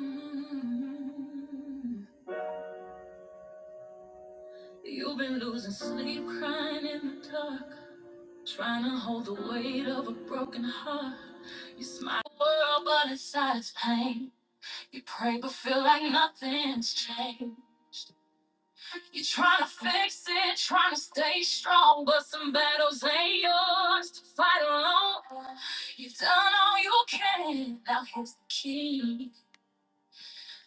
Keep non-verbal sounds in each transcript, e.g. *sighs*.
Mm. You've been losing sleep, crying in the dark, trying to hold the weight of a broken heart. You smile at the world, but inside it's pain. You pray, but feel like nothing's changed. You're trying to fix it, trying to stay strong, but some battles ain't yours to fight alone. You've done all you can, now here's the key.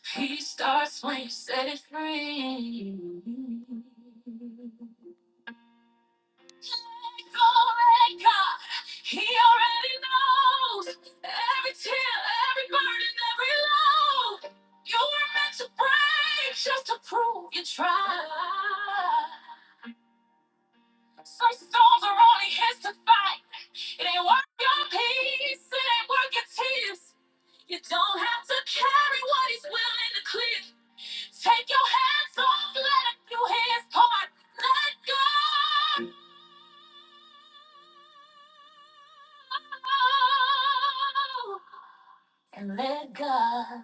Peace starts when you set it free. Let go, let God. He already knows every tear, every burden, every load. You were meant to break just to prove you tried. Some storms are only his to fight. It ain't worth your peace, it ain't worth your tears. You don't have to carry what he's willing to clear. Take your hands off, let your hands part, let go. And let God.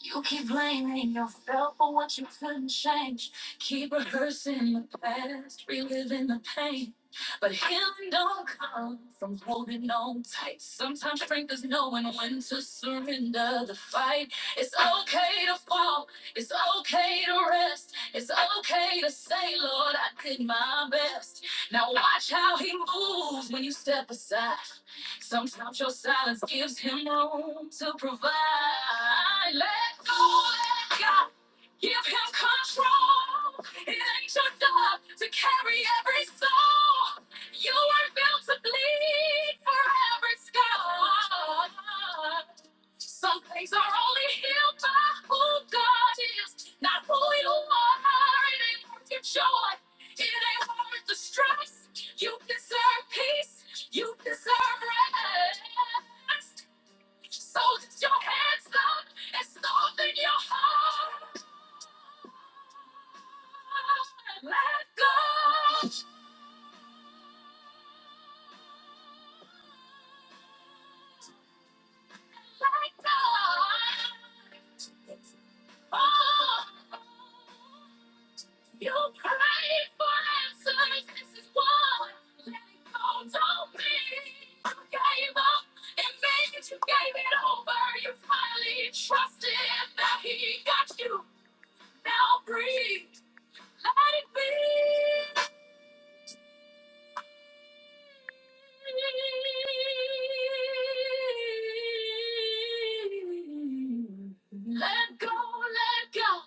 You keep blaming yourself for what you couldn't change. Keep rehearsing the past, reliving the pain. But healing don't come from holding on tight. Sometimes strength is knowing when to surrender the fight. It's okay to fall. It's okay to rest. It's okay to say, Lord, I did my best. Now watch how he moves when you step aside. Sometimes your silence gives him room to provide. Let go, let God, give him control. It ain't your job to carry every soul. You weren't built to bleed for every scar. Some things are only healed by who God is, not who you are. It ain't worth your joy. It ain't worth the stress. You deserve peace. You deserve rest. So lift your hands up and soften your heart. Let go. Let go. Oh, you prayed for answers. This is what let it go told me. You gave up and maybe you gave it over. You finally trusted that he got you. Now breathe, let it breathe. Let go, let go.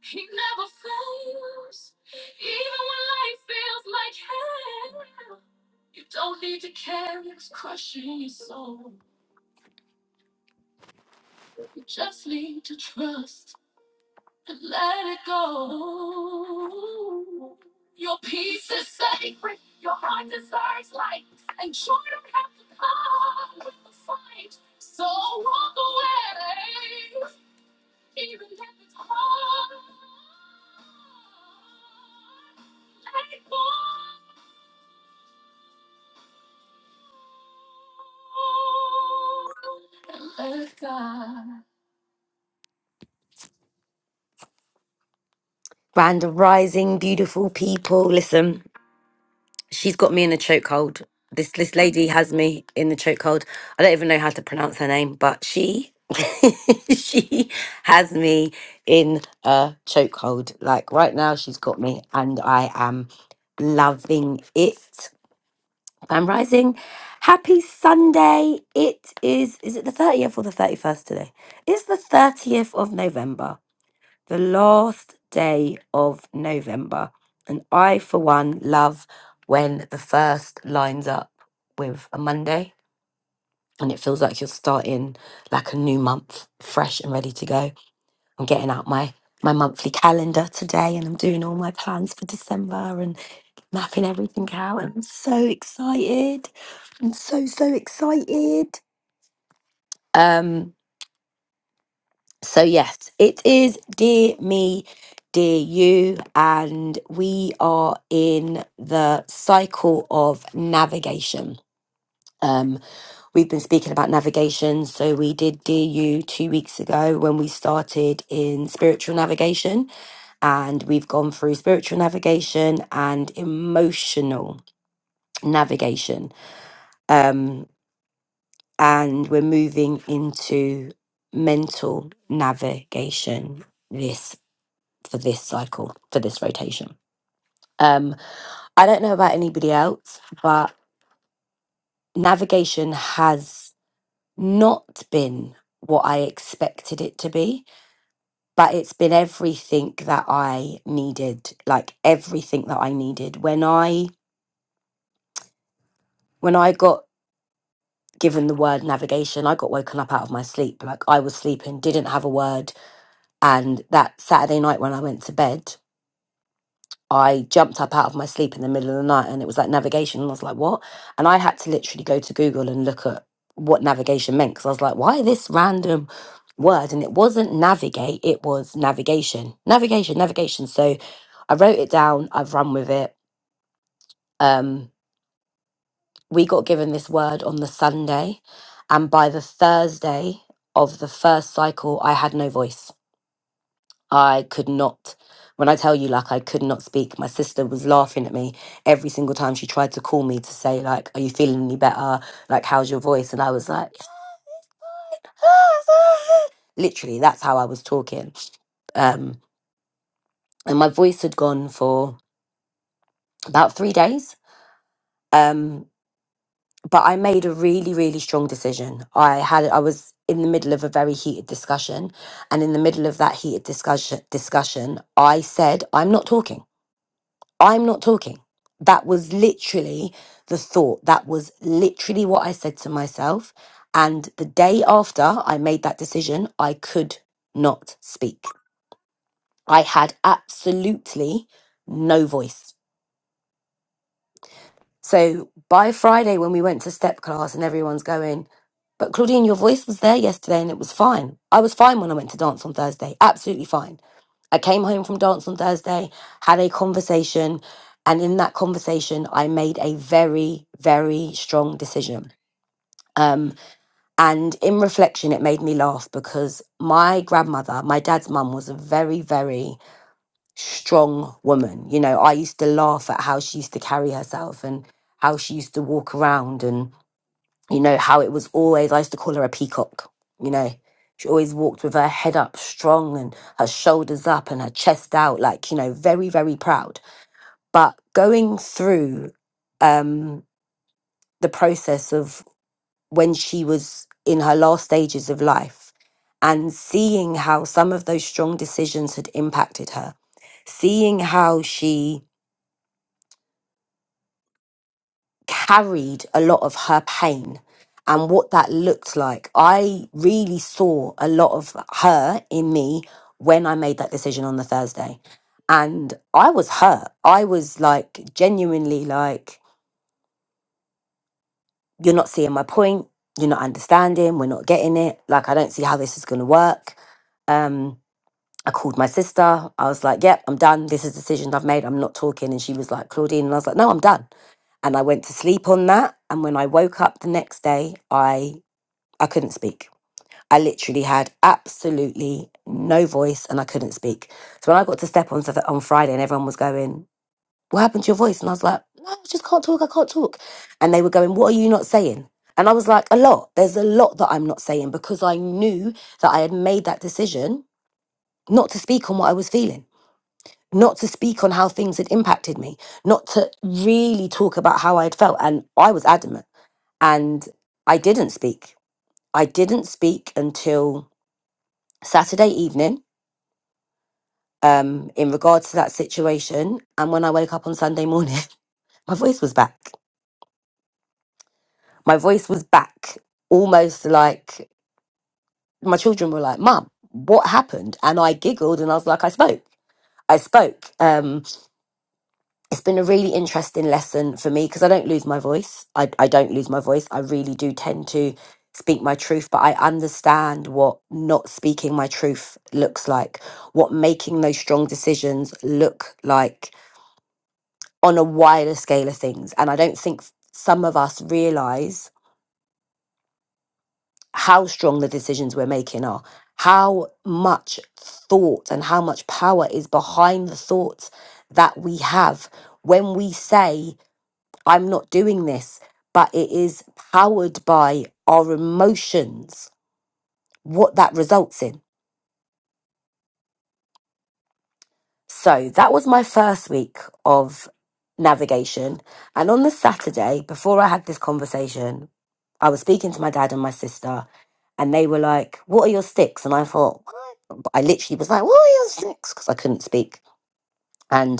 He never fails, even when life feels like hell. You don't need to care it's crushing your soul. You just need to trust and let it go. Your peace is sacred. Your heart desires light, and joy don't have to come with the fight. So walk away. Brand of rising, beautiful people. Listen, she's got me in a chokehold. This this lady has me in the chokehold. I don't even know how to pronounce her name, but she *laughs* she has me in a chokehold. Like right now, she's got me, and I am loving it. I'm rising. Happy Sunday. It is, is it the 30th or the 31st today? It's the 30th of November, the last day of November. And I, for one, love when the first lines up with a Monday and it feels like you're starting like a new month, fresh and ready to go. I'm getting out my my monthly calendar today and I'm doing all my plans for December mapping everything out. I'm so excited. I'm so, so excited. Um, so yes, it is dear me, dear you, and we are in the cycle of navigation. Um, we've been speaking about navigation, so we did dear you two weeks ago when we started in spiritual navigation and we've gone through spiritual navigation and emotional navigation. Um, and we're moving into mental navigation this for this cycle for this rotation um i don't know about anybody else but navigation has not been what i expected it to be but it's been everything that i needed like everything that i needed when i when i got given the word navigation i got woken up out of my sleep like i was sleeping didn't have a word And that Saturday night when I went to bed, I jumped up out of my sleep in the middle of the night and it was like navigation. And I was like, what? And I had to literally go to Google and look at what navigation meant because I was like, why this random word? And it wasn't navigate, it was navigation, navigation, navigation. So I wrote it down, I've run with it. Um, we got given this word on the Sunday. And by the Thursday of the first cycle, I had no voice. I could not, when I tell you, like, I could not speak. My sister was laughing at me every single time she tried to call me to say, like, are you feeling any better? Like, how's your voice? And I was like, *laughs* literally, that's how I was talking. Um, and my voice had gone for about three days. Um, but I made a really, really strong decision. I had, I was in the middle of a very heated discussion. And in the middle of that heated discussion, discussion, I said, I'm not talking. I'm not talking. That was literally the thought. That was literally what I said to myself. And the day after I made that decision, I could not speak. I had absolutely no voice. So by Friday, when we went to step class and everyone's going, but Claudine, your voice was there yesterday and it was fine. I was fine when I went to dance on Thursday, absolutely fine. I came home from dance on Thursday, had a conversation, and in that conversation, I made a very, very strong decision. Um, and in reflection, it made me laugh because my grandmother, my dad's mum, was a very, very strong woman. You know, I used to laugh at how she used to carry herself and how she used to walk around. and you know, how it was always, I used to call her a peacock, you know. She always walked with her head up strong and her shoulders up and her chest out, like, you know, very, very proud. But going through um, the process of when she was in her last stages of life and seeing how some of those strong decisions had impacted her, seeing how she carried a lot of her pain and what that looked like. I really saw a lot of her in me when I made that decision on the Thursday. And I was hurt. I was like, genuinely, like, you're not seeing my point. You're not understanding. We're not getting it. Like, I don't see how this is going to work. Um, I called my sister. I was like, yep, I'm done. This is a decision I've made. I'm not talking. And she was like, Claudine. And I was like, no, I'm done. And I went to sleep on that. And when I woke up the next day, I I couldn't speak. I literally had absolutely no voice and I couldn't speak. So when I got to step on Satur- on Friday and everyone was going, What happened to your voice? And I was like, No, I just can't talk, I can't talk. And they were going, What are you not saying? And I was like, A lot. There's a lot that I'm not saying because I knew that I had made that decision not to speak on what I was feeling not to speak on how things had impacted me, not to really talk about how I had felt. And I was adamant. And I didn't speak. I didn't speak until Saturday evening um, in regards to that situation. And when I wake up on Sunday morning, *laughs* my voice was back. My voice was back, almost like my children were like, Mum, what happened? And I giggled and I was like, I spoke. I spoke. Um, it's been a really interesting lesson for me because I don't lose my voice. I, I don't lose my voice. I really do tend to speak my truth, but I understand what not speaking my truth looks like, what making those strong decisions look like on a wider scale of things. And I don't think some of us realize how strong the decisions we're making are, how much thought and how much power is behind the thoughts that we have when we say, I'm not doing this, but it is powered by our emotions, what that results in. So that was my first week of navigation. And on the Saturday, before I had this conversation, I was speaking to my dad and my sister, and they were like, What are your sticks? And I thought, I literally was like, What are your sticks? Because I couldn't speak. And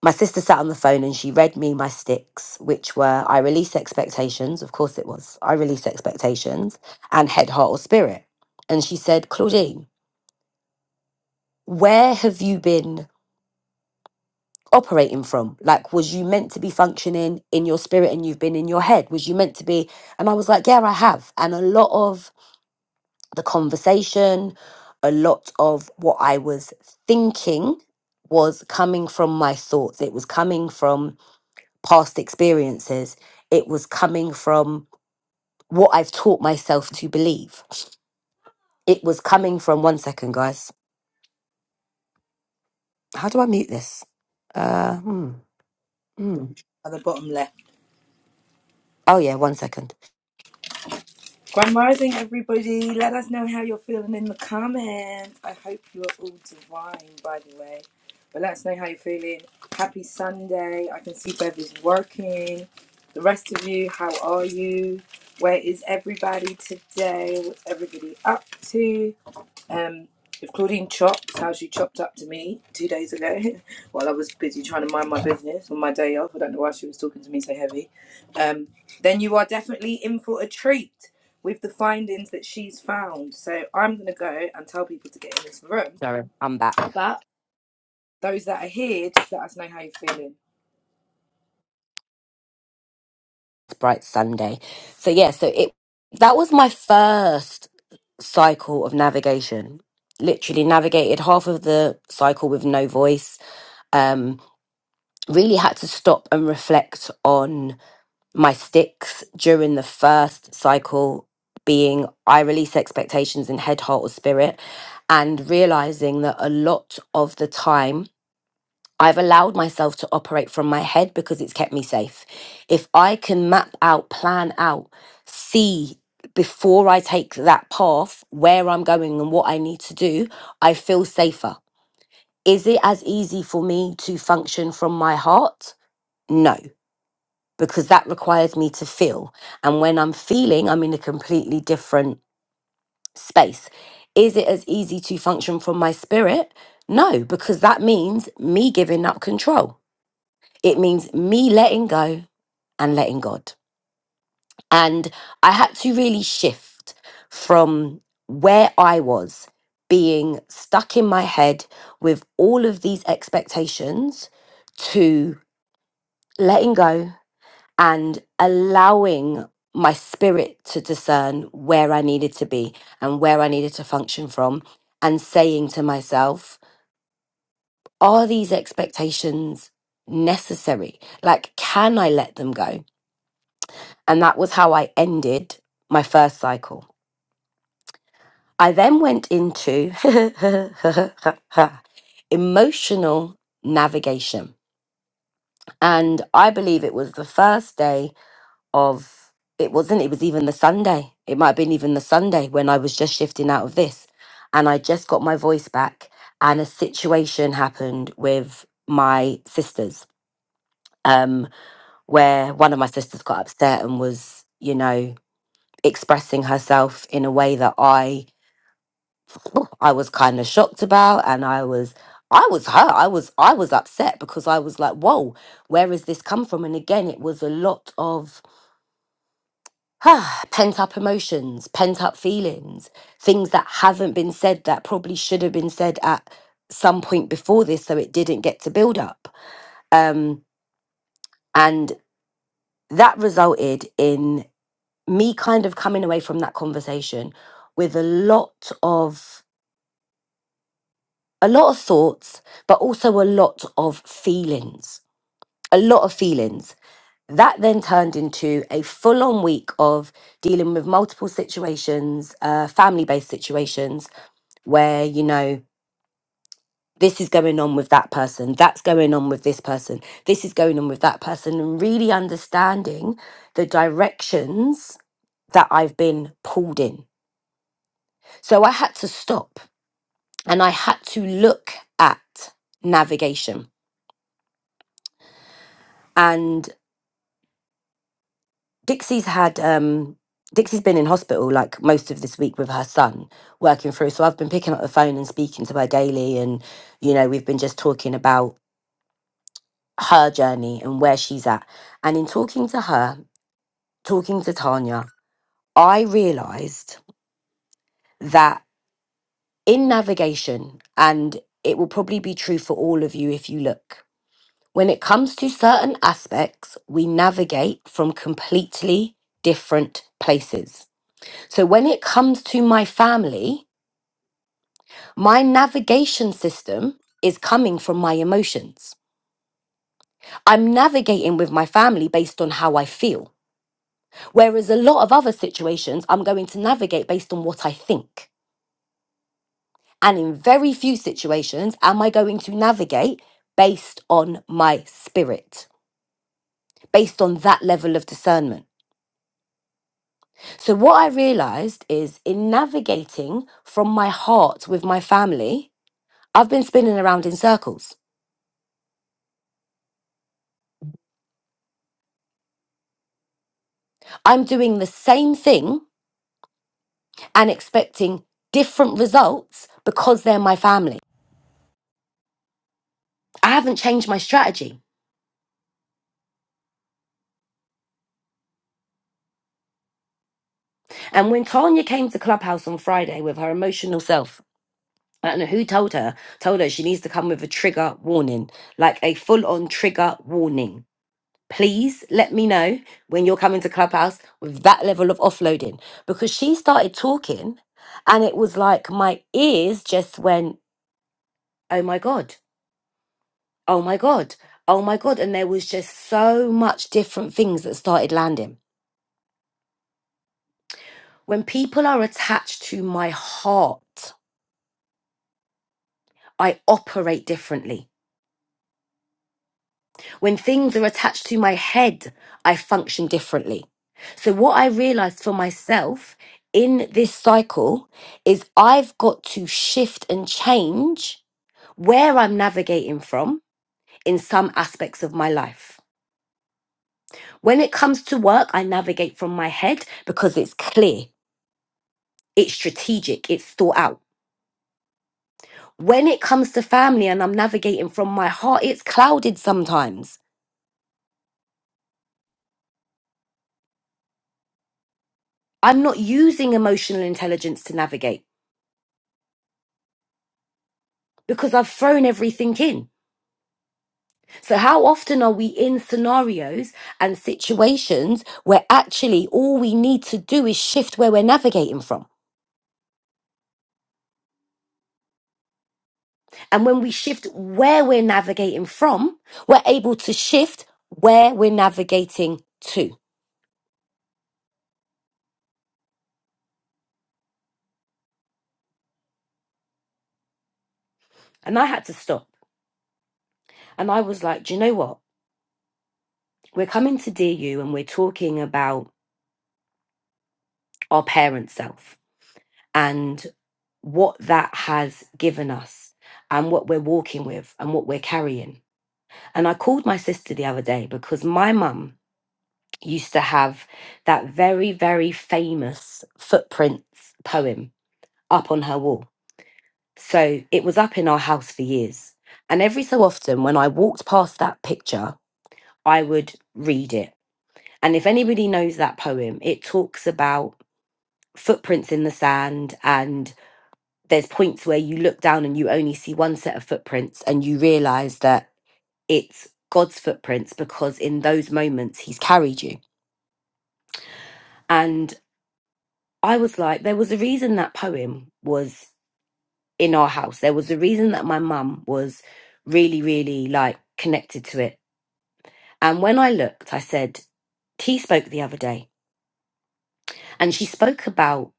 My sister sat on the phone and she read me my sticks, which were I release expectations. Of course, it was I release expectations and head, heart, or spirit. And she said, Claudine, where have you been operating from? Like, was you meant to be functioning in your spirit and you've been in your head? Was you meant to be? And I was like, yeah, I have. And a lot of the conversation, a lot of what I was thinking was coming from my thoughts. It was coming from past experiences. It was coming from what I've taught myself to believe. It was coming from one second, guys. How do I mute this? Uh, hmm, hmm. at the bottom left. Oh yeah, one second. Grand rising, everybody. Let us know how you're feeling in the comments. I hope you are all divine, by the way. But let us know how you're feeling. Happy Sunday. I can see Bev is working. The rest of you, how are you? Where is everybody today? What's everybody up to? Um, with Claudine Chops, how she chopped up to me two days ago *laughs* while I was busy trying to mind my business on my day off. I don't know why she was talking to me so heavy. Um, then you are definitely in for a treat with the findings that she's found. So I'm going to go and tell people to get in this room. Sorry, I'm back. But those that are here, just let us know how you're feeling. It's bright Sunday. So yeah, so it that was my first cycle of navigation. Literally navigated half of the cycle with no voice. Um, really had to stop and reflect on my sticks during the first cycle being I release expectations in head, heart, or spirit, and realizing that a lot of the time I've allowed myself to operate from my head because it's kept me safe. If I can map out, plan out, see before I take that path where I'm going and what I need to do, I feel safer. Is it as easy for me to function from my heart? No because that requires me to feel. And when I'm feeling, I'm in a completely different space. Is it as easy to function from my spirit? No, because that means me giving up control. It means me letting go and letting God. And I had to really shift from where I was being stuck in my head with all of these expectations to letting go and allowing my spirit to discern where I needed to be and where I needed to function from, and saying to myself, are these expectations necessary? Like, can I let them go? And that was how I ended my first cycle. I then went into *laughs* emotional navigation. And I believe it was the first day of it wasn't it was even the sunday it might have been even the sunday when i was just shifting out of this and i just got my voice back and a situation happened with my sisters um where one of my sisters got upset and was you know expressing herself in a way that i i was kind of shocked about and i was i was hurt i was i was upset because i was like whoa where has this come from and again it was a lot of Ah, pent up emotions, pent up feelings, things that haven't been said that probably should have been said at some point before this, so it didn't get to build up. Um, and that resulted in me kind of coming away from that conversation with a lot of a lot of thoughts, but also a lot of feelings. A lot of feelings. That then turned into a full on week of dealing with multiple situations, uh, family based situations where you know this is going on with that person that's going on with this person this is going on with that person and really understanding the directions that i've been pulled in so i had to stop and i had to look at navigation and dixie's had um dixie's been in hospital like most of this week with her son working through so i've been picking up the phone and speaking to her daily and you know we've been just talking about her journey and where she's at. And in talking to her, talking to Tanya, I realized that in navigation, and it will probably be true for all of you if you look, when it comes to certain aspects, we navigate from completely different places. So when it comes to my family, my navigation system is coming from my emotions. I'm navigating with my family based on how I feel. Whereas a lot of other situations, I'm going to navigate based on what I think. And in very few situations, am I going to navigate based on my spirit, based on that level of discernment. So, what I realized is in navigating from my heart with my family, I've been spinning around in circles. I'm doing the same thing and expecting different results because they're my family. I haven't changed my strategy. And when Tanya came to Clubhouse on Friday with her emotional self, I don't know who told her, told her she needs to come with a trigger warning, like a full on trigger warning. Please let me know when you're coming to Clubhouse with that level of offloading. Because she started talking and it was like my ears just went, oh my God, oh my God, oh my God. And there was just so much different things that started landing. When people are attached to my heart, I operate differently. When things are attached to my head, I function differently. So, what I realized for myself in this cycle is I've got to shift and change where I'm navigating from in some aspects of my life. When it comes to work, I navigate from my head because it's clear, it's strategic, it's thought out. When it comes to family and I'm navigating from my heart, it's clouded sometimes. I'm not using emotional intelligence to navigate. because I've thrown everything in. So, how often are we in scenarios and situations where actually all we need to do is shift where we're navigating from? And when we shift where we're navigating from, we're able to shift where we're navigating to. And I had to stop. And I was like, do you know what? We're coming to Dear You and we're talking about our parent self and what that has given us and what we're walking with and what we're carrying. And I called my sister the other day because my mum used to have that very, very famous footprints poem up on her wall. So it was up in our house for years. And every so often, when I walked past that picture, I would read it. And if anybody knows that poem, it talks about footprints in the sand and there's points where you look down and you only see one set of footprints and you realize that it's God's footprints because in those moments he's carried you. And I was like, there was a reason that poem was in our house. There was a reason that my mum was really, really like connected to it. And when I looked, I said, T spoke the other day, and she spoke about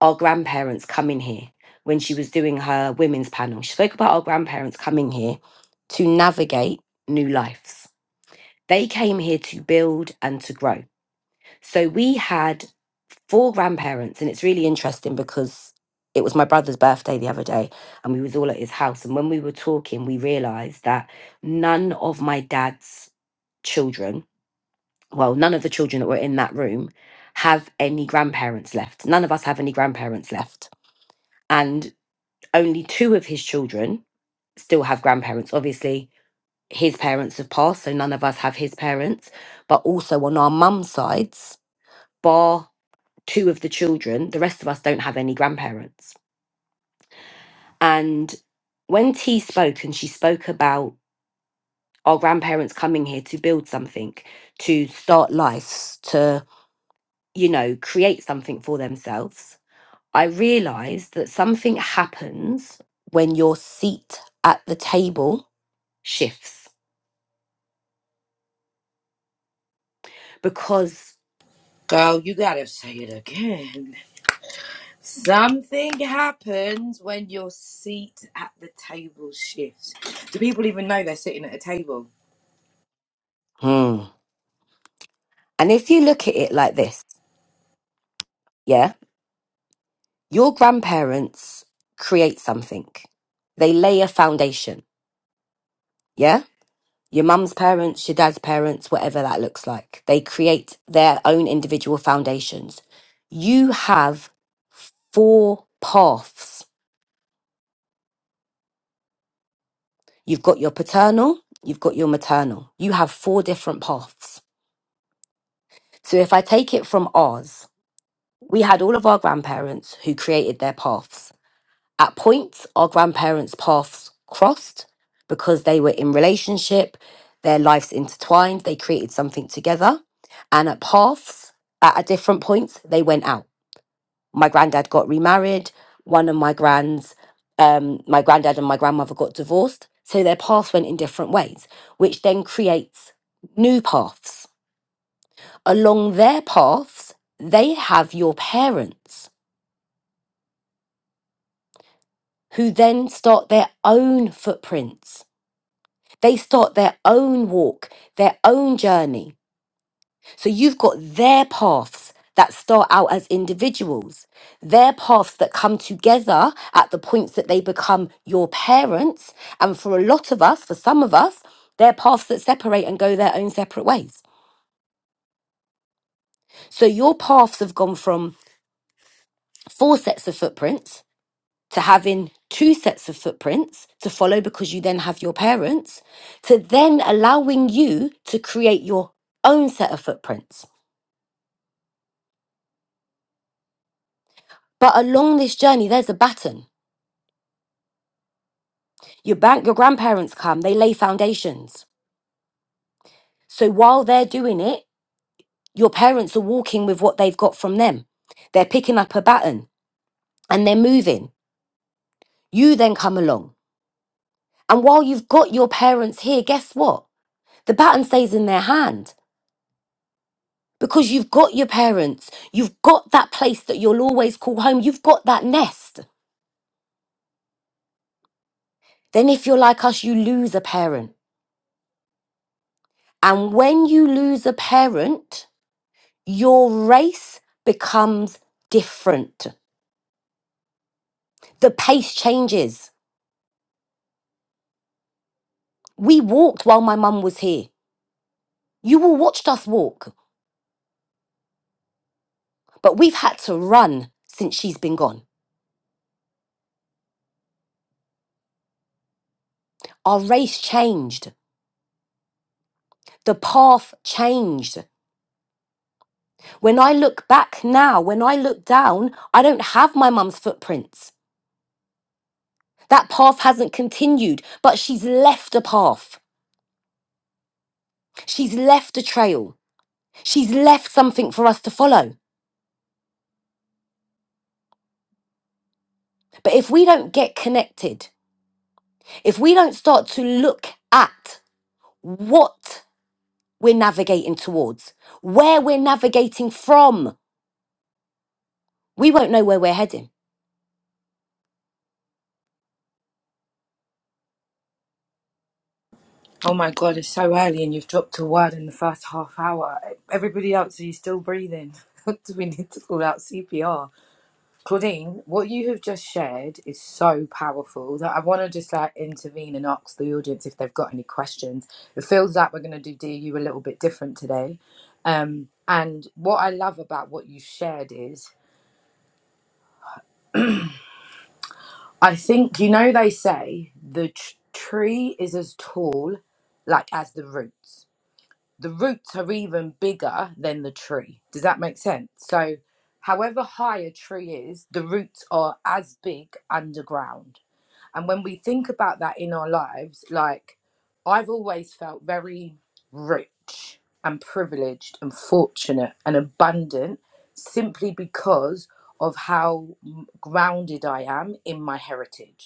our grandparents coming here when she was doing her women's panel. She spoke about our grandparents coming here to navigate new lives. They came here to build and to grow. So we had four grandparents and it's really interesting because it was my brother's birthday the other day and we was all at his house and when we were talking we realized that none of my dad's children well none of the children that were in that room have any grandparents left none of us have any grandparents left and only two of his children still have grandparents obviously his parents have passed so none of us have his parents but also on our mum's sides bar two of the children the rest of us don't have any grandparents And when T spoke, and she spoke about our grandparents coming here to build something, to start life, to, you know, create something for themselves, I realized that something happens when your seat at the table shifts. Because, Girl, you gotta say it again. Something happens when your seat at the table shifts. Do people even know they're sitting at a table? Hmm. and if you look at it like this, yeah, your grandparents create something, they lay a foundation, yeah? your mum's parents, your dad's parents, whatever that looks like. They create their own individual foundations. You have four paths. You've got your paternal, you've got your maternal. You have four different paths. So if I take it from ours, we had all of our grandparents who created their paths. At points, our grandparents' paths crossed because they were in relationship, their lives intertwined, they created something together. And at paths, at, at different points, they went out. My granddad got remarried. One of my grands, um, my granddad and my grandmother got divorced. So their paths went in different ways, which then creates new paths. Along their paths, they have your parents who then start their own footprints They start their own walk, their own journey. So you've got their paths that start out as individuals, their paths that come together at the points that they become your parents. And for a lot of us, for some of us, they're paths that separate and go their own separate ways. So your paths have gone from four sets of footprints to having two sets of footprints to follow because you then have your parents, to then allowing you to create your own set of footprints. But along this journey, there's a baton. Your bank, your grandparents come, they lay foundations. So while they're doing it, your parents are walking with what they've got from them. They're picking up a baton and they're moving. You then come along. And while you've got your parents here, guess what? The baton stays in their hand. because you've got your parents, you've got that place that you'll always call home, you've got that nest. Then, if you're like us, you lose a parent. And when you lose a parent, your race becomes different. The pace changes. We walked while my mum was here. You all watched us walk, but we've had to run since she's been gone. Our race changed. The path changed. When I look back now, when I look down, I don't have my mum's footprints. That path hasn't continued, but she's left a path. She's left a trail. She's left something for us to follow. But if we don't get connected, if we don't start to look at what we're navigating towards, where we're navigating from, we won't know where we're heading. Oh my God, it's so early and you've dropped a word in the first half hour. Everybody else, are you still breathing? *laughs* Do we need to call out CPR? Claudine, what you have just shared is so powerful that I want to just like intervene and ask the audience if they've got any questions. It feels like we're going to do DU a little bit different today. Um, and what I love about what you shared is I think, you know, they say the tr- tree is as tall like as the roots the roots are even bigger than the tree. Does that make sense? So, however high a tree is, the roots are as big underground. And when we think about that in our lives, like I've always felt very rich and privileged and fortunate and abundant simply because of how grounded I am in my heritage.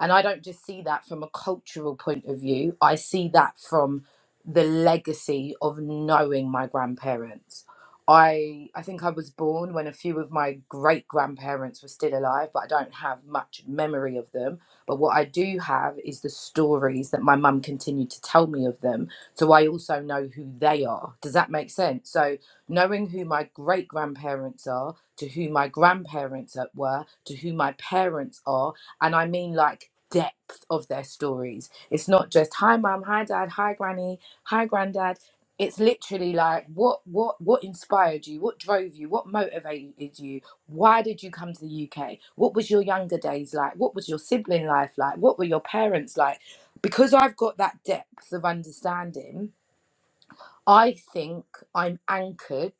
And I don't just see that from a cultural point of view, I see that from the legacy of knowing my grandparents. I, I think I was born when a few of my great grandparents were still alive, but I don't have much memory of them. But what I do have is the stories that my mum continued to tell me of them. So I also know who they are. Does that make sense? So knowing who my great grandparents are, to who my grandparents at- were, to who my parents are, and I mean like depth of their stories. It's not just hi mom, hi dad, hi granny, hi granddad. It's literally like what what what inspired you? What drove you? What motivated you? Why did you come to the UK? What was your younger days like? What was your sibling life like? What were your parents like? Because I've got that depth of understanding, I think I'm anchored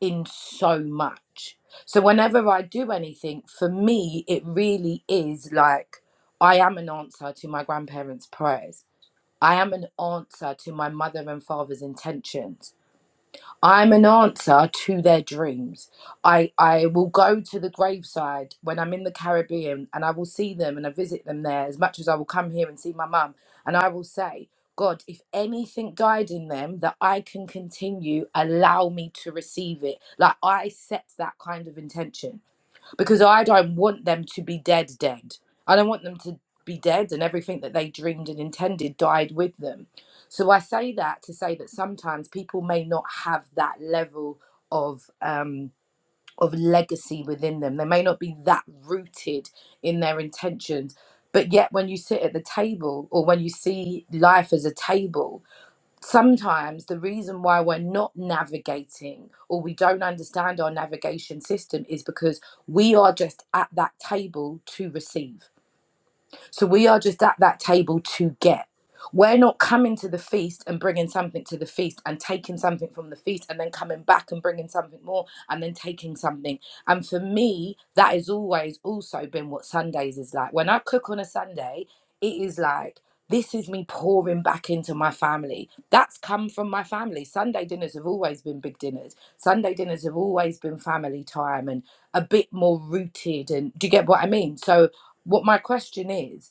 in so much. So whenever I do anything, for me, it really is like I am an answer to my grandparents' prayers. I am an answer to my mother and father's intentions. I'm an answer to their dreams. I, I will go to the graveside when I'm in the Caribbean and I will see them and I visit them there as much as I will come here and see my mum. And I will say, God, if anything died in them that I can continue, allow me to receive it. Like I set that kind of intention because I don't want them to be dead, dead. I don't want them to be dead and everything that they dreamed and intended died with them. So I say that to say that sometimes people may not have that level of um, of legacy within them. They may not be that rooted in their intentions. But yet, when you sit at the table or when you see life as a table, sometimes the reason why we're not navigating or we don't understand our navigation system is because we are just at that table to receive so we are just at that table to get. We're not coming to the feast and bringing something to the feast and taking something from the feast and then coming back and bringing something more and then taking something. And for me, that has always also been what Sundays is like. When I cook on a Sunday, it is like, this is me pouring back into my family. That's come from my family. Sunday dinners have always been big dinners. Sunday dinners have always been family time and a bit more rooted. And do you get what I mean? So, what my question is,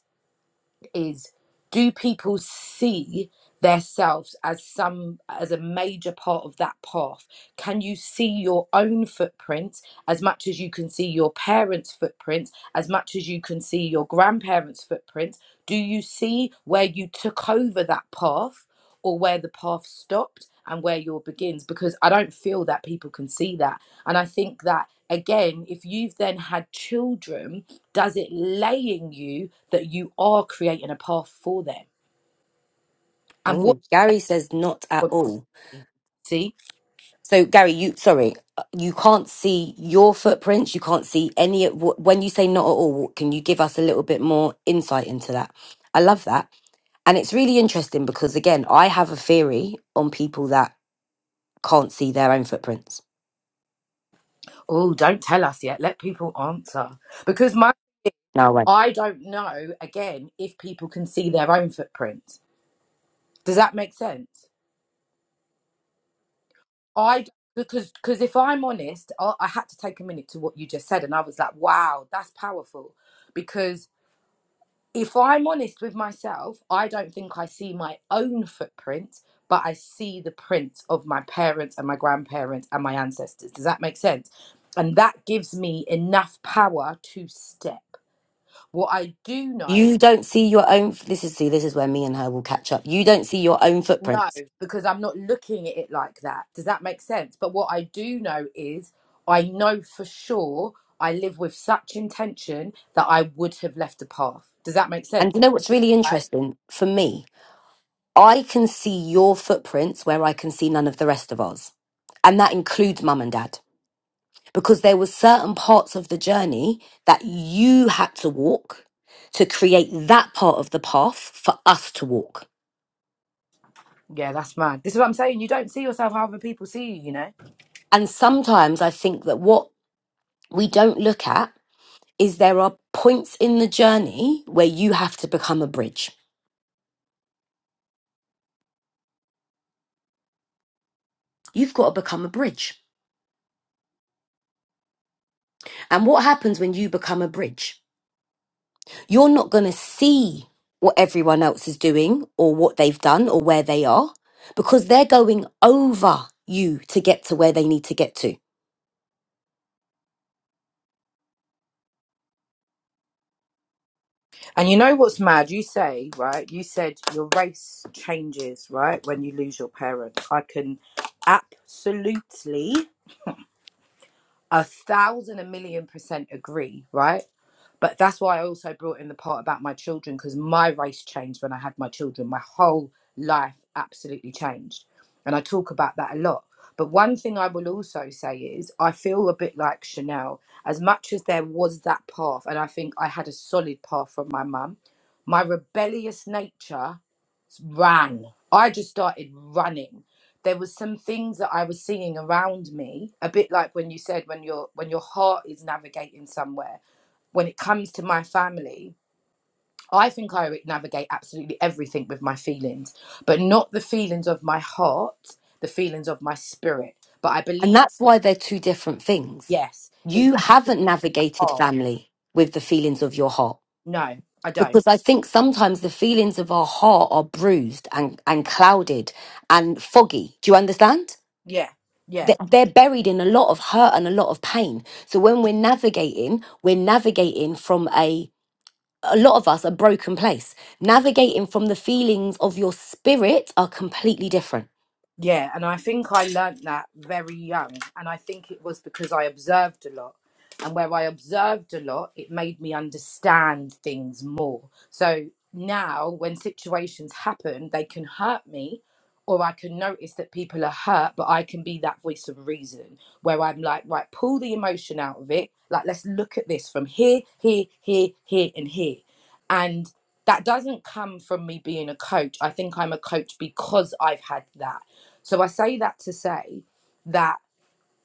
is do people see themselves as some as a major part of that path can you see your own footprints as much as you can see your parents footprints as much as you can see your grandparents footprints do you see where you took over that path or where the path stopped and where your begins because i don't feel that people can see that and i think that again if you've then had children does it lay in you that you are creating a path for them and what Oh, Gary says not do at you want to all. be? see So Gary, you sorry, uh, you can't see your footprints. You can't see any. of wh- When you say not at all, can you give us a little bit more insight into that? I love that, and it's really interesting because again, I have a theory on people that can't see their own footprints. oh don't tell us yet let people answer because my No way. i don't know again if people can see their own footprint does that make sense i because because if i'm honest I, I had to take a minute to what you just said and i was like wow that's powerful because if I'm honest with myself, I don't think I see my own footprint, but I see the print of my parents and my grandparents and my ancestors. Does that make sense? And that gives me enough power to step. What I do know, You don't see your own. This is see. This is where me and her will catch up. You don't see your own no, footprints. because I'm not looking at it like that. Does that make sense? But what I do know is I know for sure I live with such intention that I would have left a path. Does that make And sense? you know what's really interesting for me? I can see your footprints where I can see none of the rest of ours. And that includes mum and dad. Because there were certain parts of the journey that you had to walk to create that part of the path for us to walk. Yeah, that's mad. This is what I'm saying. You don't see yourself how other people see you, you know? And sometimes I think that what we don't look at is there are points in the journey where you have to become a bridge. You've got to become a bridge. And what happens when you become a bridge? You're not going to see what everyone else is doing or what they've done or where they are because they're going over you to get to where they need to get to. And you know what's mad? You say, right? You said your race changes, right? When you lose your parent. I can absolutely a thousand, a million percent agree, right? But that's why I also brought in the part about my children because my race changed when I had my children. My whole life absolutely changed. And I talk about that a lot. But one thing I will also say is I feel a bit like Chanel. As much as there was that path, and I think I had a solid path from my mum, my rebellious nature ran. I just started running. There was some things that I was seeing around me, a bit like when you said when your when your heart is navigating somewhere when it comes to my family, I think I navigate absolutely everything with my feelings, but not the feelings of my heart, the feelings of my spirit. But I And believe, that's why they're two different things. yes, it was You haven't navigated hard. family with the feelings of your heart No, I don't. because I think sometimes the feelings of our heart are bruised and, and clouded and foggy. Do you understand? Yeah, yeah. They- They're buried in a lot of hurt and a lot of pain. So when we're navigating, we're navigating from a a lot of us a broken place navigating from the feelings of your spirit are completely different Yeah, and I think I learnt that very young. And I think it was because I observed a lot. And where I observed a lot, it made me understand things more. So now, when situations happen, they can hurt me, or I can notice that people are hurt, but I can be that voice of reason where I'm like, right, pull the emotion out of it. Like, let's look at this from here, here, here, here, and here. And that doesn't come from me being a coach. I think I'm a coach because I've had that so I say that to say that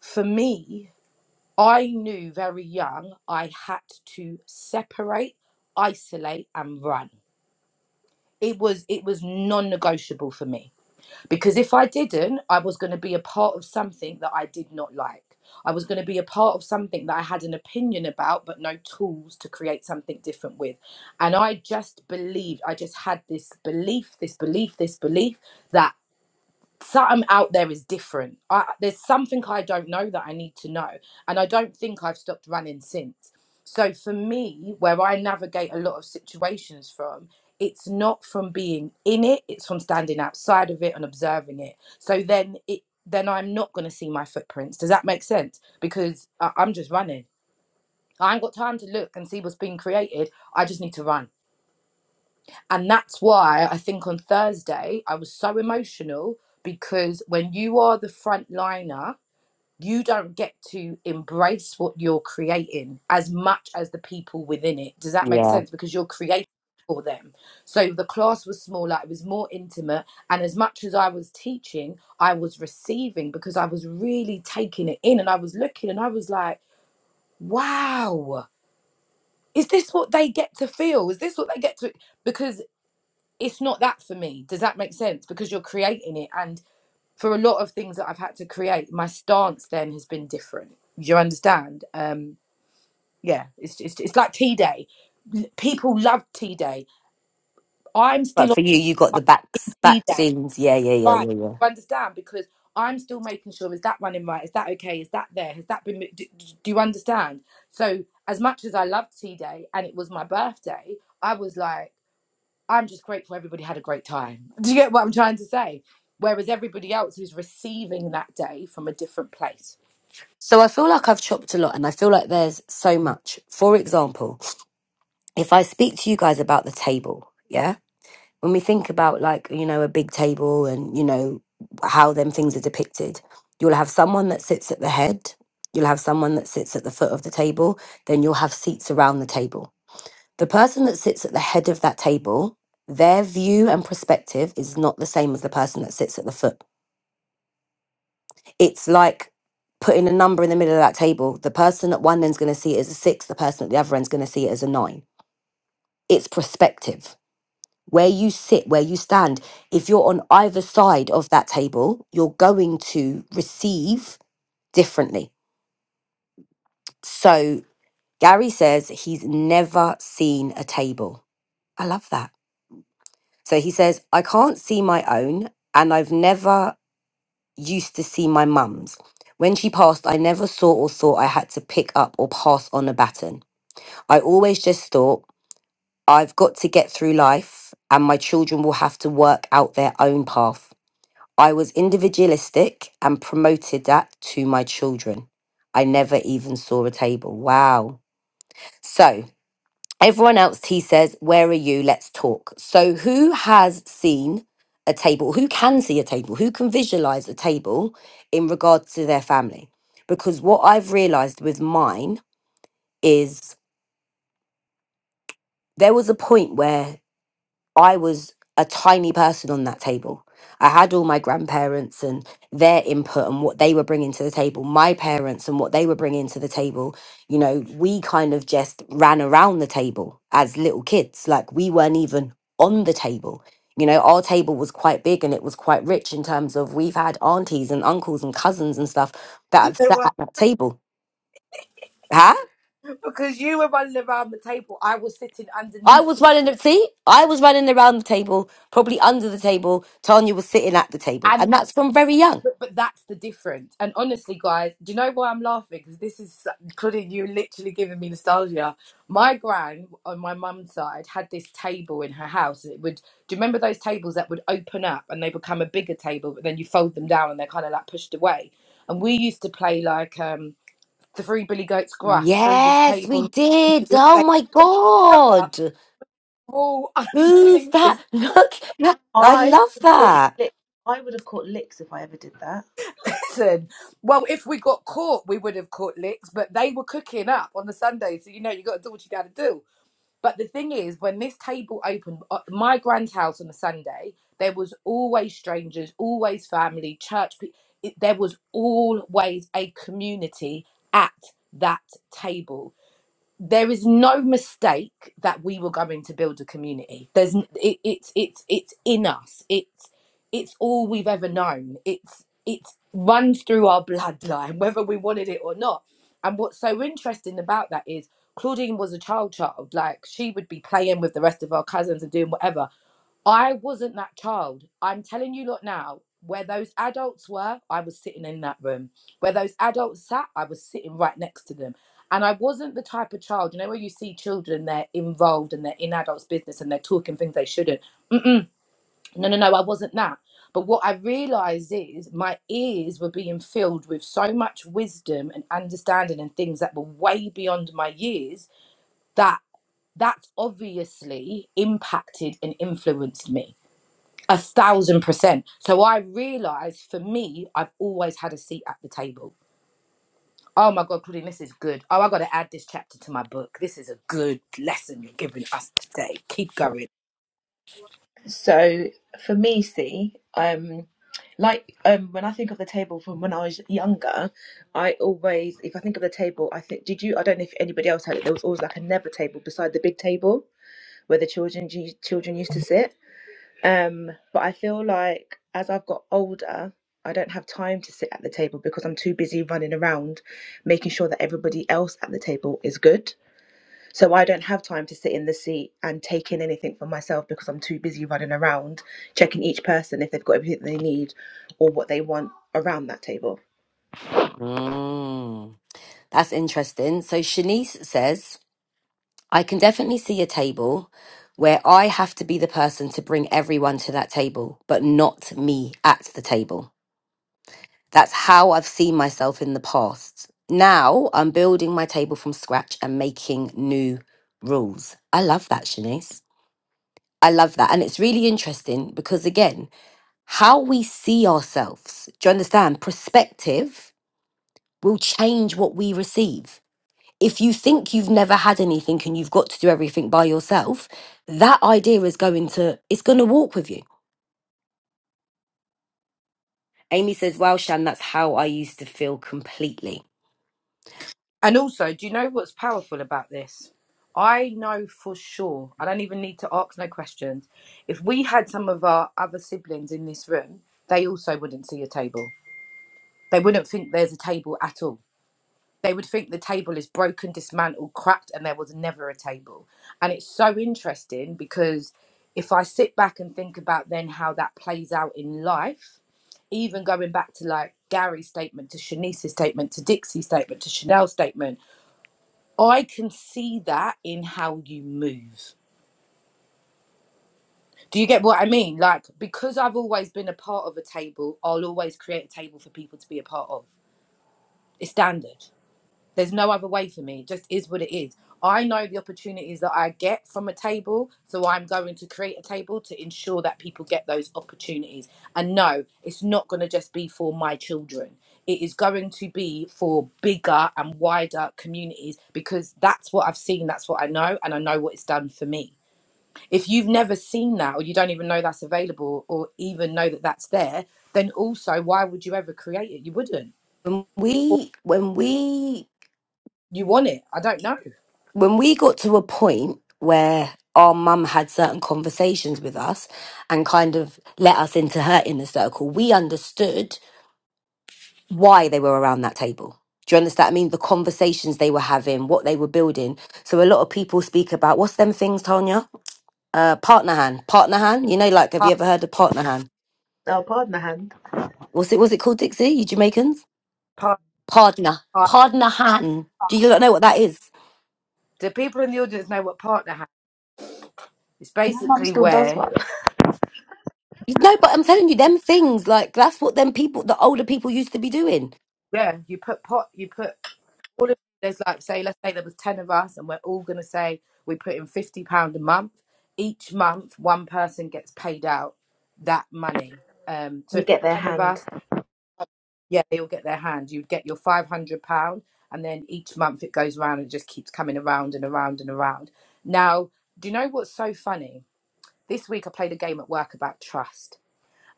for me, I knew very young I had to separate, isolate, and run. It was it was non-negotiable for me because if I didn't, I was going to be a part of something that I did not like. I was going to be a part of something that I had an opinion about, but no tools to create something different with. And I just believed, I just had this belief, this belief, this belief that something out there is different. I, there's something I don't know that I need to know. And I don't think I've stopped running since. So for me, where I navigate a lot of situations from, it's not from being in it, it's from standing outside of it and observing it. So then it then I'm not going to see my footprints. Does that make sense? Because I, I'm just running. I ain't got time to look and see what's being created. I just need to run. And that's why I think on Thursday I was so emotional because when you are the front liner, you don't get to embrace what you're creating as much as the people within it. Does that make sense? Because you're creating for them. So the class was smaller, it was more intimate. And as much as I was teaching, I was receiving because I was really taking it in and I was looking and I was like, wow, is this what they get to feel? Is this what they get to? Because it's not that for me. Does that make sense? Because you're creating it. And for a lot of things that I've had to create, my stance then has been different. Do you understand? Um, yeah, it's, it's, it's like T Day. L- People love T Day. I'm but still for on you you got the backs T back Day. scenes yeah yeah yeah Right. yeah yeah You understand? Because I'm still making sure is that running right? Is that okay? Is that there? Has that been. mo- Do, do do you understand? So, as much as I loved T Day and it was my birthday, I was like, I'm just grateful everybody had a great time. Do you get what I'm trying to say? Whereas everybody else who's receiving that day from a different place. so i feel like i've chopped a lot and i feel like there's so much for example if i speak to you guys about the table yeah when we think about like you know a big table and you know how them things are depicted you'll have someone that sits at the head you'll have someone that sits at the foot of the table then you'll have seats around the table the person that sits at the head of that table their view and perspective is not the same as the person that sits at the foot it's like putting a number in the middle of that table the person at one end's going to see it as a six the person at the other end's going to see it as a nine it's perspective where you sit, where you stand, if you're on either side of that table, you're going to receive differently. So Gary says he's never seen a table. I love that. So he says, I can't see my own, and I've never used to see my mum's. When she passed, I never saw or thought I had to pick up or pass on a baton. I always just thought, I've got to get through life, and my children will have to work out their own path. I was individualistic and promoted that to my children. I never even saw a table. Wow. So, everyone else, he says, Where are you? Let's talk. So, who has seen a table? Who can see a table? Who can visualize a table in regard to their family? Because what I've realized with mine is there was a point where I was a tiny person on that table. I had all my grandparents and their input and what they were bringing to the table, my parents and what they were bringing to the table. You know, we kind of just ran around the table as little kids. Like we weren't even on the table. You know, our table was quite big and it was quite rich in terms of we've had aunties and uncles and cousins and stuff that You have know sat at what? that table. Huh? Because you were running around the table, I was sitting I underneath, was the, running the see, I was running around the table, probably under the table. Tanya was sitting at the table, And. and that's from very young. But, but that's the difference. And honestly, guys, do you know why I'm laughing? Because this is, so, Claudine, you're literally giving me nostalgia. My gran on my mum's side had this table in her house. It would, do you remember those tables that would open up and they become a bigger table, but then you fold them down and they're kind of like pushed away? And we used to play like um, the Three Billy Goats Gruff through this Yes, we table. *laughs* did. Oh They my remember, god, we're all *laughs* who's underneath this that? *laughs* Look, that- I I love would have caught that. lick. I would have caught licks if I ever did that. Listen, well, if we got caught, we would have caught licks, but they were cooking up on the Sunday, so you know you got to do what you got to do. But the thing is, when this table opened, uh, my grand's house on a Sunday, there was always strangers, always family, church. pe- It, there was always a community at that table there is no mistake that we were going to build a community there's n- it, it's it's it's in us it's it's all we've ever known it's it's runs through our bloodline *laughs* whether we wanted it or not and what's so interesting about that is claudine was a child child like she would be playing with the rest of our cousins and doing whatever I wasn't that child. I'm telling you lot now, where those adults were, I was sitting in that room. Where those adults sat, I was sitting right next to them. And I wasn't the type of child, you know, where you see children, they're involved and they're in adults' business and they're talking things they shouldn't. Mm-mm. No, no, no, I wasn't that. But what I realized is my ears were being filled with so much wisdom and understanding and things that were way beyond my years that that's obviously impacted and influenced me a thousand percent. So I realized for me, I've always had a seat at the table. Oh my God, Claudine, this is good. Oh, I got to add this chapter to my book. This is a good lesson you're giving us today. Keep going. So for me, see, um, like um, when I think of the table from when I was younger, I always, if I think of the table, I think, did you? I don't know if anybody else had it. There was always like a never table beside the big table where the children children used to sit. Um, but I feel like as I've got older. I don't have time to sit at the table because I'm too busy running around making sure that everybody else at the table is good. So I don't have time to sit in the seat and take in anything for myself because I'm too busy running around checking each person if they've got everything they need or what they want around that table. Mm, that's interesting. So Shanice says. I can definitely see a table where I have to be the person to bring everyone to that table, but not me at the table. That's how I've seen myself in the past. Now I'm building my table from scratch and making new rules. I love that, Shanice. I love that. And it's really interesting because, again, how we see ourselves, do you understand? Perspective will change what we receive. if you think you've never had anything and you've got to do everything by yourself, that idea is going to it's going to walk with you. Amy says, "Wow, Shan, that's how I used to feel completely." And also, do you know what's powerful about this? I know for sure, I don't even need to ask no questions. If we had some of our other siblings in this room, they also wouldn't see a table. They wouldn't think there's a table at all they would think the table is broken, dismantled, cracked, and there was never a table. And it's so interesting because if I sit back and think about then how that plays out in life, even going back to like Gary's statement, to Shanice's statement, to Dixie's statement, to Chanel's statement, I can see that in how you move. Do you get what I mean? Like, because I've always been a part of a table, I'll always create a table for people to be a part of. It's standard. There's no other way for me. It just is what it is. I know the opportunities that I get from a table, so I'm going to create a table to ensure that people get those opportunities. And no, it's not going to just be for my children. It is going to be for bigger and wider communities because that's what I've seen, that's what I know, and I know what it's done for me. If you've never seen that, or you don't even know that's available, or even know that that's there, then also, why would you ever create it? You wouldn't. When Or we when we you want it. I don't know. when we got to a point where our mum had certain conversations with us and kind of let us into her inner circle, we understood why they were around that table. Do you understand? I mean, the conversations they were having, what they were building. So a lot of people speak about what's them things, Tanya Uh, Partnerhan. Partnerhan. You know, like, have you Part, ever heard of Partnerhan? Oh, pardon the hand. What's it, was it called, Dixie? You Jamaicans? part, Partner. Partnerhan. Do you not know what that is? Do people in the audience know what partner house? It's My mum basically still does where one. You- No, but I'm telling you, them things, like, that's what them people, the older people used to be doing. yeah you put pot you put all of there's like say let's say there was ten of us and we're all gonna say we put in fifty pound a month. Each month one person gets paid out that money. Um, so They if there's get their ten of hand. us, yeah, they all get their hand. You'd get your five hundred pound, and then each month it goes round and just keeps coming around and around and around. Now, do you know what's so funny? This week I played a game at work about trust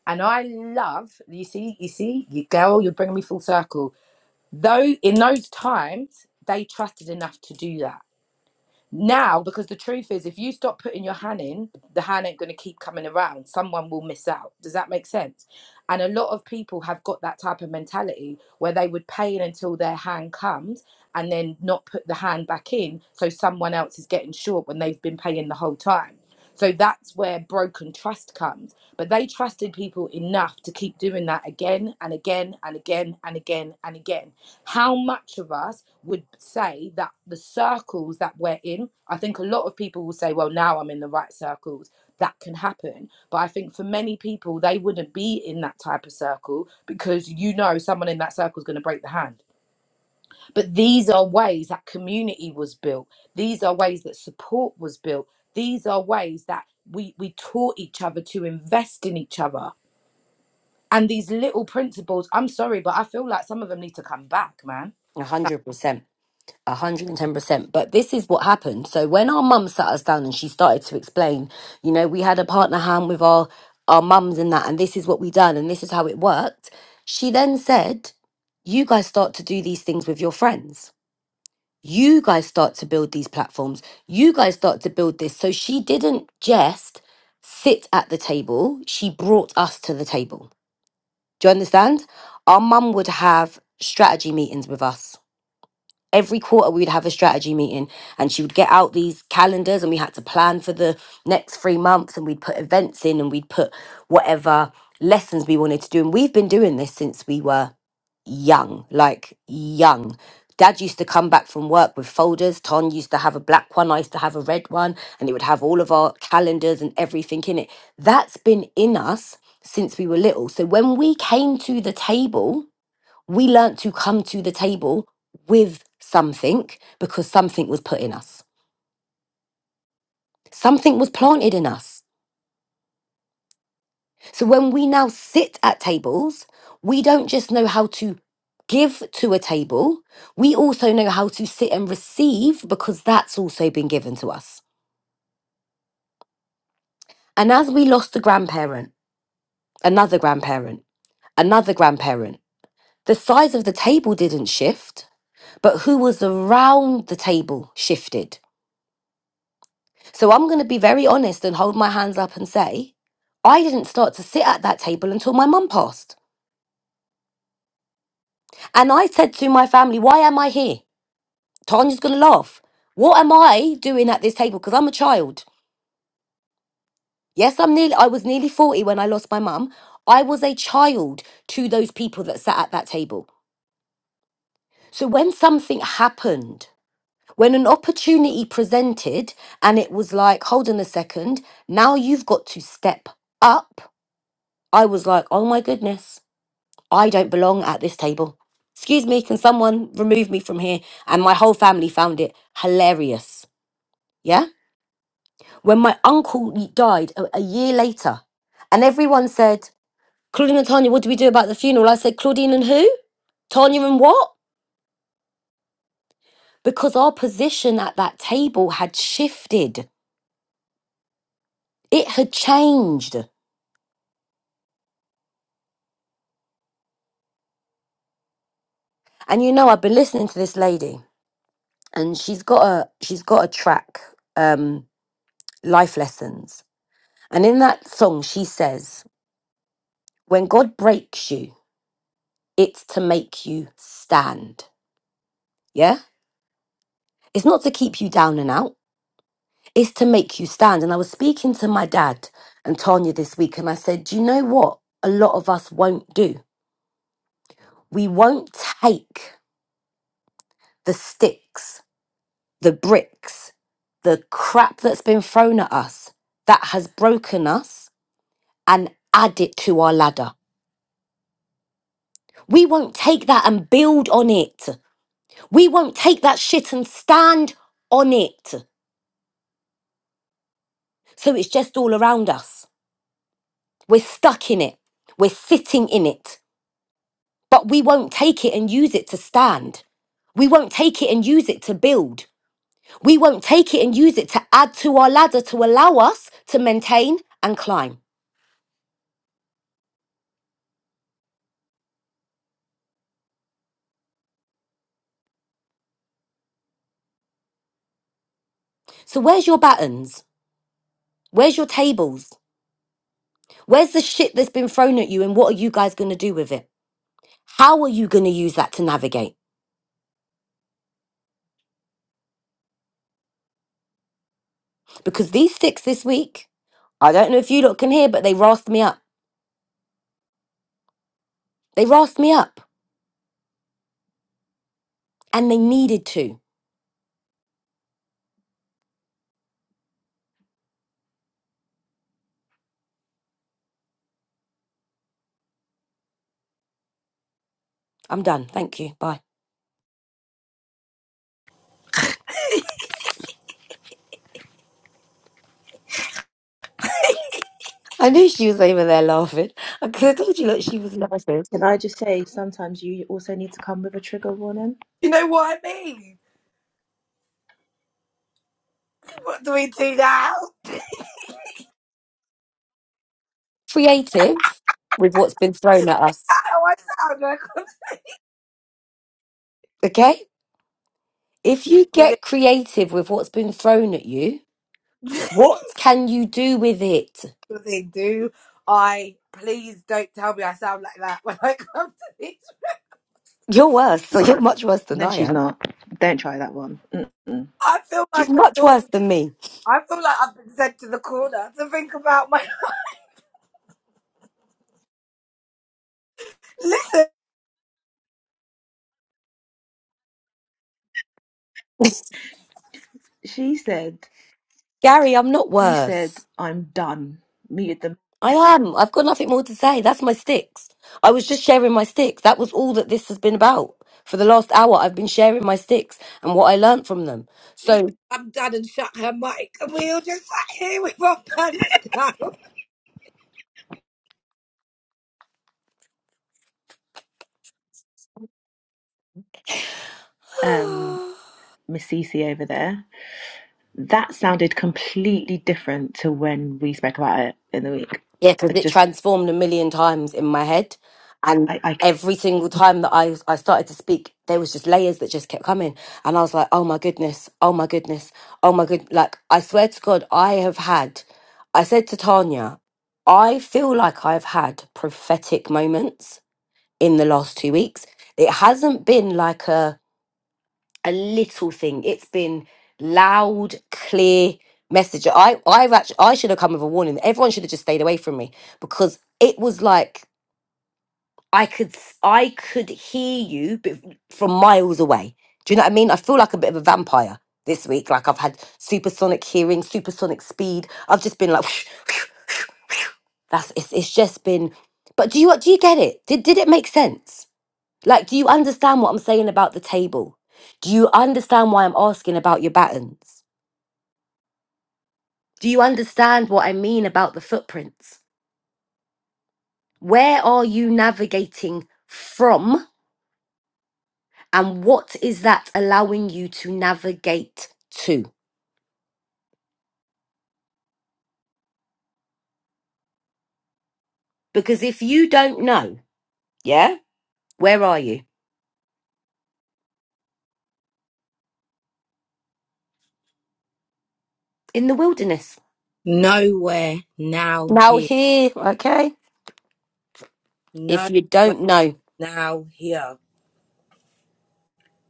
And I love, you see, you see, you girl, you're bringing me full circle. Though in those times, they trusted enough to do that. Now, because the truth is, if you stop putting your hand in, the hand ain't going to keep coming around. Someone will miss out. Does that make sense? And a lot of people have got that type of mentality where they would pay until their hand comes and then not put the hand back in. So someone else is getting short when they've been paying the whole time. So that's where broken trust comes. But they trusted people enough to keep doing that again and again and again and again and again how much of us would say that the circles that we're in i think a lot of people will say well now i'm in the right circles that can happen but i think for many people they wouldn't be in that type of circle because you know someone in that circle is going to break the hand but these are ways that community was built these are ways that support was built these are ways that we we taught each other to invest in each other and these little principles i'm sorry but i feel like some of them need to come back man A 100%. 110%. But this is what happened. So when our mum sat us down and she started to explain, you know, we had a partner hand with our our mums and that and this is what we done and this is how it worked. She then said, "You guys start to do these things with your friends. You guys start to build these platforms. You guys start to build this." So she didn't just sit at the table, she brought us to the table. Do you understand? Our mum would have strategy meetings with us every quarter we'd have a strategy meeting and she would get out these calendars and we had to plan for the next three months and we'd put events in and we'd put whatever lessons we wanted to do and we've been doing this since we were young like young dad used to come back from work with folders ton used to have a black one i used to have a red one and it would have all of our calendars and everything in it that's been in us since we were little so when we came to the table we learnt to come to the table with something because something was put in us, something was planted in us. So when we now sit at tables, we don't just know how to give to a table, we also know how to sit and receive because that's also been given to us. And as we lost a grandparent, another grandparent, another grandparent. The size of the table didn't shift, but who was around the table shifted. So I'm going to be very honest and hold my hands up and say, I didn't start to sit at that table until my mum passed. And I said to my family, Why am I here? Tanya's going to laugh. What am I doing at this table? Because I'm a child. Yes, I'm nearly, I was nearly 40 when I lost my mum. I was a child to those people that sat at that table. So when something happened, when an opportunity presented and it was like, hold on a second, now you've got to step up, I was like, oh my goodness. I don't belong at this table. Excuse me, can someone remove me from here? And my whole family found it hilarious. Yeah? When my uncle died a, a year later, and everyone said, Claudine and Tanya, what do we do about the funeral? I said, Claudine and who? Tanya and what? Because our position at that table had shifted, it had changed. And you know, I've been listening to this lady, and she's got a she's got a track, um, life lessons. And in that song, she says, When God breaks you, it's to make you stand. Yeah? It's not to keep you down and out, it's to make you stand. And I was speaking to my dad and Tanya this week, and I said, Do you know what a lot of us won't do? We won't take the sticks, the bricks, the crap that's been thrown at us that has broken us and add it to our ladder. We won't take that and build on it. We won't take that shit and stand on it. So it's just all around us. We're stuck in it. We're sitting in it. But we won't take it and use it to stand. We won't take it and use it to build. We won't take it and use it to add to our ladder to allow us to maintain and climb. So where's your battens? Where's your tables? Where's the shit that's been thrown at you and what are you guys going to do with it? How are you going to use that to navigate? Because these sticks this week, I don't know if you lot can hear, but they rasped me up. They rasped me up and they needed to. I'm done. Thank you. Bye. I knew she was over there laughing because I told you, look, she was laughing. Can I just say, sometimes you also need to come with a trigger warning? You know what I mean? What do we do now? Creative with what's been thrown at us. How I sound like a- Okay? If you good get creative with what's been thrown at you, evening. what can you do with it? *laughs* good thing. Do I please don't tell me I sound like that when I come to these You're worse. So you're much worse than No, I she's am. not. Don't try that one. Mm-mm. I feel She's like a much naughty. worse than me. I feel like I've been sent to the corner to think about my *laughs* list. She said, Gary, I'm not she said, worse. I'm done. Muted the I am. I've got nothing more to say. That's my sticks. I was just sharing my sticks. That was all that this has been about. For the last hour, I've been sharing my sticks and what I learnt from them. She So said I'm done and shut her mic and we all just sat here with our pants down. um, *sighs* Miss Cece over there. That sounded completely different to when we spoke about it in the week. Yeah, because I it just, transformed a million times in my head. And I, I, c- every single time that I, I started to speak, there was just layers that just kept coming. And I was like, oh my goodness, oh my goodness, oh my good. Like, I swear to God, I have had, I said to Tanya, I feel like I've had prophetic moments in the last two weeks. It hasn't been like a, a little thing. It's been loud, clear message. I I've actually I should have come with a warning. Everyone should have just stayed away from me because it was like I could s- I could hear you but from miles away. Do you know what I mean? I feel like a bit of a vampire this week. Like I've had supersonic hearing, supersonic speed. I've just been like *sniffs* that's it's, it's just been. But do you do you get it? Did did it make sense? Like, do you understand what I'm saying about the table? Do you understand why I'm asking about your battens? Do you understand what I mean about the footprints? Where are you navigating from? And what is that allowing you to navigate to? Because if you don't know, yeah, where are you? In the wilderness. Nowhere now Now, here. here, okay? If Nowhere you don't know, now here.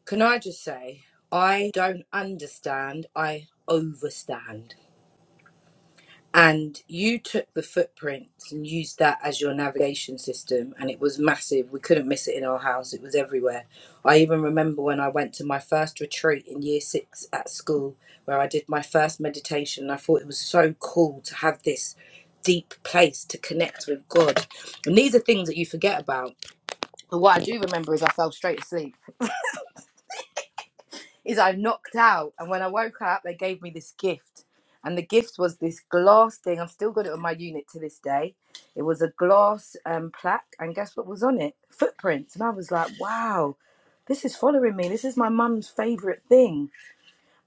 Can I just say, I don't understand, I overstand. And you took the footprints and used that as your navigation system, and it was massive. We couldn't miss it in our house, it was everywhere. I even remember when I went to my first retreat in year six at school, where I did my first meditation, and I thought it was so cool to have this deep place to connect with God. And these are things that you forget about. But what I do remember is I fell straight asleep is I knocked out, and when I woke up, they gave me this gift, and the gift was this glass thing. I've still got it on my unit to this day. It was a glass um, plaque, and guess what was on it? Footprints, and I was like, wow. This is following me. This is my mum's favourite thing.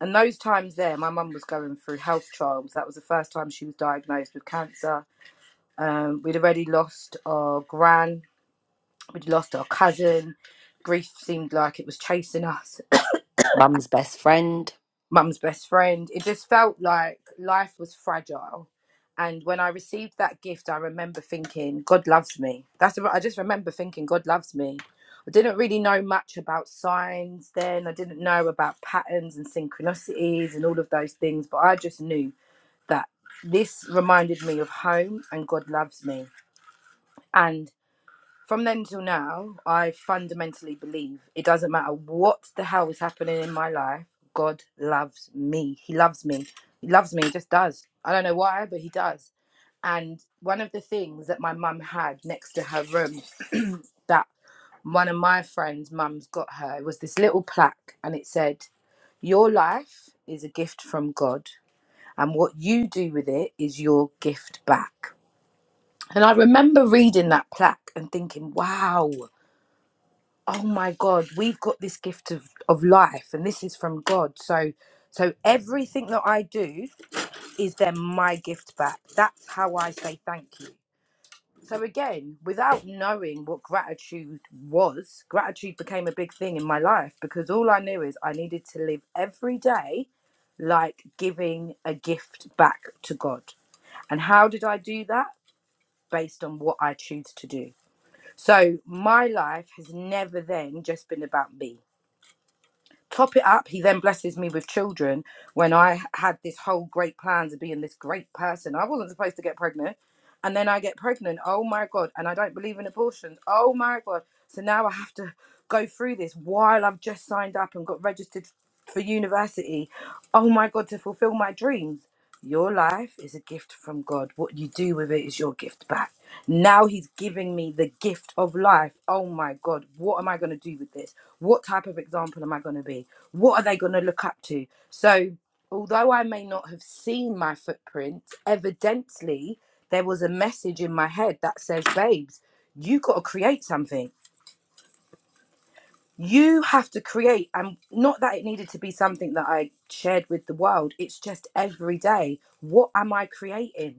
And those times there, my mum was going through health trials. That was the first time she was diagnosed with cancer. Um, we'd already lost our gran, we'd lost our cousin. Grief seemed like it was chasing us mum's best friend. mum's best friend. It just felt like life was fragile. And when I received that gift, I remember thinking, God loves me. That's what I just remember thinking, God loves me. I didn't really know much about signs then. I didn't know about patterns and synchronicities and all of those things, but I just knew that this reminded me of home and God loves me. And from then till now, I fundamentally believe it doesn't matter what the hell is happening in my life, God loves me. He loves me. He loves me. He just does. I don't know why, but he does. And one of the things that my mum had next to her room *clears throat* that one of my friends' mums got her was this little plaque, and it said, Your life is a gift from God, and what you do with it is your gift back. And I remember reading that plaque and thinking, wow, oh my god we've got this gift of of life and this is from god so so everything that i do is then my gift back that's how i say thank you so again without knowing what gratitude was gratitude became a big thing in my life because all i knew is i needed to live every day like giving a gift back to god and how did i do that based on what i choose to do so my life has never then just been about me Top it up, he then blesses me with children when I had this whole great plan to being this great person. I wasn't supposed to get pregnant. And then I get pregnant. Oh my God. And I don't believe in abortions. Oh my God. So now I have to go through this while I've just signed up and got registered for university. Oh my God, to fulfill my dreams. Your life is a gift from God. What you do with it is your gift back. Now He's giving me the gift of life. Oh my God, what am I going to do with this? what type of example am I going to be? What are they going to look up to? So, although I may not have seen my footprint, evidently there was a message in my head that says, babes, you got to create something. You have to create. And not that it needed to be something that I shared with the world, it's just every day. What am I creating?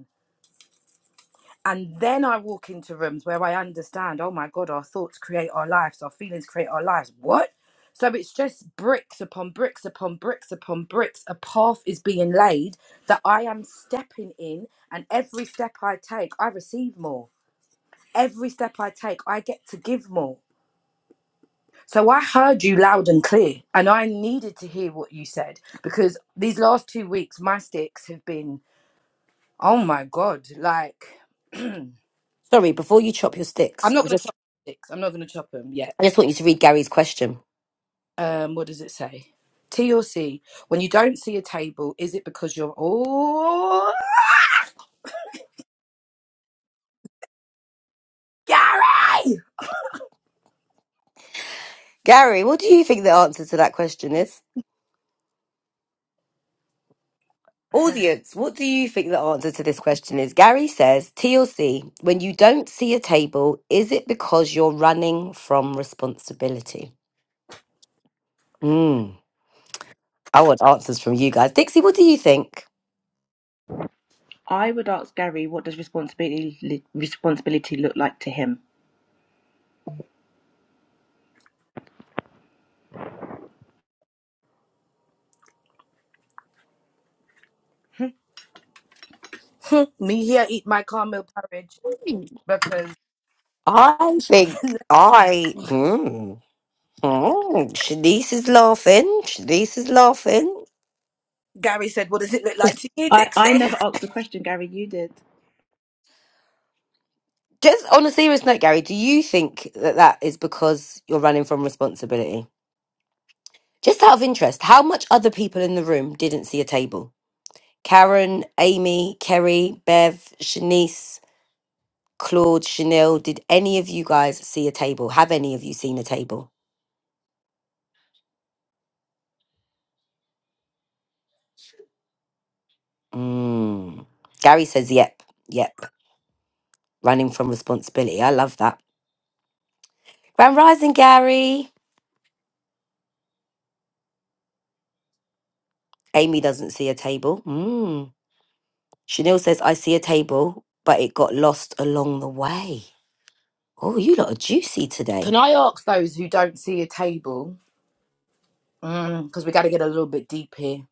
And then I walk into rooms where I understand, oh my God, our thoughts create our lives, our feelings create our lives. What? So it's just bricks upon bricks upon bricks upon bricks. A path is being laid that I am stepping in, and every step I take, I receive more. Every step I take, I get to give more. So I heard you loud and clear, and I needed to hear what you said because these last two weeks, my sticks have been, oh my God, like. *clears throat* Sorry, before you chop your sticks, I'm not I going to just, chop sticks. I'm not going to chop them yet. I just want you to read Gary's question. Um, what does it say? T or C? When you don't see a table, is it because you're oh Gary? Gary, what do you think the answer to that question is? Audience, what do you think the answer to this question is? Gary says, TLC, when you don't see a table, is it because you're running from responsibility? Mm, I want answers from you guys. Dixie, what do you think? I would ask Gary, what does responsibility responsibility look like to him? *laughs* Me here eat my caramel porridge because I think I. Mm, mm, Shanice is laughing. Shanice is laughing. Gary said, "What does it look like to you, I, I Dixie?" never asked the question, Gary. You did. Just on a serious note, Gary, do you think that that is because you're running from responsibility? Just out of interest, how much other people in the room didn't see a table? Karen, Amy, Kerry, Bev, Shanice, Claude, Chanel, did any of you guys see a table? Have any of you seen a table? Mm. Gary says, yep, yep, running from responsibility. I love that. Grand Rising, Gary. Amy doesn't see a table. Mm. Chanel says, I see a table, but it got lost along the way. Oh, you lot are juicy *laughs* today. Can I ask those who don't see a table? Because we got to get a little bit deep here.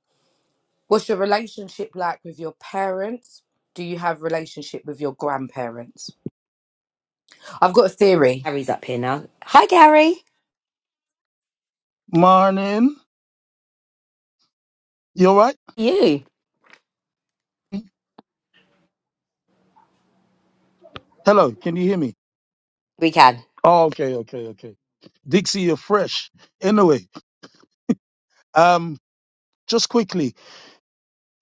What's your relationship like with your parents? Do you have relationship with your grandparents? I've got a theory. Gary's up here now. Hi, Gary. Morning. You all right? You. Hello. Can you hear me? We can. Do Oh, okay, okay, okay. Dixie, you're fresh. Anyway, um, just quickly,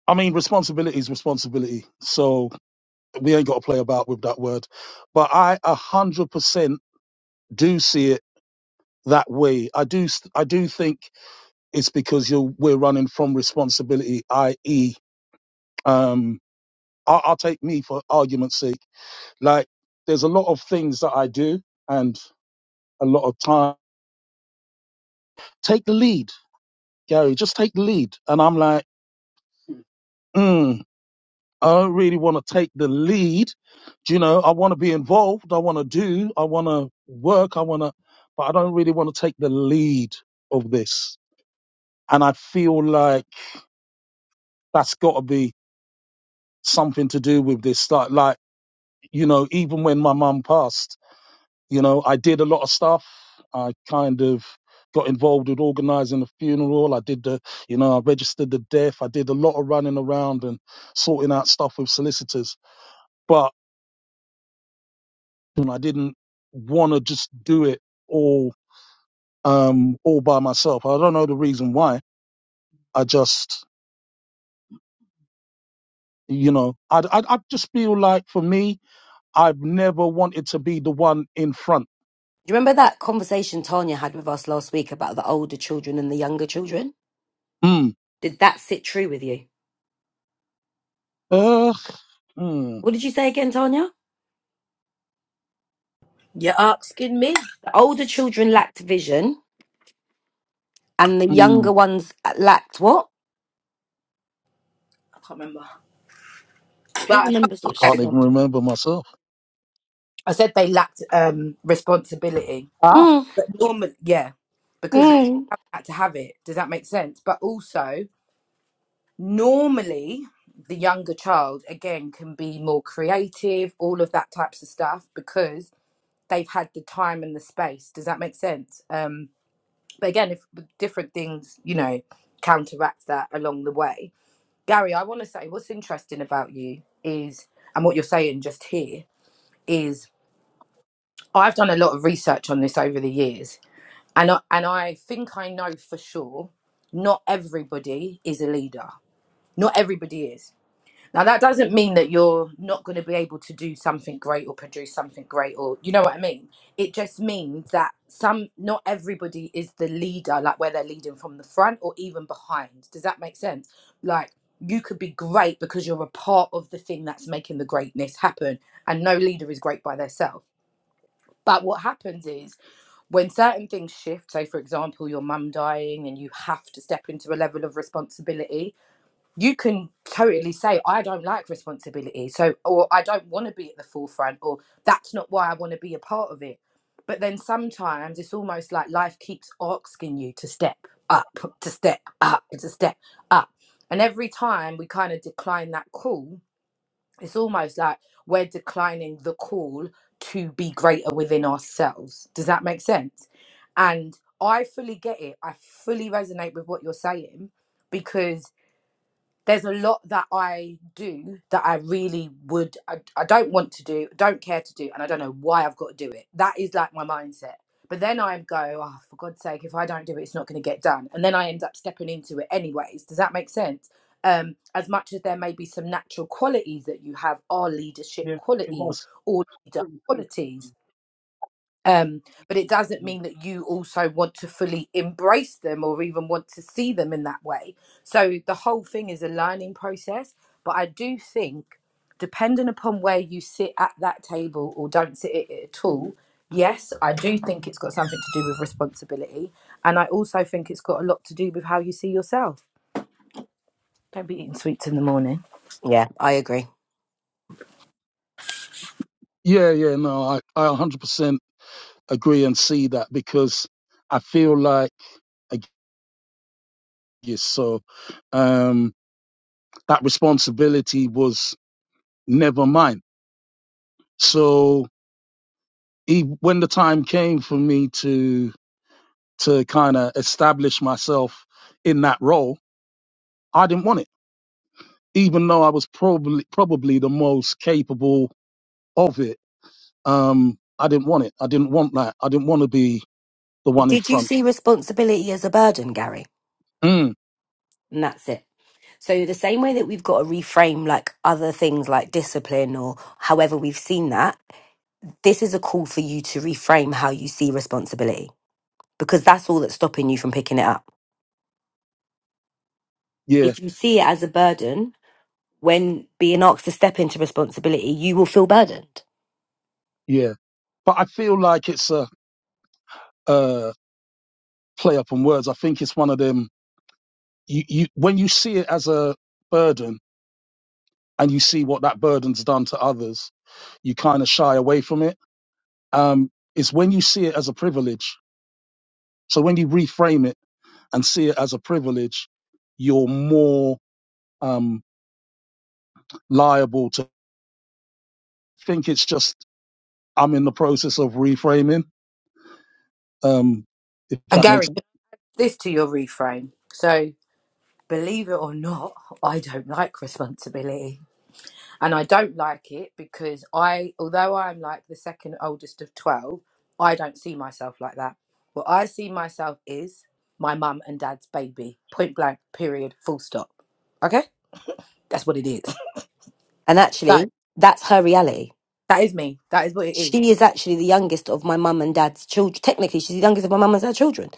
I mean, responsibility is responsibility. So we ain't got to play about with that word. But I a hundred percent do see it that way. I do, s- I do think it's because you we're running from responsibility, i.e., um, I'll, I'll take me for argument's sake. Like, there's a lot of things that I do, and a lot of time take the lead. Gary, just take the lead. And I'm like, mm, I don't really want to take the lead. Do you know, I want to be involved. I want to do, I want to work. I want to, but I don't really want to take the lead of this. And I feel like that's got to be something to do with this. Like, like, you know, even when my mum passed, You know, I did a lot of stuff. I kind of got involved with organizing the funeral. I did the, you know, I registered the death. I did a lot of running around and sorting out stuff with solicitors. But you know, I didn't want to just do it all, um, all by myself. I don't know the reason why. I just, you know, I, I, I just feel like for me, I've never wanted to be the one in front. you remember that conversation Tanya had with us last week about the older children and the younger children? Mm. Did that sit true with you? Ugh. Mm. What did you say again, Tanya? You're asking me. I The older children lacked vision and the Mm. younger ones uh, lacked what? can't remember. Who But I remembers I what she can't said, even said? remember myself. I said they lacked um, responsibility. Ah, Mm, But normally, yeah, because you mm. had to have it. Does that make sense? But also, normally, the younger child, again, can be more creative, all of that types of stuff, because they've had the time and the space. Does that make sense? Um, but again, if different things, you know, counteract that along the way. Gary, I want to say what's interesting about you is, and what you're saying just here is I've done a lot of research on this over the years, and I, and I think I know for sure not everybody is a leader. Not everybody is. Now that doesn't mean that you're not going to be able to do something great or produce something great or you know what I mean. It just means that some not everybody is the leader like where they're leading from the front or even behind. Does that make sense? Like you could be great because you're a part of the thing that's making the greatness happen and no leader is great by themselves. But what happens is when certain things shift, say for example, your mum dying and you have to step into a level of responsibility, you can totally say, I don't like responsibility. So, or I don't want to be at the forefront, or that's not why I want to be a part of it. But then sometimes it's almost like life keeps asking you to step up, to step up, to step up. And every time we kind of decline that call, it's almost like we're declining the call to be greater within ourselves. Does that make sense? And I fully get it. I fully resonate with what you're saying because there's a lot that I do that I really would, I, I don't want to do, don't care to do, and I don't know why I've got to do it. That is like my mindset. But then I go, oh, for God's sake, if I don't do it, it's not going to get done. And then I end up stepping into it anyways. Does that make sense? Um, as much as there may be some natural qualities that you have are leadership yeah. qualities or leader qualities um, but it doesn't mean that you also want to fully embrace them or even want to see them in that way. So the whole thing is a learning process. But I do think, depending upon where you sit at that table or don't sit at it at all, yes, I do think it's got something to do with responsibility. And I also think it's got a lot to do with how you see yourself. Don't be eating sweets in the morning. Yeah, I agree. Yeah, yeah, no, I, I 100% agree and see that because I feel like, I guess so, um, that responsibility was never mine. So e when the time came for me to, to kind of establish myself in that role, I didn't want it, even though I was probably, probably the most capable of it. Um, I didn't want it. I didn't want that. I didn't want to be the one in Did you front. see responsibility as a burden, Gary? Mm, And that's it. So, the same way that we've got to reframe like other things like discipline or however we've seen that, this is a call for you to reframe how you see responsibility because that's all that's stopping you from picking it up. yeah. If you see it as a burden, when being asked to step into responsibility, you will feel burdened. Yeah, but I feel like it's a, a play up on words. I think it's one of them. You, you when you see it as a burden and you see what that burden's done to others, you kind of shy away from it. Um, it's when you see it as a privilege. So when you reframe it and see it as a privilege, you're more um, liable to think it's just I'm in the process of reframing. Um, if And that makes Gary, sense. put this to your reframe. So believe it or not, I don't like responsibility. and I don't like it because I, although I'm like the second oldest of 12, I don't see myself like that. What I see myself is my mum and dad's baby, point blank, period, full stop. Okay? That's what it is. *laughs* And actually, That, that's her reality. that is me. That is what it is. She is actually the youngest of my mum and dad's children. Technically, she's the youngest of my mum and dad's children.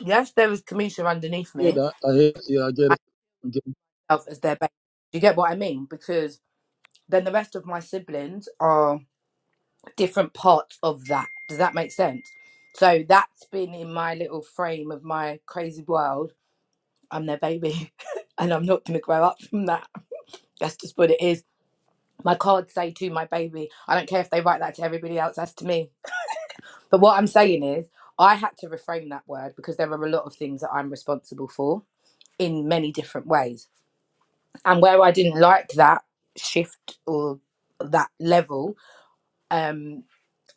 Yes, there is Kamisha underneath Hear me. that? I hear. Yeah, I get I it. I Get myself as their baby. Do you get what I mean? Because then the rest of my siblings are different parts of that. Does that make sense? So that's been in my little frame of my crazy world I'm their baby *laughs* and I'm not going to grow up from that. That's just what it is. My cards say to my baby. I don't care if they write that to everybody else, that's to me. But what I'm saying is, I had to reframe that word because there are a lot of things that I'm responsible for in many different ways. And where I didn't like that shift or that level, um,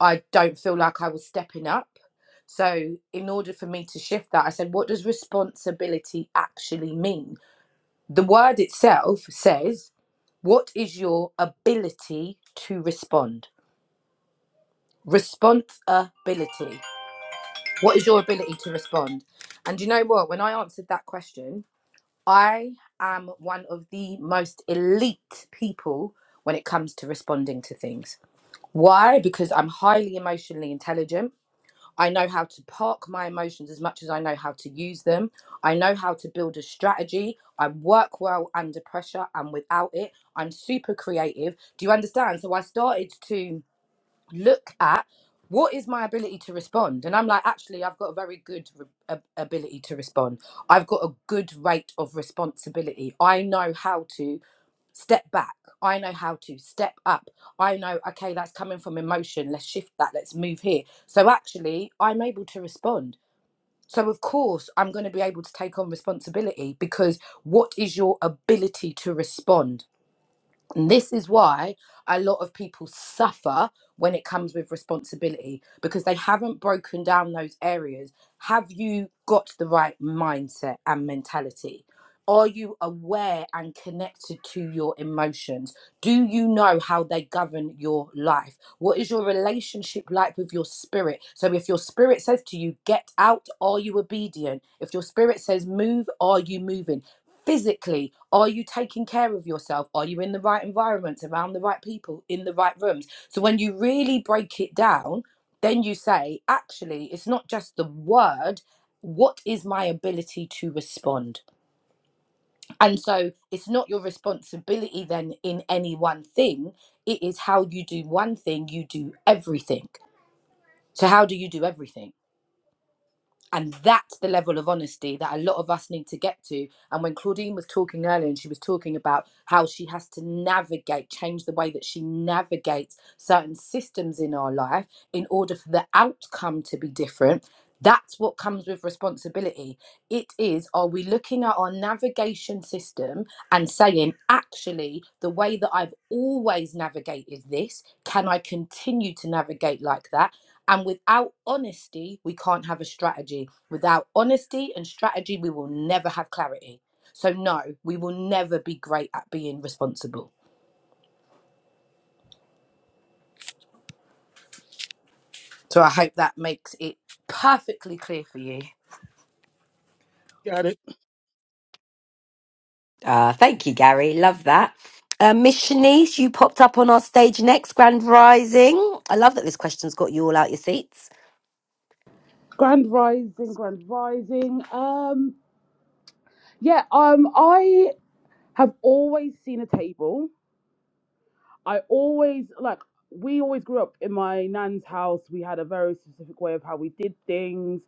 I don't feel like I was stepping up. So, in order for me to shift that, I said, what does responsibility actually mean? The word itself says What is your ability to respond? Responsibility. What is your ability to respond? And you know what? When I answered that question, I am one of the most elite people when it comes to responding to things. Why? Because I'm highly emotionally intelligent. I know how to park my emotions as much as I know how to use them. I know how to build a strategy. I work well under pressure and without it. I'm super creative. Do you understand? So I started to look at what is my ability to respond? And I'm like, actually, I've got a very good re- ab- ability to respond. I've got a good rate of responsibility. I know how to step back i know how to step up i know okay that's coming from emotion let's shift that let's move here so actually i'm able to respond so of course i'm going to be able to take on responsibility because what is your ability to respond and this is why a lot of people suffer when it comes with responsibility because they haven't broken down those areas have you got the right mindset and mentality are you aware and connected to your emotions do you know how they govern your life? What is your relationship like with your spirit? So, if your spirit says to you, get out, are you obedient? If your spirit says move, are you moving? Physically, are you taking care of yourself? Are you in the right environment, around the right people, in the right rooms? So, when you really break it down, then you say, actually, it's not just the word. What is my ability to respond? And so it's not your responsibility then in any one thing. It is how you do one thing, you do everything. So, how do you do everything? And that's the level of honesty that a lot of us need to get to. And when Claudine was talking earlier, and she was talking about how she has to navigate, change the way that she navigates certain systems in our life in order for the outcome to be different. That's what comes with responsibility. It is, are we looking at our navigation system and saying, actually, the way that I've always navigated this, can I continue to navigate like that? And without honesty, we can't have a strategy. Without honesty and strategy, we will never have clarity. So, no, we will never be great at being responsible. So, I hope that makes it perfectly clear for you. get it. Uh, thank you, Gary. Love that. Uh, Miss Shanice, you popped up on our stage next, Grand Rising. I love that this question's got you all out your seats. Grand Rising, Grand Rising. Um, yeah, um, I have always seen a table. I always like we always grew up in my nan's house. We had a very specific way of how we did things.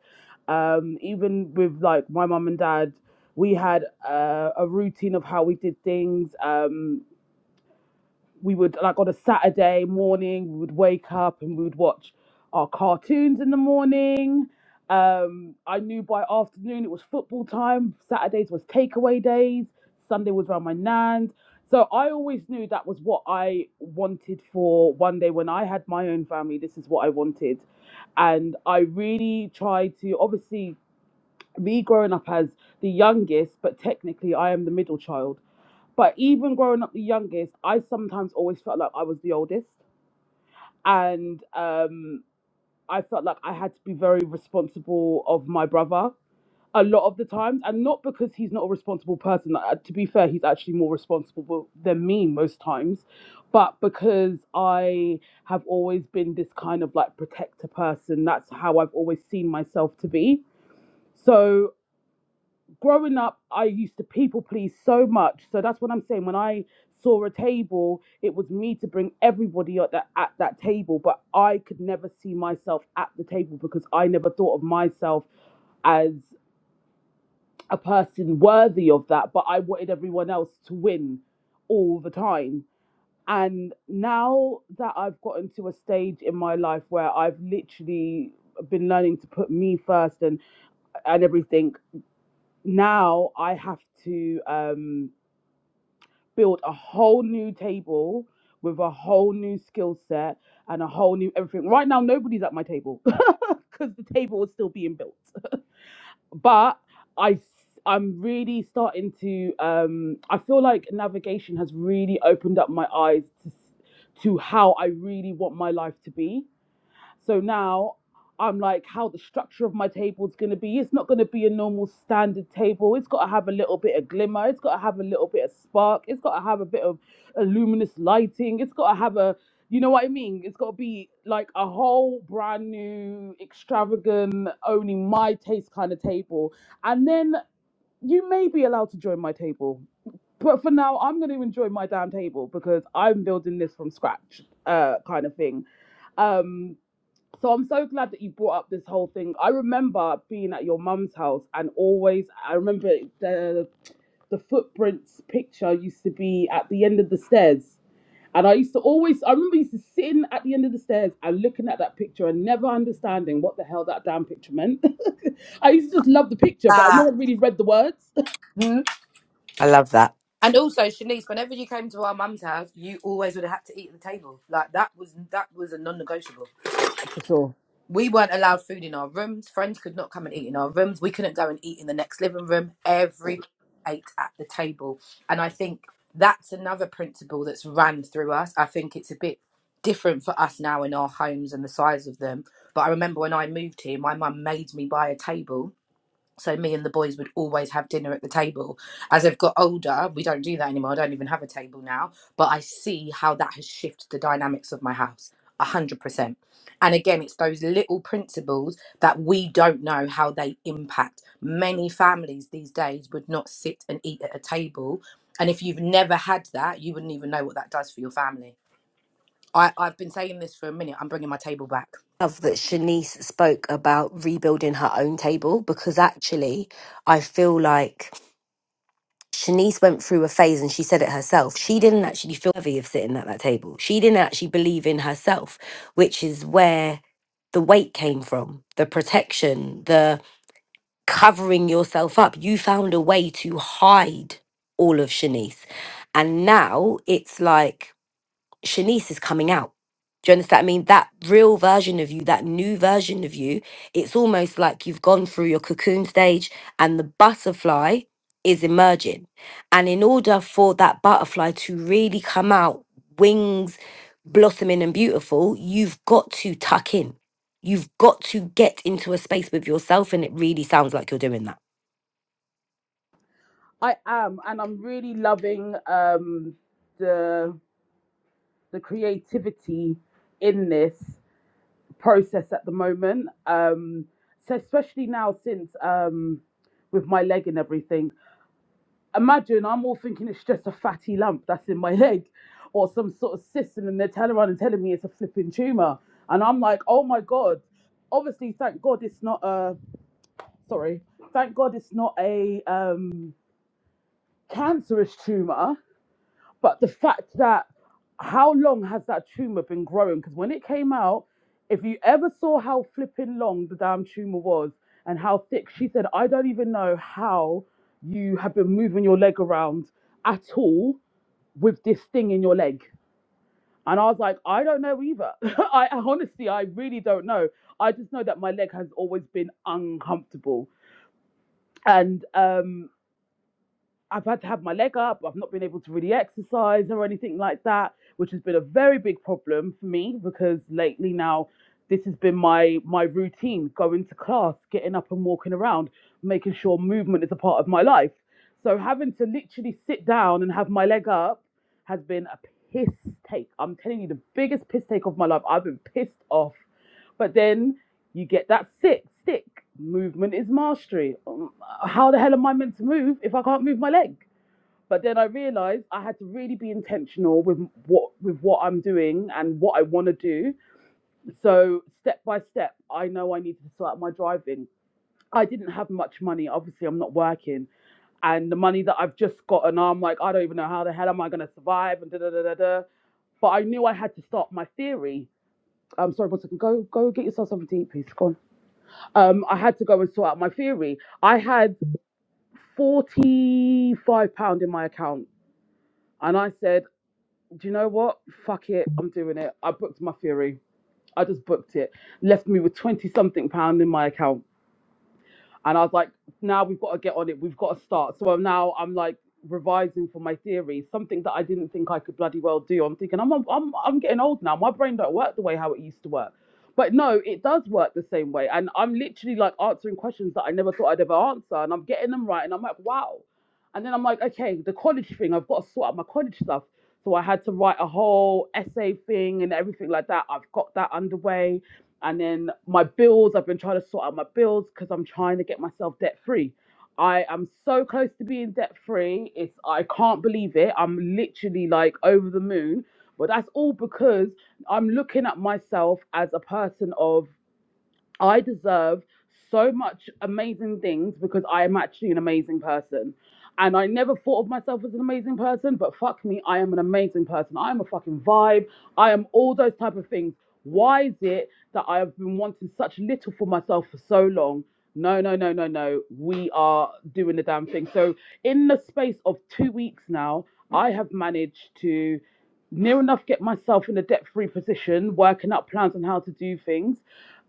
Um, even with like my mum and dad, we had uh, a routine of how we did things. Um, we would like on a Saturday morning we would wake up and we would watch our cartoons in the morning. Um, I knew by afternoon it was football time. Saturdays was takeaway days. Sunday was around my nan's. So I always knew that was what I wanted for one day when I had my own family. This is what I wanted, and I really tried to obviously me growing up as the youngest, but technically I am the middle child. But even growing up the youngest, I sometimes always felt like I was the oldest. And um, I felt like I had to be very responsible of my brother a lot of the times. And not because he's not a responsible person. Like, uh, to be fair, he's actually more responsible than me most times. But because I have always been this kind of like protector person, that's how I've always seen myself to be. So growing up, I used to people please so much. So that's what I'm saying. When I saw a table, it was me to bring everybody at that at that table, but I could never see myself at the table because I never thought of myself as a person worthy of that. But I wanted everyone else to win all the time. And now that I've gotten to a stage in my life where I've literally been learning to put me first and and everything now I have to um, build a whole new table with a whole new skill set and a whole new everything. Right now, nobody's at my table *laughs* because the table is still being built. But I, i s- I'm really starting to. Um, I feel like navigation has really opened up my eyes to, to how I really want my life to be so now I'm like, how the structure of my table is going to be. It's not going to be a normal standard table. It's got to have a little bit of glimmer. It's got to have a little bit of spark. It's got to have a bit of a luminous lighting. It's got to have a, you know what I mean? It's got to be like a whole brand new, extravagant, only my taste kind of table. And then you may be allowed to join my table but for now, I'm going to enjoy my damn table because I'm building this from scratch, uh, kind of thing. Um, so I'm so glad that you brought up this whole thing. I remember being at your mum's house and always I remember the the footprints picture used to be at the end of the stairs. And I used to always I remember used to sitting at the end of the stairs and looking at that picture and never understanding what the hell that damn picture meant. *laughs* I used to just love the picture, but I Ah, never really read the words. mm. I love that. And also, Shanice, whenever you came to our mum's house, you always would have had to eat at the table. Like that was that was a non-negotiable. *laughs* For sure. we weren't allowed food in our rooms. Friends could not come and eat in our rooms. We couldn't go and eat in the next living room. Everybody ate at the table. And I think that's another principle that's ran through us. I think it's a bit different for us now in our homes and the size of them. But I remember when I moved here, my mum made me buy a table so me and the boys would always have dinner at the table. As I've got older, we don't do that anymore. I don't even have a table now. But I see how that has shifted the dynamics of my house. A hundred percent. And again, it's those little principles that we don't know how they impact. Many families these days would not sit and eat at a table. And if you've never had that, you wouldn't even know what that does for your family. I, I've been saying this for a minute. I'm bringing my table back. love that Shanice spoke about rebuilding her own table because actually, I feel like Shanice went through a phase and she said it herself. She didn't actually feel worthy of sitting at that table. She didn't actually believe in herself, which is where the weight came from, the protection, the covering yourself up. You found a way to hide all of Shanice. And now it's like Shanice is coming out. Do you understand? I mean, that real version of you, that new version of you, it's almost like you've gone through your cocoon stage and the butterfly is emerging. And in order for that butterfly to really come out, wings blossoming and beautiful, you've got to tuck in You've got to get into a space with yourself, and it really sounds like you're doing that. I am, and I'm really loving um, the the creativity in this. process at the moment. Um, so especially now since um, with my leg and everything. Imagine I'm all thinking it's just a fatty lump that's in my *laughs* leg, or some sort of cyst, and then they're telling around and telling me it's a flipping tumor, and I'm like, oh my god. Obviously, thank God it's not a sorry. Thank God it's not a um, cancerous tumor But the fact that how long has that tumor been growing? Because when it came out, if you ever saw how flipping long the damn tumor was and how thick, she said, I don't even know how you have been moving your leg around at all with this thing in your leg. And I was like, I don't know either. *laughs* I honestly, I really don't know. I just know that my leg has always been uncomfortable. And um, I've had to have my leg up. I've not been able to really exercise or anything like that, which has been a very big problem for me because lately now this has been my my routine going to class, getting up and walking around, making sure movement is a part of my life. So having to literally sit down and have my leg up has been a piss take. I'm telling you the biggest piss take of my life. I've been pissed off but then you get that sick stick. Movement is mastery. Um, How the hell am I meant to move if I can't move my leg? But then I realized I had to really be intentional with what with what I'm doing and what I want to do. So step by step, I know I needed to sort out my driving. I didn't have much money. Obviously, I'm not working, and the money that I've just gotten, I'm like, I don't even know how the hell am I going to survive and da da da da da. But I knew I had to start my theory. I'm sorry, but go go get yourself something to eat, please. Go on um, I had to go and sort out my theory. I had forty-five pound in my account, and I said, "Do you know what? Fuck it, I'm doing it." I booked my theory. I just booked it. Left me with twenty something pound in my account. And I was like, now we've got to get on it. We've got to start. So now I'm like revising for my theory, something that I didn't think I could bloody well do. I'm thinking I'm I'm I'm getting old now. My brain don't work the way how it used to work. But no, it does work the same way. And I'm literally like answering questions that I never thought I'd ever answer. And I'm getting them right. And I'm like, wow. And then I'm like, okay, the college thing, I've got to sort out my college stuff. So I had to write a whole essay thing and everything like that. I've got that underway. And then my bills, I've been trying to sort out my bills because I'm trying to get myself debt free. I am so close to being debt free. It's I can't believe it. I'm literally like over the moon. But that's all because I'm looking at myself as a person of I deserve so much amazing things because I am actually an amazing person. And I never thought of myself as an amazing person, but fuck me, I am an amazing person. I am a fucking vibe. I am all those type of things. Why is it that I have been wanting such little for myself for so long? No, no, no, no, no. We are doing the damn thing. So, in the space of two weeks now, I have managed to near enough get myself in a debt-free position, working up plans on how to do things,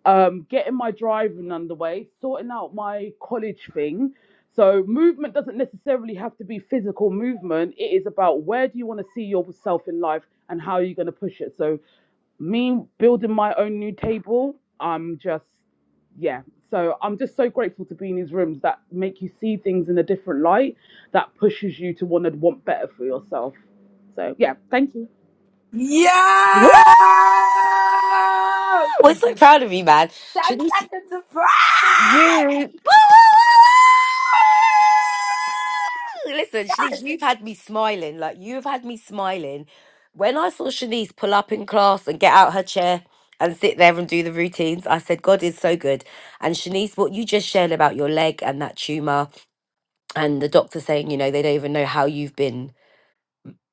um, getting my driving underway, sorting out my college thing. So movement doesn't necessarily have to be physical movement. It is about where do you want to see yourself in life and how are you going to push it. So me building my own new table, I'm just, yeah. So I'm just so grateful to be in these rooms that make you see things in a different light, that pushes you to want to want better for yourself. So yeah, thank you. Yeah! Woo! We're so proud of you, man. 10 Shanice, seconds of pride! Yeah. Listen, Shanice, you've had me smiling. Like you've had me smiling. When I saw Shanice pull up in class and get out her chair and sit there and do the routines, I said, God is so good. And Shanice, what you just shared about your leg and that tumor and the doctor saying, you know, they don't even know how you've been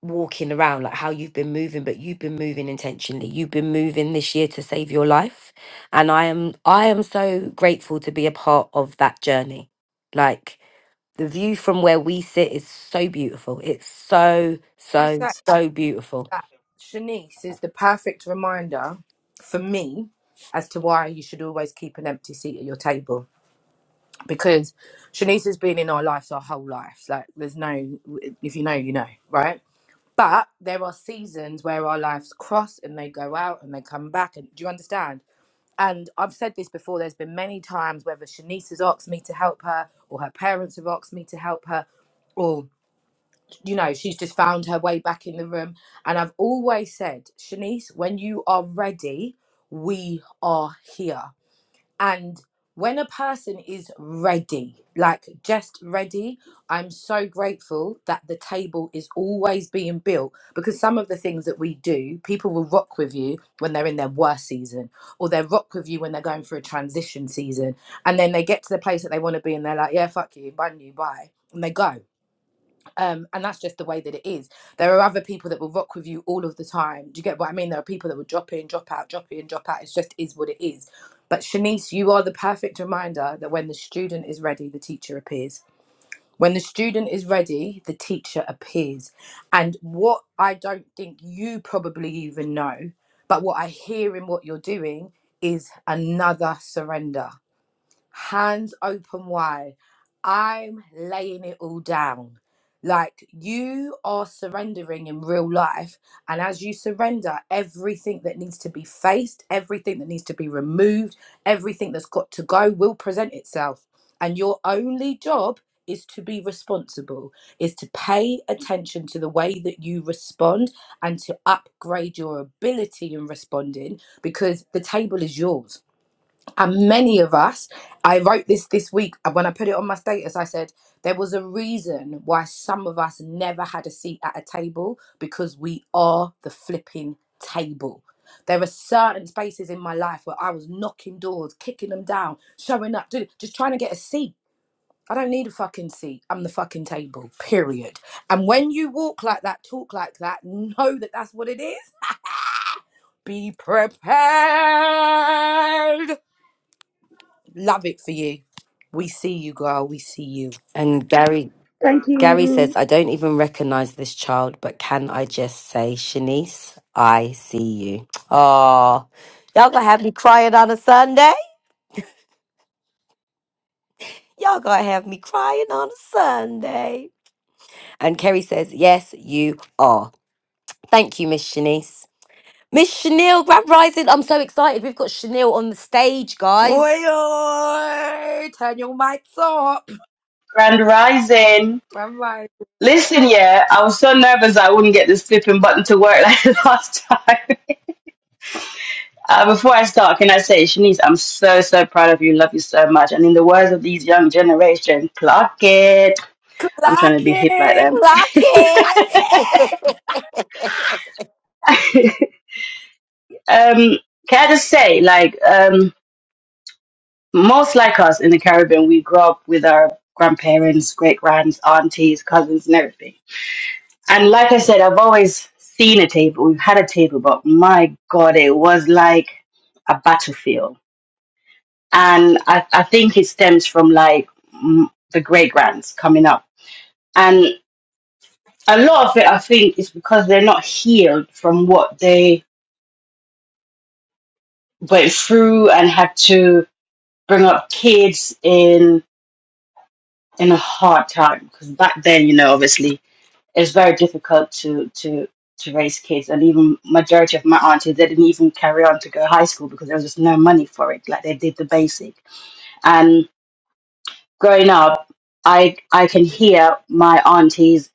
walking around like how you've been moving but you've been moving intentionally you've been moving this year to save your life and i am i am so grateful to be a part of that journey like the view from where we sit is so beautiful it's so I so said so beautiful that Shanice is the perfect reminder for me as to why you should always keep an empty seat at your table because Shanice has been in our lives our whole life. Like, there's no, if you know, you know, right? But there are seasons where our lives cross and they go out and they come back. And do you understand? And I've said this before, there's been many times whether Shanice has asked me to help her or her parents have asked me to help her or. you know, she's just found her way back in the room. And I've always said, Shanice, when you are ready, we are here. And when a person is ready, like just ready, I'm so grateful that the table is always being built because some of the things that we do, people will rock with you when they're in their worst season, or they rock with you when they're going through a transition season. And then they get to the place that they want to be and they're like, yeah, fuck you, bye, new, bye. And they go um, and that's just the way that it is. There are other people that will rock with you all of the time. Do you get what I mean? There are people that will drop in, drop out, drop in, drop out. It just is what it is. But Shanice, you are the perfect reminder that when the student is ready, the teacher appears. When the student is ready, the teacher appears. And what I don't think you probably even know, but what I hear in what you're doing is another surrender hands open wide. I'm laying it all down. Like you are surrendering in real life. And as you surrender, everything that needs to be faced, everything that needs to be removed, everything that's got to go will present itself. And your only job is to be responsible, is to pay attention to the way that you respond and to upgrade your ability in responding because the table is yours and many of us, I wrote this this week and when I put it on my status. I said there was a reason why some of us never had a seat at a table because we are the flipping table. There are certain spaces in my life where I was knocking doors, kicking them down, showing up, doing, just trying to get a seat. I don't need a fucking seat. I'm the fucking table, period. And when you walk like that, talk like that, know that that's what it is. Be prepared Love it for you. We see you, girl. We see you. and gary Thank gary says you. i don't even recognize this child but can i just say shanice i see you oh y'all gonna have me crying on a sunday y'all gonna have me crying on a sunday And Kerry says, Yes, you are. Thank you, Miss Shanice. Miss Chanel, Grand Rising. I'm so excited. We've got Chanel on the stage, guys. Oi, oi! Turn your mics up. Grand Rising. Am I Listen, yeah, I was so nervous I wouldn't get this flipping button to work *laughs* like the last time. *laughs* Uh, before I start, can I say, Shanice, I'm so, so proud of you. Love you so much. And in the words of these young generation, clock it. I'm trying to be hip like clacking? them. Like Clacking! it. *laughs* *laughs* um, can I just say, like, um, most like us in the Caribbean, we grow up with our grandparents, great grands, aunties, cousins, and everything And like I said, I've always seen a table. We've had a table, but my God, it was like a battlefield. And I, I think it stems from like mm, the great grands coming up. And a lot of it, I think, is because they're not healed from what they went through and had to bring up kids in in a hard time. Because back then, you know, obviously it's very difficult to to to raise kids and even majority of my aunties they didn't even carry on to go high school because there was just no money for it like they did the basic and growing up i i can hear my aunties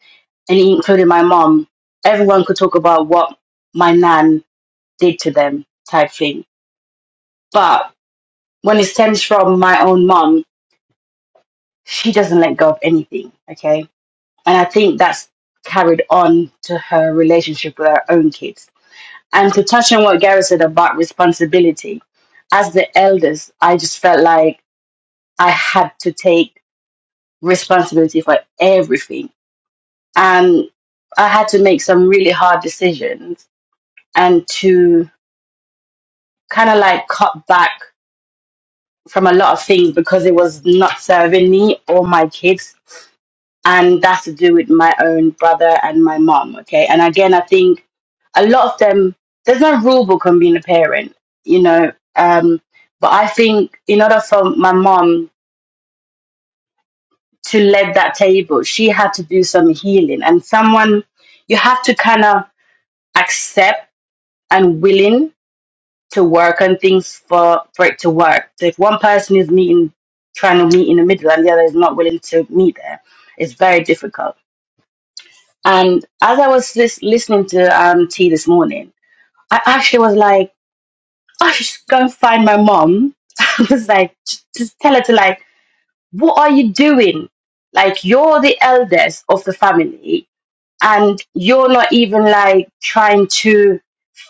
and including my mom everyone could talk about what my nan did to them type thing but when it stems from my own mom she doesn't let go of anything okay and i think that's carried on to her relationship with her own kids And to touch on what Gareth said about responsibility, as the elders, I just felt like I had to take responsibility for everything. And I had to make some really hard decisions and to kind of like cut back from a lot of things because it was not serving me or my kids and that's to do with my own brother and my mom. Okay, and again, I think a lot of them there's no rule book on being a parent, you know. Um, but I think in order for my mom to lead that table, she had to do some healing, and someone you have to kind of accept and willing to work on things for for it to work. So if one person is meeting trying to meet in the middle and the other is not willing to meet there, it's very difficult. And as I was lis- listening to um, tea this morning, I actually was like, "Oh, I should just go and find my mom. *laughs* I was like, just, just tell her to like, what are you doing? Like, you're the eldest of the family, and you're not even like trying to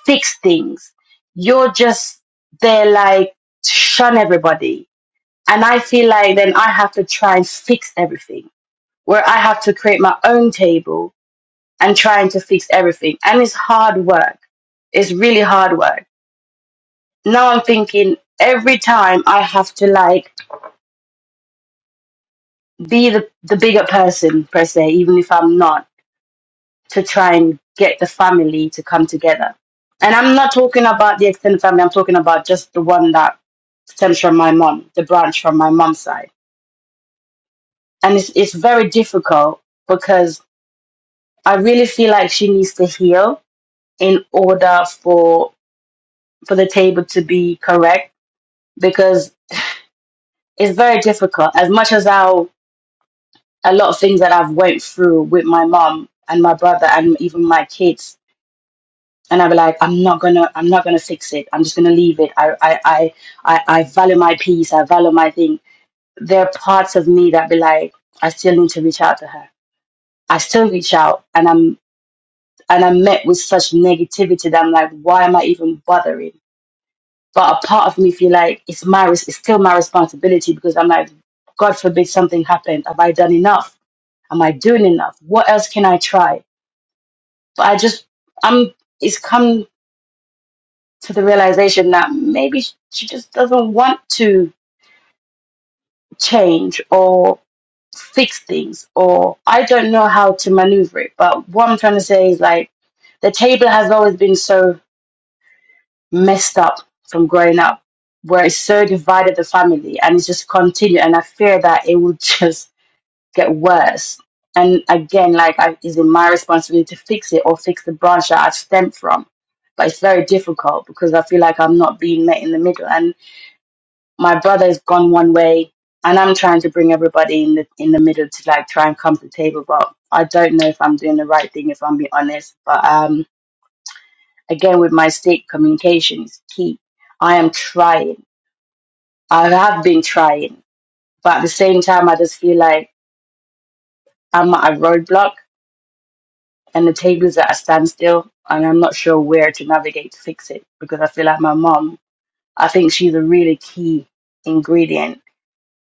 fix things. You're just there, like, to shun everybody. And I feel like then I have to try and fix everything, where I have to create my own table and trying to fix everything. And it's hard work. It's really hard work. Now I'm thinking every time I have to like be the, the bigger person per se, even if I'm not, to try and get the family to come together. And I'm not talking about the extended family, I'm talking about just the one that stems from my mom, the branch from my mom's side. And it's it's very difficult because I really feel like she needs to heal in order for for the table to be correct because it's very difficult. As much as how a lot of things that I've went through with my mom and my brother and even my kids, and I'm like, I'm not gonna, I'm not gonna fix it. I'm just gonna leave it. I, I, I, I, I value my peace. I value my thing. There are parts of me that be like, I still need to reach out to her. I still reach out, and I'm, and I'm met with such negativity that I'm like, why am I even bothering? But a part of me feel like it's my res- it's still my responsibility because I'm like, God forbid something happened. Have I done enough? Am I doing enough? What else can I try? But I just I'm it's come to the realization that maybe sh- she just doesn't want to change or fix things or I don't know how to maneuver it. But what I'm trying to say is like the table has always been so messed up from growing up, where it so divided the family and it's just continued. And I fear that it will *laughs* just get worse. And again, like, I, is it my responsibility to fix it or fix the branch that I've stemmed from? But it's very difficult because I feel like I'm not being met in the middle. And my brother has gone one way, and I'm trying to bring everybody in the in the middle to like try and come to the table. But I don't know if I'm doing the right thing, if I'm being honest. But um, Again, with my state, communication is key. I am trying. I have been trying. But at the same time, I just feel like I'm at a roadblock and the table is at a standstill and I'm not sure where to navigate to fix it because I feel like my mom, I think she's a really key ingredient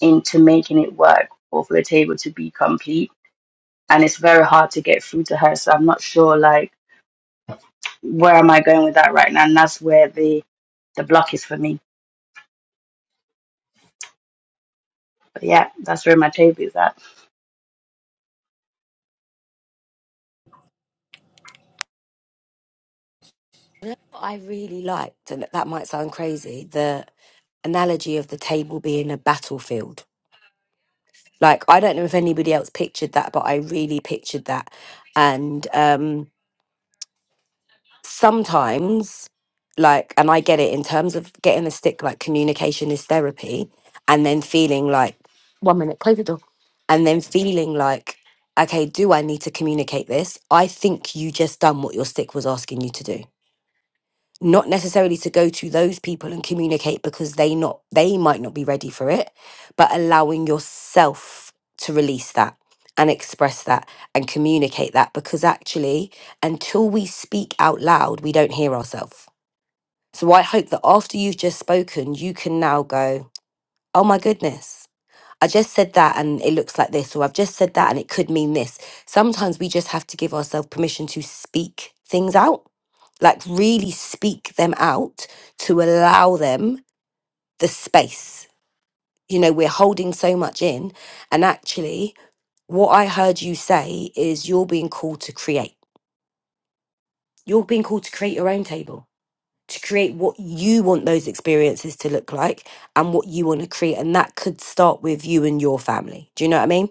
into making it work or for the table to be complete. And it's very hard to get through to her. So I'm not sure, like, where am I going with that right now? And that's where the, the block is for me. But yeah, that's where my table is at. I really liked, and that might sound crazy, the analogy of the table being a battlefield. Like I don't know if anybody else pictured that, but I really pictured that. And um sometimes like and I get it in terms of getting a stick like communication is therapy and then feeling like and then feeling like okay, do I need to communicate this? I think you just done what your stick was asking you to do not necessarily to go to those people and communicate because they not they might not be ready for it but allowing yourself to release that and express that and communicate that because actually until we speak out loud we don't hear ourselves so i hope that after you've just spoken you can now go oh my goodness I just said that and it looks like this, or I've just said that and it could mean this. Sometimes we just have to give ourselves permission to speak things out, like really speak them out to allow them the space. You know, we're holding so much in. And actually, what I heard you say is you're being called to create. You're being called to create your own table, to create what you want those experiences to look like and what you want to create. And that could start with you and your family. Do you know what I mean?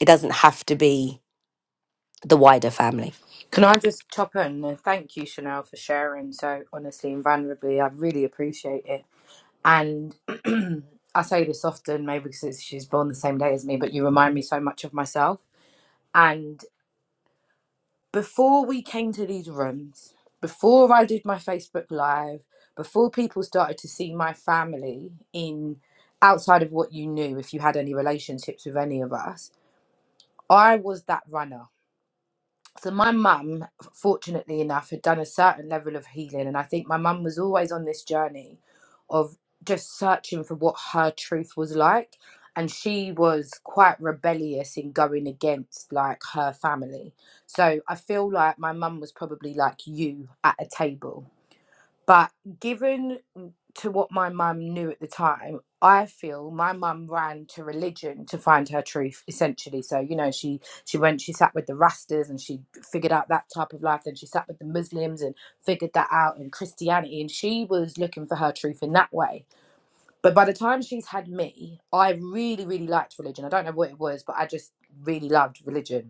It doesn't have to be the wider family. Can I just chop in and thank you, Chanel, for sharing so honestly and vulnerably? I really appreciate it. And I say this often, maybe because it's- she's born the same day as me, but you remind me so much of myself. And. before we came to these rooms, before I did my Facebook Live, before people started to see my family in outside of what you knew, if you had any relationships with any of us, I was that runner so my mum fortunately enough had done a certain level of healing and i think my mum was always on this journey of just searching for what her truth was like and she was quite rebellious in going against like her family so i feel like my mum was probably like you at a table but given to what my mum knew at the time, I feel my mum ran to religion to find her truth, essentially. So, you know, she she went, she sat with the Rastas and she figured out that type of life. Then she sat with the Muslims and figured that out and Christianity. And she was looking for her truth in that way. But by the time she's had me, I really, really liked religion. I don't know what it was, but I just really loved religion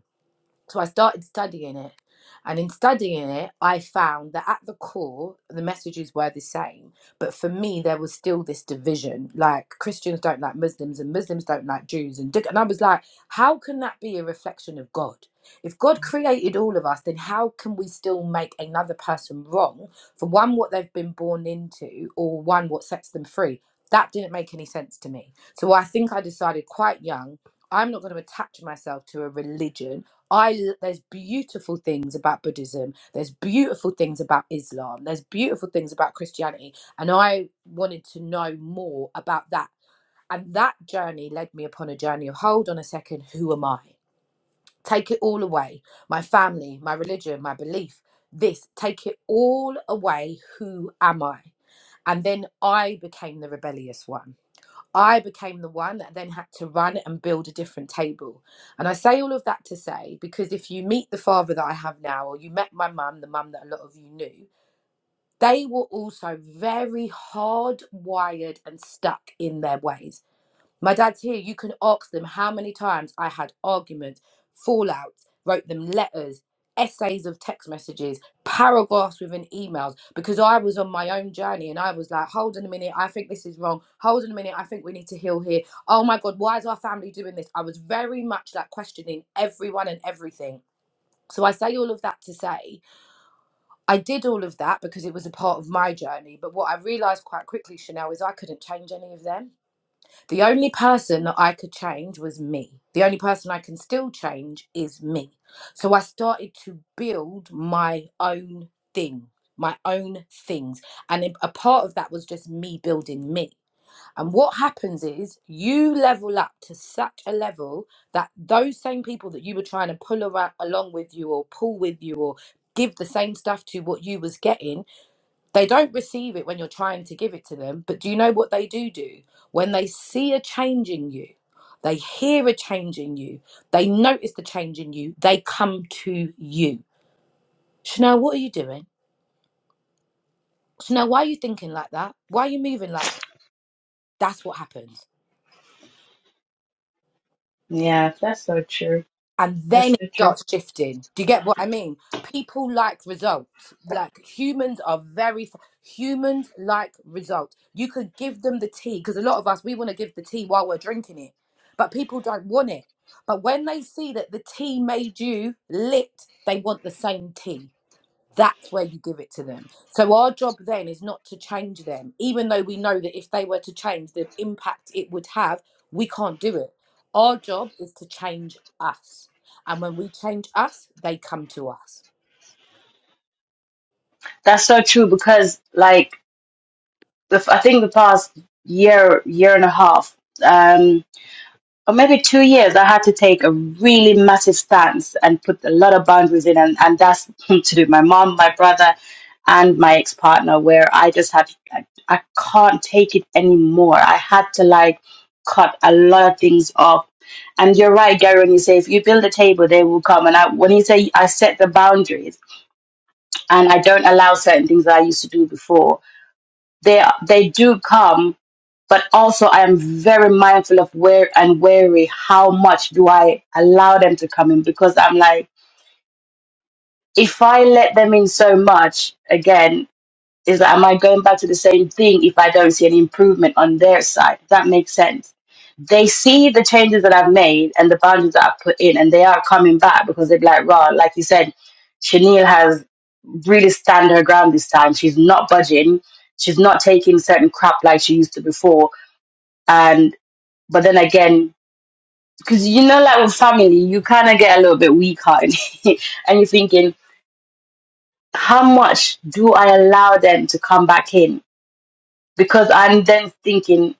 so I started studying it. And in studying it, I found that at the core, the messages were the same. But for me, there was still this division like Christians don't like Muslims and Muslims don't like Jews. And, and I was like, how can that be a reflection of God? If God created all of us, then how can we still make another person wrong for one, what they've been born into, or one, what sets them free? That didn't make any sense to me. So I think I decided quite young I'm not going to attach myself to a religion I there's beautiful things about Buddhism. There's beautiful things about Islam. There's beautiful things about Christianity, and I wanted to know more about that. And that journey led me upon a journey of hold on a second, who am I? Take it all away. My family, my religion, my belief, this, take it all away. Who am I? And then I became the rebellious one. I became the one that then had to run and build a different table. And I say all of that to say, because if you meet the father that I have now, or you met my mum, the mum that a lot of you knew, they were also very hardwired and stuck in their ways. My dad's here. You can ask them how many times I had arguments, fallouts, wrote them letters, essays of text messages, paragraphs within emails, because I was on my own journey and I was like, hold on a minute, I think this is wrong. Hold on a minute, I think we need to heal here. Oh my God, why is our family doing this? I was very much like questioning everyone and everything. So I say all of that to say I did all of that because it was a part of my journey. But what I realized quite quickly, Chanel, is I couldn't change any of them the only person that I could change was me. The only person I can still change is me. So I started to build my own thing, my own things. And a part of that was just me building me. And what happens is you level up to such a level that those same people that you were trying to pull around, along with you or pull with you or give the same stuff to what you was getting they don't receive it when you're trying to give it to them but do you know what they do do when they see a change in you they hear a change in you they notice the change in you they come to you chanel what are you doing chanel why are you thinking like that why are you moving like that? that's what happens Yeah, that's so true. and then That's it so true. starts shifting. Do you get what I mean? People like results. Like humans are very f- humans like results. You could give them the tea because a lot of us we want to give the tea while we're drinking it, but people don't want it. But when they see that the tea made you lit, they want the same tea that's where you give it to them. So our job then is not to change them, even though we know that if they were to change the impact it would have, we can't do it. Our job is to change us. And when we change us, they come to us. That's so true because, like, the, I think the past year, year and a half, um, or maybe two years, I had to take a really massive stance and put a lot of boundaries in, and, and that's *laughs* to do with my mom, my brother, and my ex partner, where I just had, I, I can't take it anymore. I had to, like, cut a lot of things off. And you're right, Gary, when you say if you build a table, they will come. And I, when you say I set the boundaries, and I don't allow certain things that I used to do before. They they do come, but also I am very mindful of where and wary how much do I allow them to come in because I'm like if I let them in so much again is that am I going back to the same thing if I don't see any improvement on their side? Does that make sense? They see the changes that I've made and the boundaries that I've put in, and they are coming back because they're like, "Raw, like you said, Chanel has really stand her ground this time. She's not budging. She's not taking certain crap like she used to before." And but then again, because you know, like with family, you kind of get a little bit weak hearted, *laughs* and you're thinking, how much do I allow them to come back in? because I'm then thinking,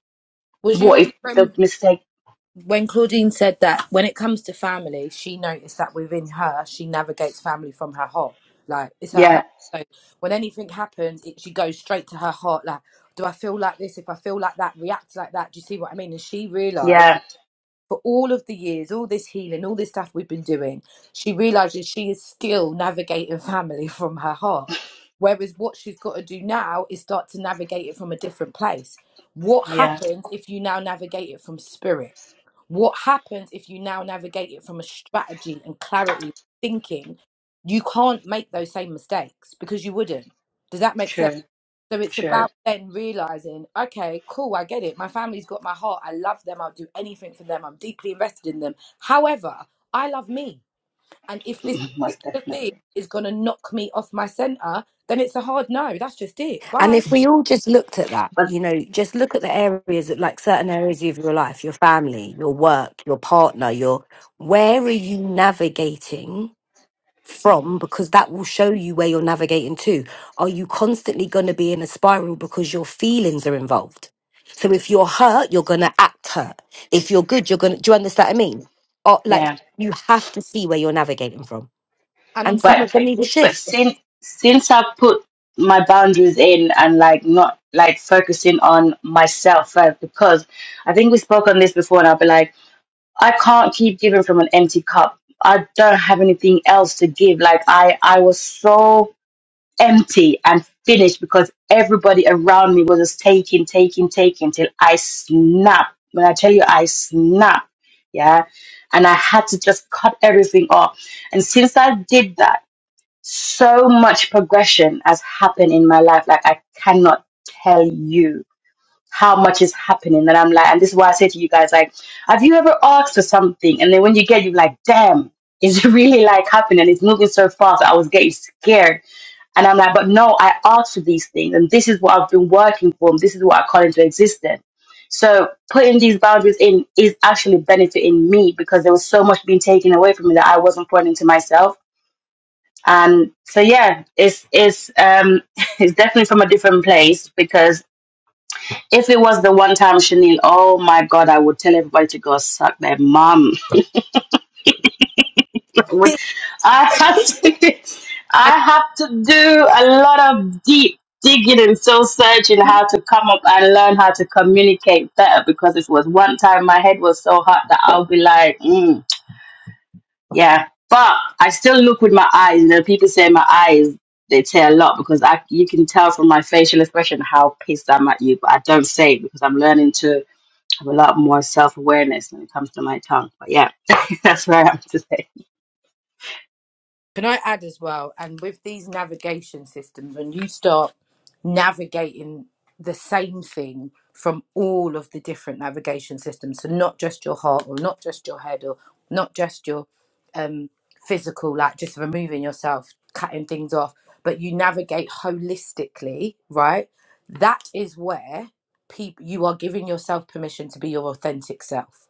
Was you in what the if the room mistake? when Claudine said that when it comes to family, she noticed that within her, she navigates family from her heart. Like it's her Yeah, heart. So when anything happens, it, she goes straight to her heart. Like, do I feel like this? If I feel like that, react like that. Do you see what I mean? And she realised yeah, for all of the years, all this healing, all this stuff we've been doing, she realizes she is still navigating family *laughs* from her heart. Whereas what she's got to do now is start to navigate it from a different place. What yeah. happens if you now navigate it from spirit? What happens if you now navigate it from a strategy and clarity thinking? You can't make those same mistakes because you wouldn't. Does that make sense? True, So it's true. about then realizing, okay, cool, I get it. My family's got my heart. I love them. I'll do anything for them. I'm deeply invested in them. However, I love me. And if this *laughs* Most particular thing definitely. is going to knock me off my center, then it's a hard no. That's just it. And Bye. if we all just looked at that, But you know, just look at the areas that like certain areas of your life, your family, your work, your partner, your where are you navigating from because that will show you where you're navigating to. Are you constantly going to be in a spiral because your feelings are involved? So if you're hurt, you're going to act hurt. If you're good, you're going to. Do you understand what I mean? Or like yeah, you have to see where you're navigating from, And on and some of but them need a but shift. since since I put my boundaries in and like not like focusing on myself first because I think we spoke on this before and I'll be like, I can't keep giving from an empty cup. I don't have anything else to give. Like I I was so empty and finished because everybody around me was just taking, taking, taking till I snapped. When I tell you I snapped, yeah. And I had to just cut everything off. And since I did that, so much progression has happened in my life. Like I cannot tell you how much is happening. And I'm like, and this is why I say to you guys, like, have you ever asked for something? And then when you get, you're like, damn, it's *laughs* really like happening. It's moving so fast. I was getting scared and I'm like, but no, I asked for these things, and this is what I've been working for, and this is what I call into existence. So putting these boundaries in is actually benefiting me because there was so much being taken away from me that I wasn't putting into myself. And so yeah, it's it's um *laughs* it's definitely from a different place because if it was the one time Chanel, oh my god, I would tell everybody to go suck their mum which *laughs* I have to do, I- I have to do a lot of deep digging and soul searching how to come up and learn how to communicate better because it was one time my head was so hot that I'll be like, mm, yeah. But I still look with my eyes. You know, people say my eyes they say a lot because I you can tell from my facial expression how pissed I'm at you, but I don't say it because I'm learning to have a lot more self awareness when it comes to my tongue. But yeah, *laughs* that's where I am today. can I add as well? And with these navigation systems, when you start navigating the same thing from all of the different navigation systems, so not just your heart or not just your head or not just your um, physical, like just removing yourself, cutting things off, but you navigate holistically, right? That is where people you are giving yourself permission to be your authentic self.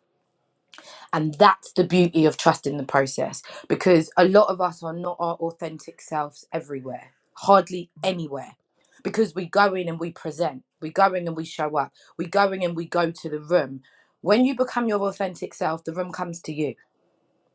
And that's the beauty of trusting the process because a lot of us are not our authentic selves everywhere, hardly anywhere. Because we go in and we present, we go in and we show up, we go in and we go to the room. When you become your authentic self, the room comes to you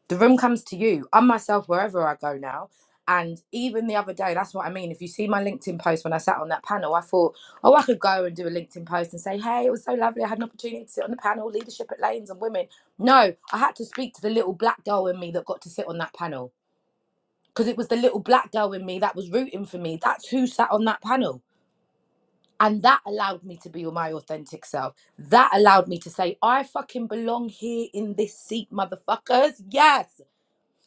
the room comes to you. I'm myself wherever I go now. And even the other day, that's what I mean. If you see my LinkedIn post when I sat on that panel, I thought, oh, I could go and do a LinkedIn post and say, hey, it was so lovely. I had an opportunity to sit on the panel, leadership at Lanes and women. No, I had to speak to the little black girl in me that got to sit on that panel because it was the little black girl in me that was rooting for me. That's who sat on that panel. And that allowed me to be my authentic self. That allowed me to say, I fucking belong here in this seat, motherfuckers. Yes.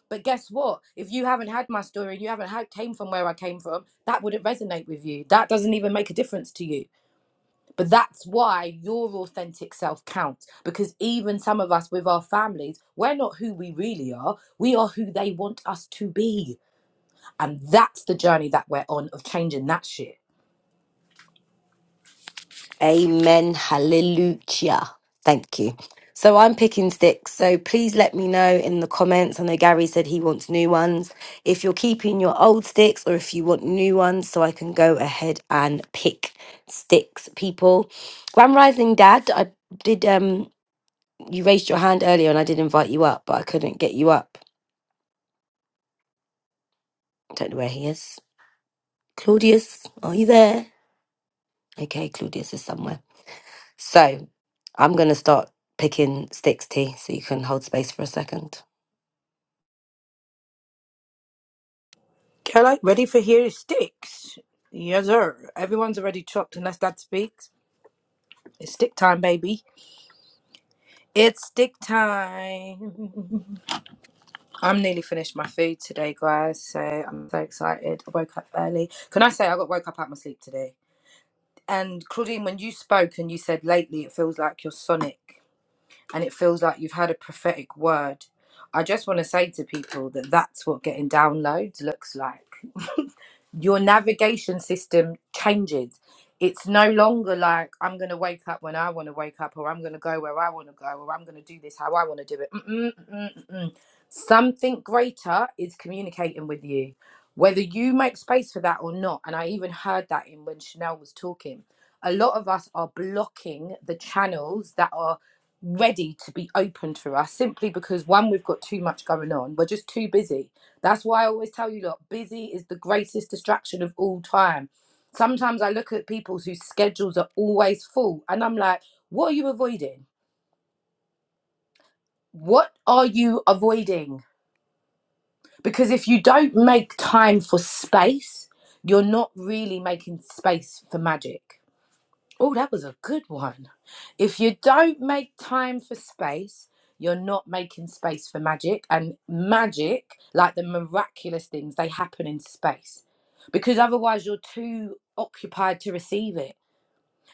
But guess what? If you haven't had my story and you haven't had came from where I came from, that wouldn't resonate with you. That doesn't even make a difference to you. But that's why your authentic self counts because even some of us with our families, we're not who we really are. We are who they want us to be. And that's the journey that we're on of changing that shit. Amen. Hallelujah. Thank you. So I'm picking sticks. So please let me know in the comments. I know Gary said he wants new ones. If you're keeping your old sticks or if you want new ones, so I can go ahead and pick sticks, people. Grand Rising Dad, I did um you raised your hand earlier and I did invite you up, but I couldn't get you up. Don't know where he is. Claudius, are you there? Okay, Claudius is somewhere. So I'm going to start picking sticks, T, so you can hold space for a second. Can I? Ready for here sticks. Yes, sir. Everyone's already chopped unless Dad speaks. It's stick time, baby. It's stick time. *laughs* I'm nearly finished my food today, guys, so I'm so excited. I woke up early. Can I say I got woke up out of my sleep today? And Claudine, when you spoke and you said lately it feels like you're sonic and it feels like you've had a prophetic word, I just want to say to people that that's what getting downloads looks like your navigation system changes. It's no longer like I'm going to wake up when I want to wake up, or I'm going to go where I want to go, or I'm going to do this how I want to do it. Mm-mm, mm-mm, mm-mm. Something greater is communicating with you, whether you make space for that or not. And I even heard that in when Chanel was talking. A lot of us are blocking the channels that are ready to be opened for us simply because one, we've got too much going on, we're just too busy that's why I always tell you, look, busy is the greatest distraction of all time. Sometimes I look at people whose schedules are always full and I'm like, what are you avoiding? What are you avoiding? Because if you don't make time for space, you're not really making space for magic. Oh, that was a good one. If you don't make time for space, you're not making space for magic. And magic, like the miraculous things, they happen in space because otherwise you're too occupied to receive it.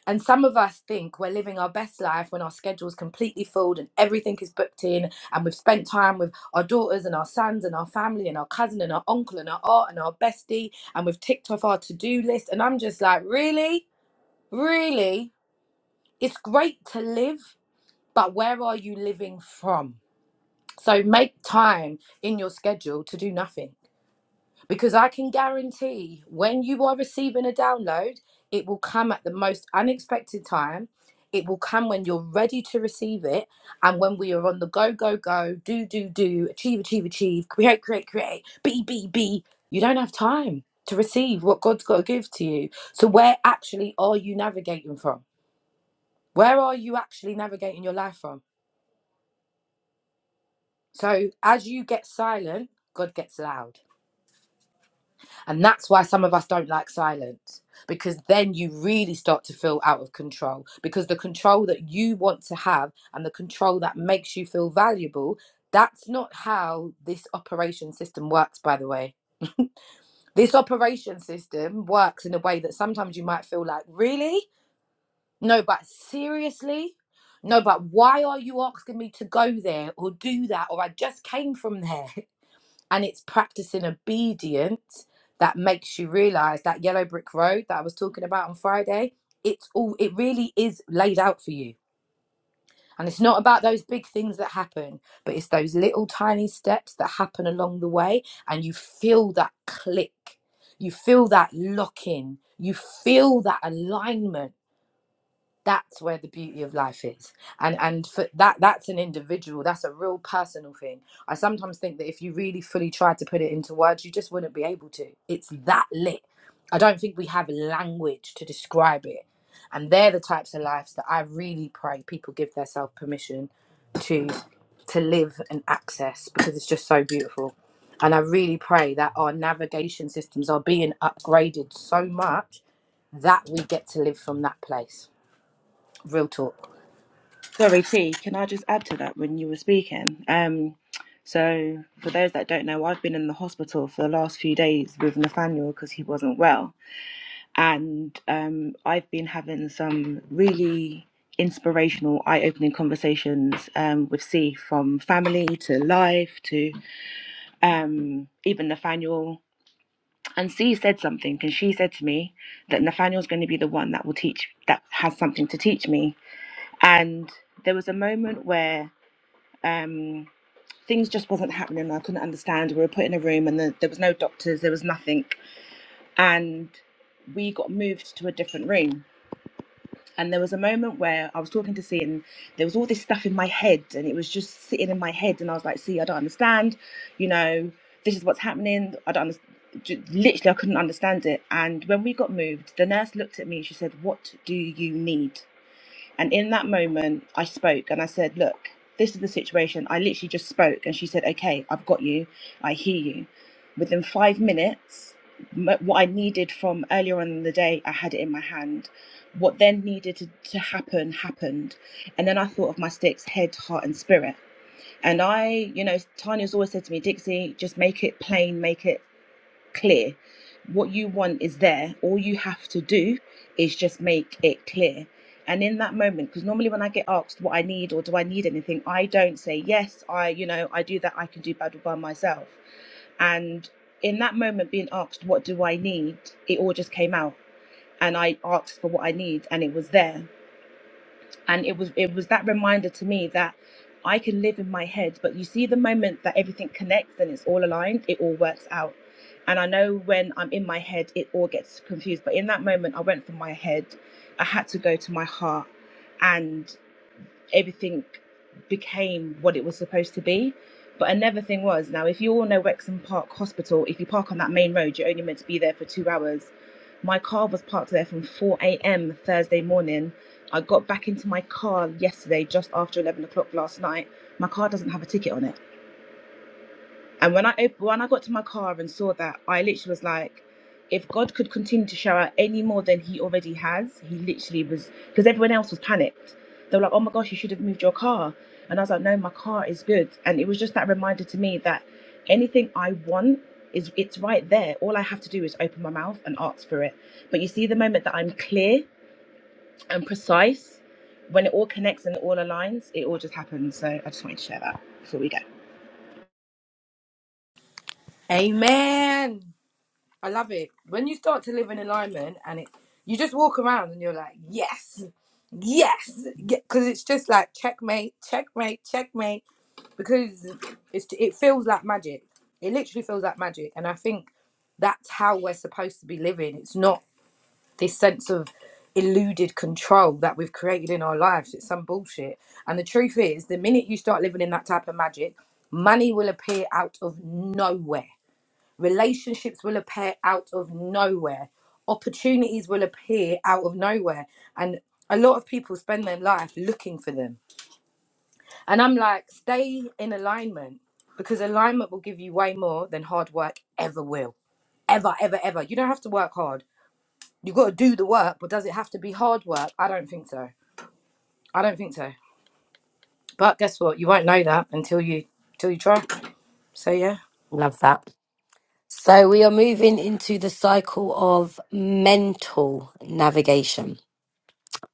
And some of us think we're living our best life when our schedule's completely filled and everything is booked in, and we've spent time with our daughters and our sons and our family and our cousin and our uncle and our aunt and our bestie, and we've ticked off our to do list. And I'm just like, really? Really? it's great to live, but where are you living from? So make time in your schedule to do nothing because I can guarantee when you are receiving a download, it will come at the most unexpected time. It will come when you're ready to receive it. And when we are on the go, go, go, do, do, do, achieve, achieve, achieve, create, create, create, be, be, be, you don't have time to receive what God's got to give to you. So, where actually are you navigating from? Where are you actually navigating your life from? So, as you get silent, God gets loud. And that's why some of us don't like silence, because then you really start to feel out of control. Because the control that you want to have and the control that makes you feel valuable, that's not how this operation system works, by the way. This operation system works in a way that sometimes you might feel like, really? No, but seriously? No, but why are you asking me to go there or do that? Or I just came from there. *laughs* And it's practicing obedience that makes you realize that yellow brick road that I was talking about on Friday, it's all, it really is laid out for you. And it's not about those big things that happen, but it's those little tiny steps that happen along the way. And you feel that click, you feel that lock in, you feel that alignment that's where the beauty of life is and and for that that's an individual that's a real personal thing i sometimes think that if you really fully tried to put it into words you just wouldn't be able to it's that lit i don't think we have language to describe it and they're the types of lives that i really pray people give themselves permission to to live and access because it's just so beautiful and i really pray that our navigation systems are being upgraded so much that we get to live from that place Real talk. Sorry, T. Can I just add to that when you were speaking? Um, so for those that don't know, I've been in the hospital for the last few days with Nathaniel because he wasn't well. and um, I've been having some really inspirational, eye-opening conversations um, with C, from family to life to um, even Nathaniel. And C said something, and she said to me that Nathaniel's going to be the one that will teach, that has something to teach me. And there was a moment where um, things just wasn't happening. I couldn't understand. We were put in a room, and the, there was no doctors, there was nothing, and we got moved to a different room And there was a moment where I was talking to C, and there was all this stuff in my head, and it was just sitting in my head. And I was like, "See, I don't understand. You know, this is what's happening. I don't understand." Literally, I couldn't understand it. And when we got moved, the nurse looked at me. She said, "What do you need?" And in that moment, I spoke and I said, Look, this is the situation. I literally just spoke. And she said, Okay, I've got you. I hear you. Within five minutes, m- what I needed from earlier on in the day, I had it in my hand. What then needed to, to happen, happened. And then I thought of my sticks head, heart, and spirit. And I, you know, Tanya's always said to me, Dixie, just make it plain, make it clear. What you want is there. All you have to do is just make it clear. And in that moment, because normally when I get asked what I need or do I need anything, I don't say, yes, I, you know, I do that, I can do battle by myself. And in that moment, being asked, what do I need? It all just came out. And I asked for what I need, and it was there and it was it was that reminder to me that I can live in my head, but you see the moment that everything connects and it's all aligned, it all works out. And I know when I'm in my head, it all gets confused. But in that moment, I went from my head, I had to go to my heart, and everything became what it was supposed to be. But another thing was now, if you all know Wexham Park Hospital, if you park on that main road, you're only meant to be there for two hours. My car was parked there from 4 a.m. Thursday morning. I got back into my car yesterday just after 11 o'clock last night. My car doesn't have a ticket on it. And when I op- when I got to my car and saw that, I literally was like, if God could continue to shower any more than He already has, He literally was because everyone else was panicked. They were like, oh my gosh, you should have moved your car. And I was like, no, my car is good. And it was just that reminder to me that anything I want is it's right there. All I have to do is open my mouth and ask for it. But you see, the moment that I'm clear and precise, when it all connects and it all aligns, it all just happens. So I just wanted to share that before we go. Amen. I love it. When you start to live in alignment and it, you just walk around and you're like, yes, yes, because it's just like checkmate, checkmate, checkmate. Because it's it feels like magic. It literally feels like magic, and I think that's how we're supposed to be living. It's not this sense of eluded control that we've created in our lives. It's some bullshit. And the truth is, the minute you start living in that type of magic, money will appear out of nowhere Relationships will appear out of nowhere. Opportunities will appear out of nowhere. And a lot of people spend their life looking for them. And I'm like, stay in alignment because alignment will give you way more than hard work ever will. Ever, ever, ever. You don't have to work hard. You've got to do the work, but does it have to be hard work? I don't think so. I don't think so. But guess what? You won't know that until you until you try. So yeah. Love that. So we are moving into the cycle of mental navigation.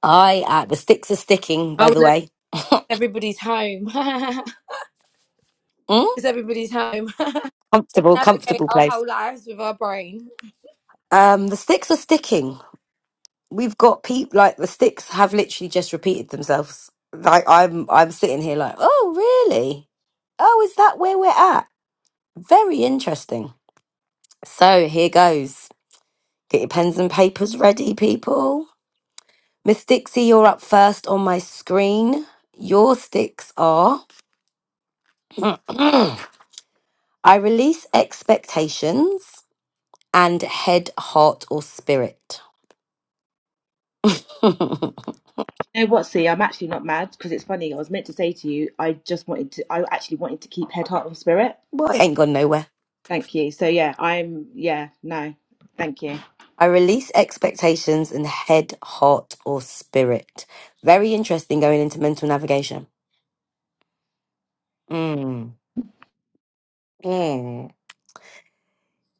I, uh, the sticks are sticking, by Oh the look, way. everybody's home. *laughs* Hmm? It's everybody's home. *laughs* Let's comfortable, navigate comfortable our place. whole lives with our brain. Um, the sticks are sticking. We've got peep like the sticks have literally just repeated themselves. Like I'm, I'm sitting here like, oh really? Oh, is that where we're at? Very interesting. So here goes. Get your pens and papers ready, people. Miss Dixie, you're up first on my screen. Your sticks are *clears throat* I release expectations and head, heart, or spirit. You know what, see, I'm actually not mad because it's funny. I was meant to say to you, I just wanted to, I actually wanted to keep head, heart, and spirit. Well, it ain't gone nowhere. Thank you. So, yeah, I'm, yeah, no, thank you. I I release expectations and head, heart, or spirit. Very interesting going into mental navigation. Mm. Mm.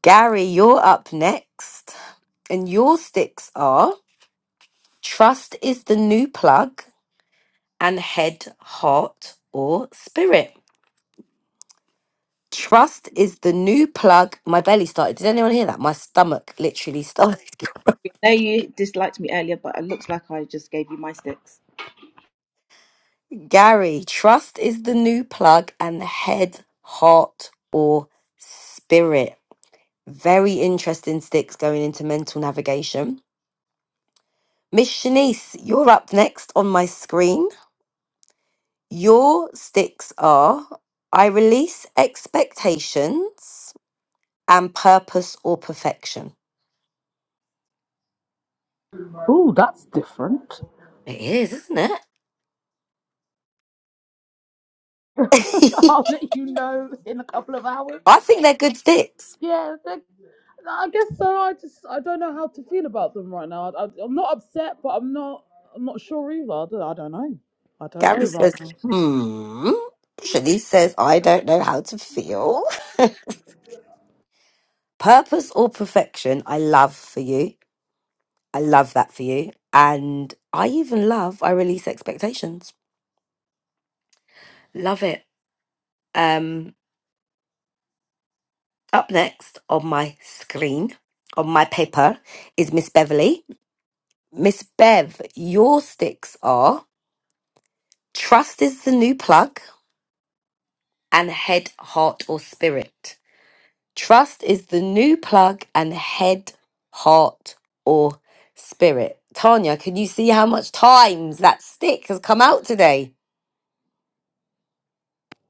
Gary, you're up next. And your sticks are trust is the new plug and head, heart, or spirit. Trust is the new plug. My belly started. Did anyone hear that? My stomach literally started. know you disliked me earlier, but it looks like I just gave you my sticks. *laughs* Gary, trust is the new plug and head, heart, or spirit. Very interesting sticks going into mental navigation. Miss Shanice, you're up next on my screen. Your sticks are I release expectations and purpose or perfection. Ooh, that's different. It is, isn't it? *laughs* *laughs* I'll let you know in a couple of hours. I think they're good sticks. Yeah, they- I guess so. I just I don't know how to feel about them right now. I, I, I'm not upset, but I'm not I'm not sure either. I don't, I don't know. I don't know Gary right says, now. so. hmm. Shanice says, I don't know how to feel. *laughs* Purpose or perfection, I love for you. I love that for you. And I even love I release expectations Love it. Um, up next on my screen, on my paper, is Miss Beverly. Miss Bev, your sticks are trust is the new plug and head, heart, or spirit. Trust is the new plug and head, heart, or spirit. Tanya, can you see how much times that stick has come out today?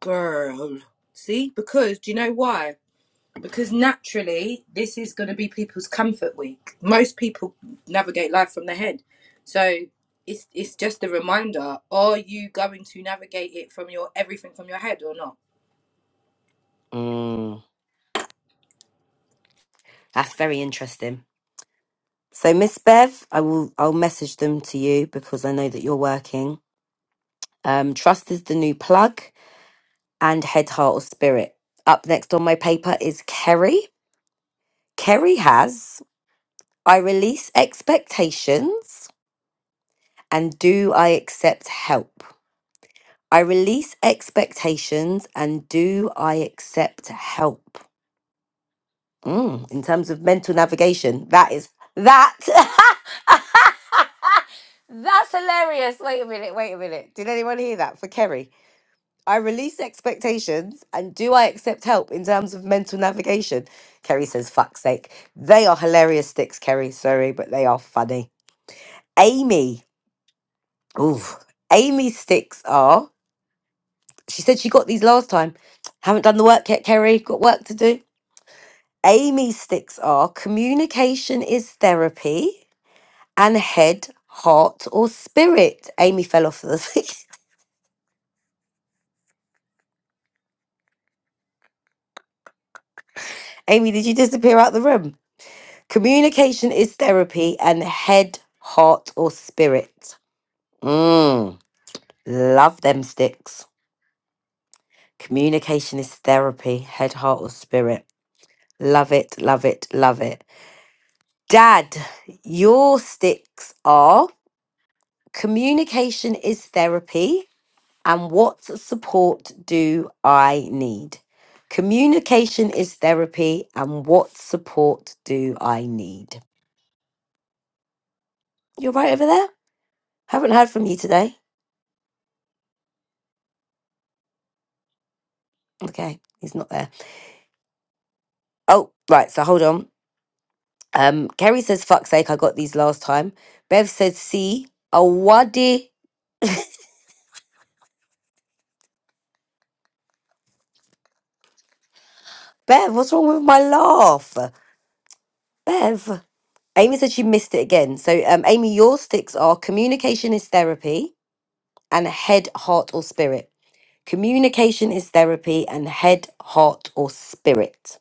Girl. See? Because, do you know why? Because naturally, this is going to be people's comfort week. Most people navigate life from the head. So it's, it's just a reminder are you going to navigate it from your everything from your head or not? Mm, that's very interesting. So Miss Bev, I will I'll message them to you because I know that you're working. Um, trust is the new plug and head, heart, or spirit. Up next on my paper is Kerry. Kerry has I release expectations and do I accept help? I release expectations and do I accept help? Mm, in terms of mental navigation, that is that. *laughs* That's hilarious. Wait a minute. Wait a minute. Did anyone hear that for Kerry? I release expectations and do I accept help in terms of mental navigation? Kerry says, fuck's sake. They are hilarious sticks, Kerry. Sorry, but they are funny. Amy. Ooh. Amy's sticks are. She said she got these last time. Haven't done the work yet, Kerry. Got work to do. Amy's sticks are communication is therapy. and head, heart, or spirit. Amy fell off the thing. *laughs* Amy, did you disappear out the room? Communication is therapy and head, heart, or spirit. Mmm. Love them sticks. Communication is therapy, head, heart, or spirit. Love it, love it, love it. Dad, your sticks are communication is therapy and what support do I need? Communication is therapy, and what support do I need? You're right over there. Haven't heard from you today. Okay, he's not there. Oh, right. So hold on. Um, Kerry says, "Fuck's sake, I got these last time." Bev says, "See, a waddy." Bev, what's wrong with my laugh? Bev. Amy said she missed it again. So, um, Amy, your sticks are communication is therapy and head, heart, or spirit. Communication is therapy and head, heart, or spirit.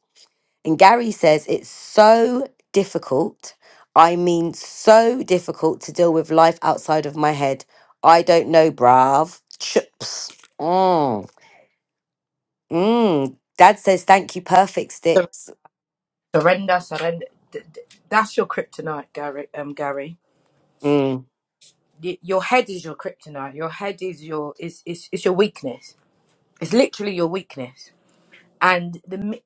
And Gary says it's so difficult. I mean, so difficult to deal with life outside of my head. I don't know, brav. Chips. Mm. Mm. Dad says, thank you, perfect Sur- sticks. Surrender, surrender. Th- th- That's your kryptonite, Gary. Um, Gary, Mm. Y- your head is your kryptonite. Your head is your is is, it's your weakness. It's literally your weakness and the mi-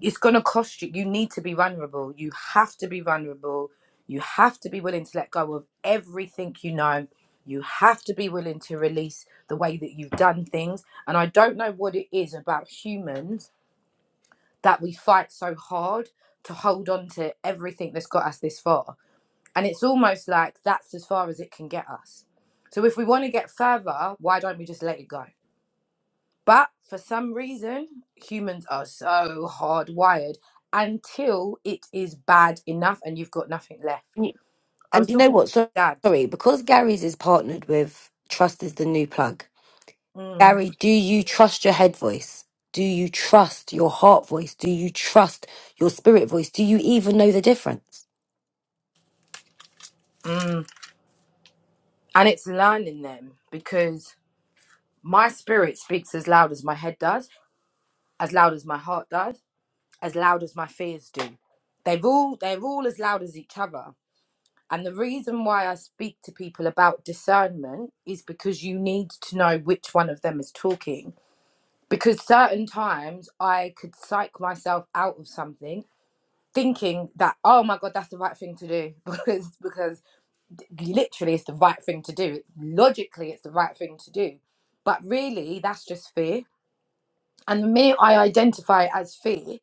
it's going to cost you you need to be vulnerable you have to be vulnerable you have to be willing to let go of everything you know you have to be willing to release the way that you've done things and i don't know what it is about humans that we fight so hard to hold on to everything that's got us this far and it's almost like that's as far as it can get us so if we want to get further why don't we just let it go but for some reason, humans are so hardwired until it is bad enough and you've got nothing left. I was And you know talking what? So- to my dad, Sorry, because Gary's is partnered with Trust is the New Plug. mm, Gary, do you trust your head voice? Do you trust your heart voice? Do you trust your spirit voice? Do you even know the difference? mm, and it's learning them because my spirit speaks as loud as my head does, as loud as my heart does, as loud as my fears do. They've all they're all as loud as each other. And the reason why I speak to people about discernment is because you need to know which one of them is talking because certain times I could psych myself out of something thinking that oh my god that's the right thing to do *laughs* because because literally it's the right thing to do logically it's the right thing to do but really that's just fear and the minute I identify it as fear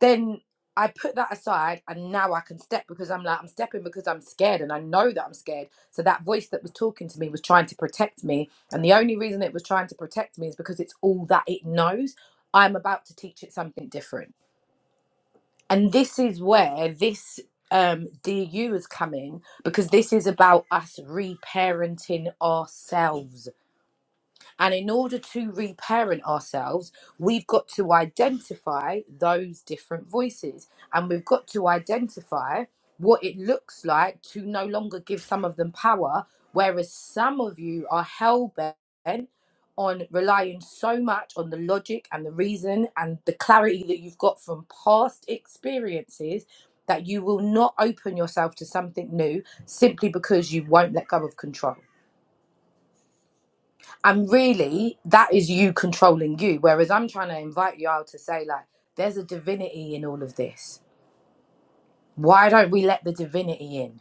then I put that aside and now I can step because I'm like, I'm stepping because I'm scared and I know that I'm scared. So that voice that was talking to me was trying to protect me. And the only reason it was trying to protect me is because it's all that it knows. I'm about to teach it something different. And this is where this um, DU is coming because this is about us reparenting ourselves and in order to reparent ourselves, we've got to identify those different voices and we've got to identify what it looks like to no longer give some of them power, whereas some of you are hell bent on relying so much on the logic and the reason and the clarity that you've got from past experiences that you will not open yourself to something new simply because you won't let go of control and really that is you controlling you whereas i'm trying to invite you out to say like there's a divinity in all of this why don't we let the divinity in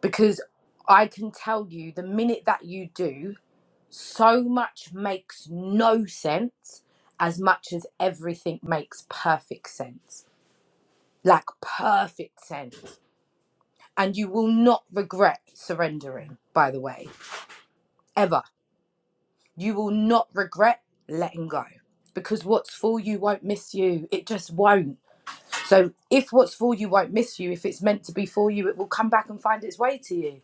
because i can tell you the minute that you do so much makes no sense as much as everything makes perfect sense like perfect sense and you will not regret surrendering by the way ever You will not regret letting go because what's for you won't miss you. It just won't. So, if what's for you won't miss you, if it's meant to be for you, it will come back and find its way to you.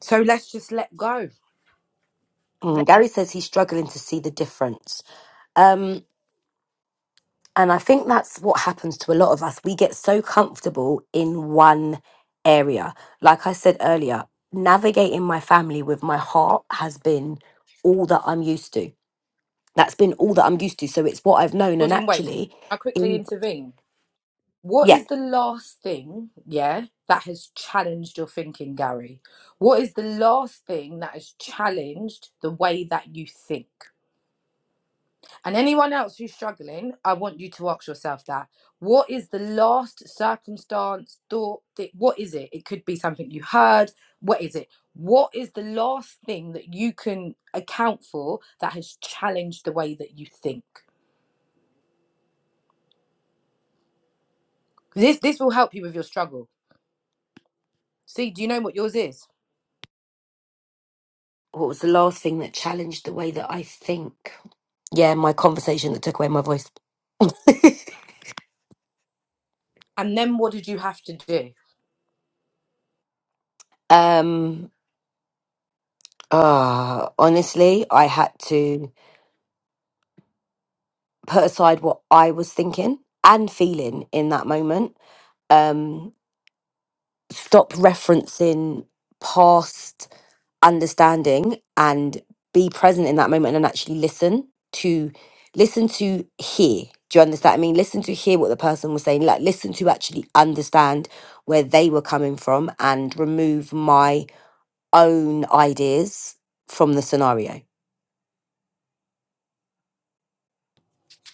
So, let's just let go. Mm, Let Gary says he's struggling to see the difference. Um, And I think that's what happens to a lot of us. We get so comfortable in one area. Like I said earlier, navigating my family with my heart has been all that I'm used to. That's been all that I'm used to. So it's what I've known. And God in wait. actually, I quickly in, intervene. What yeah, is the last thing, yeah, that has challenged your thinking, Gary? What is the last thing that has challenged the way that you think? And anyone else who's struggling, I want you to ask yourself that. What is the last circumstance, thought? That, what is it? It could be something you heard. What is it? What is the last thing that you can account for that has challenged the way that you think? This, this will help you with your struggle. See, do you know what yours is? what was the last thing that challenged the way that I think? Yeah, my conversation that took away my voice. And then what did you have to do? Um, uh, honestly, I had to. put aside what I was thinking and feeling in that moment. Um, stop referencing past understanding and be present in that moment and actually listen to listen to hear. Do you understand? what I mean, listen to hear what the person was saying. Like, listen to actually understand where they were coming from and remove my own ideas from the scenario.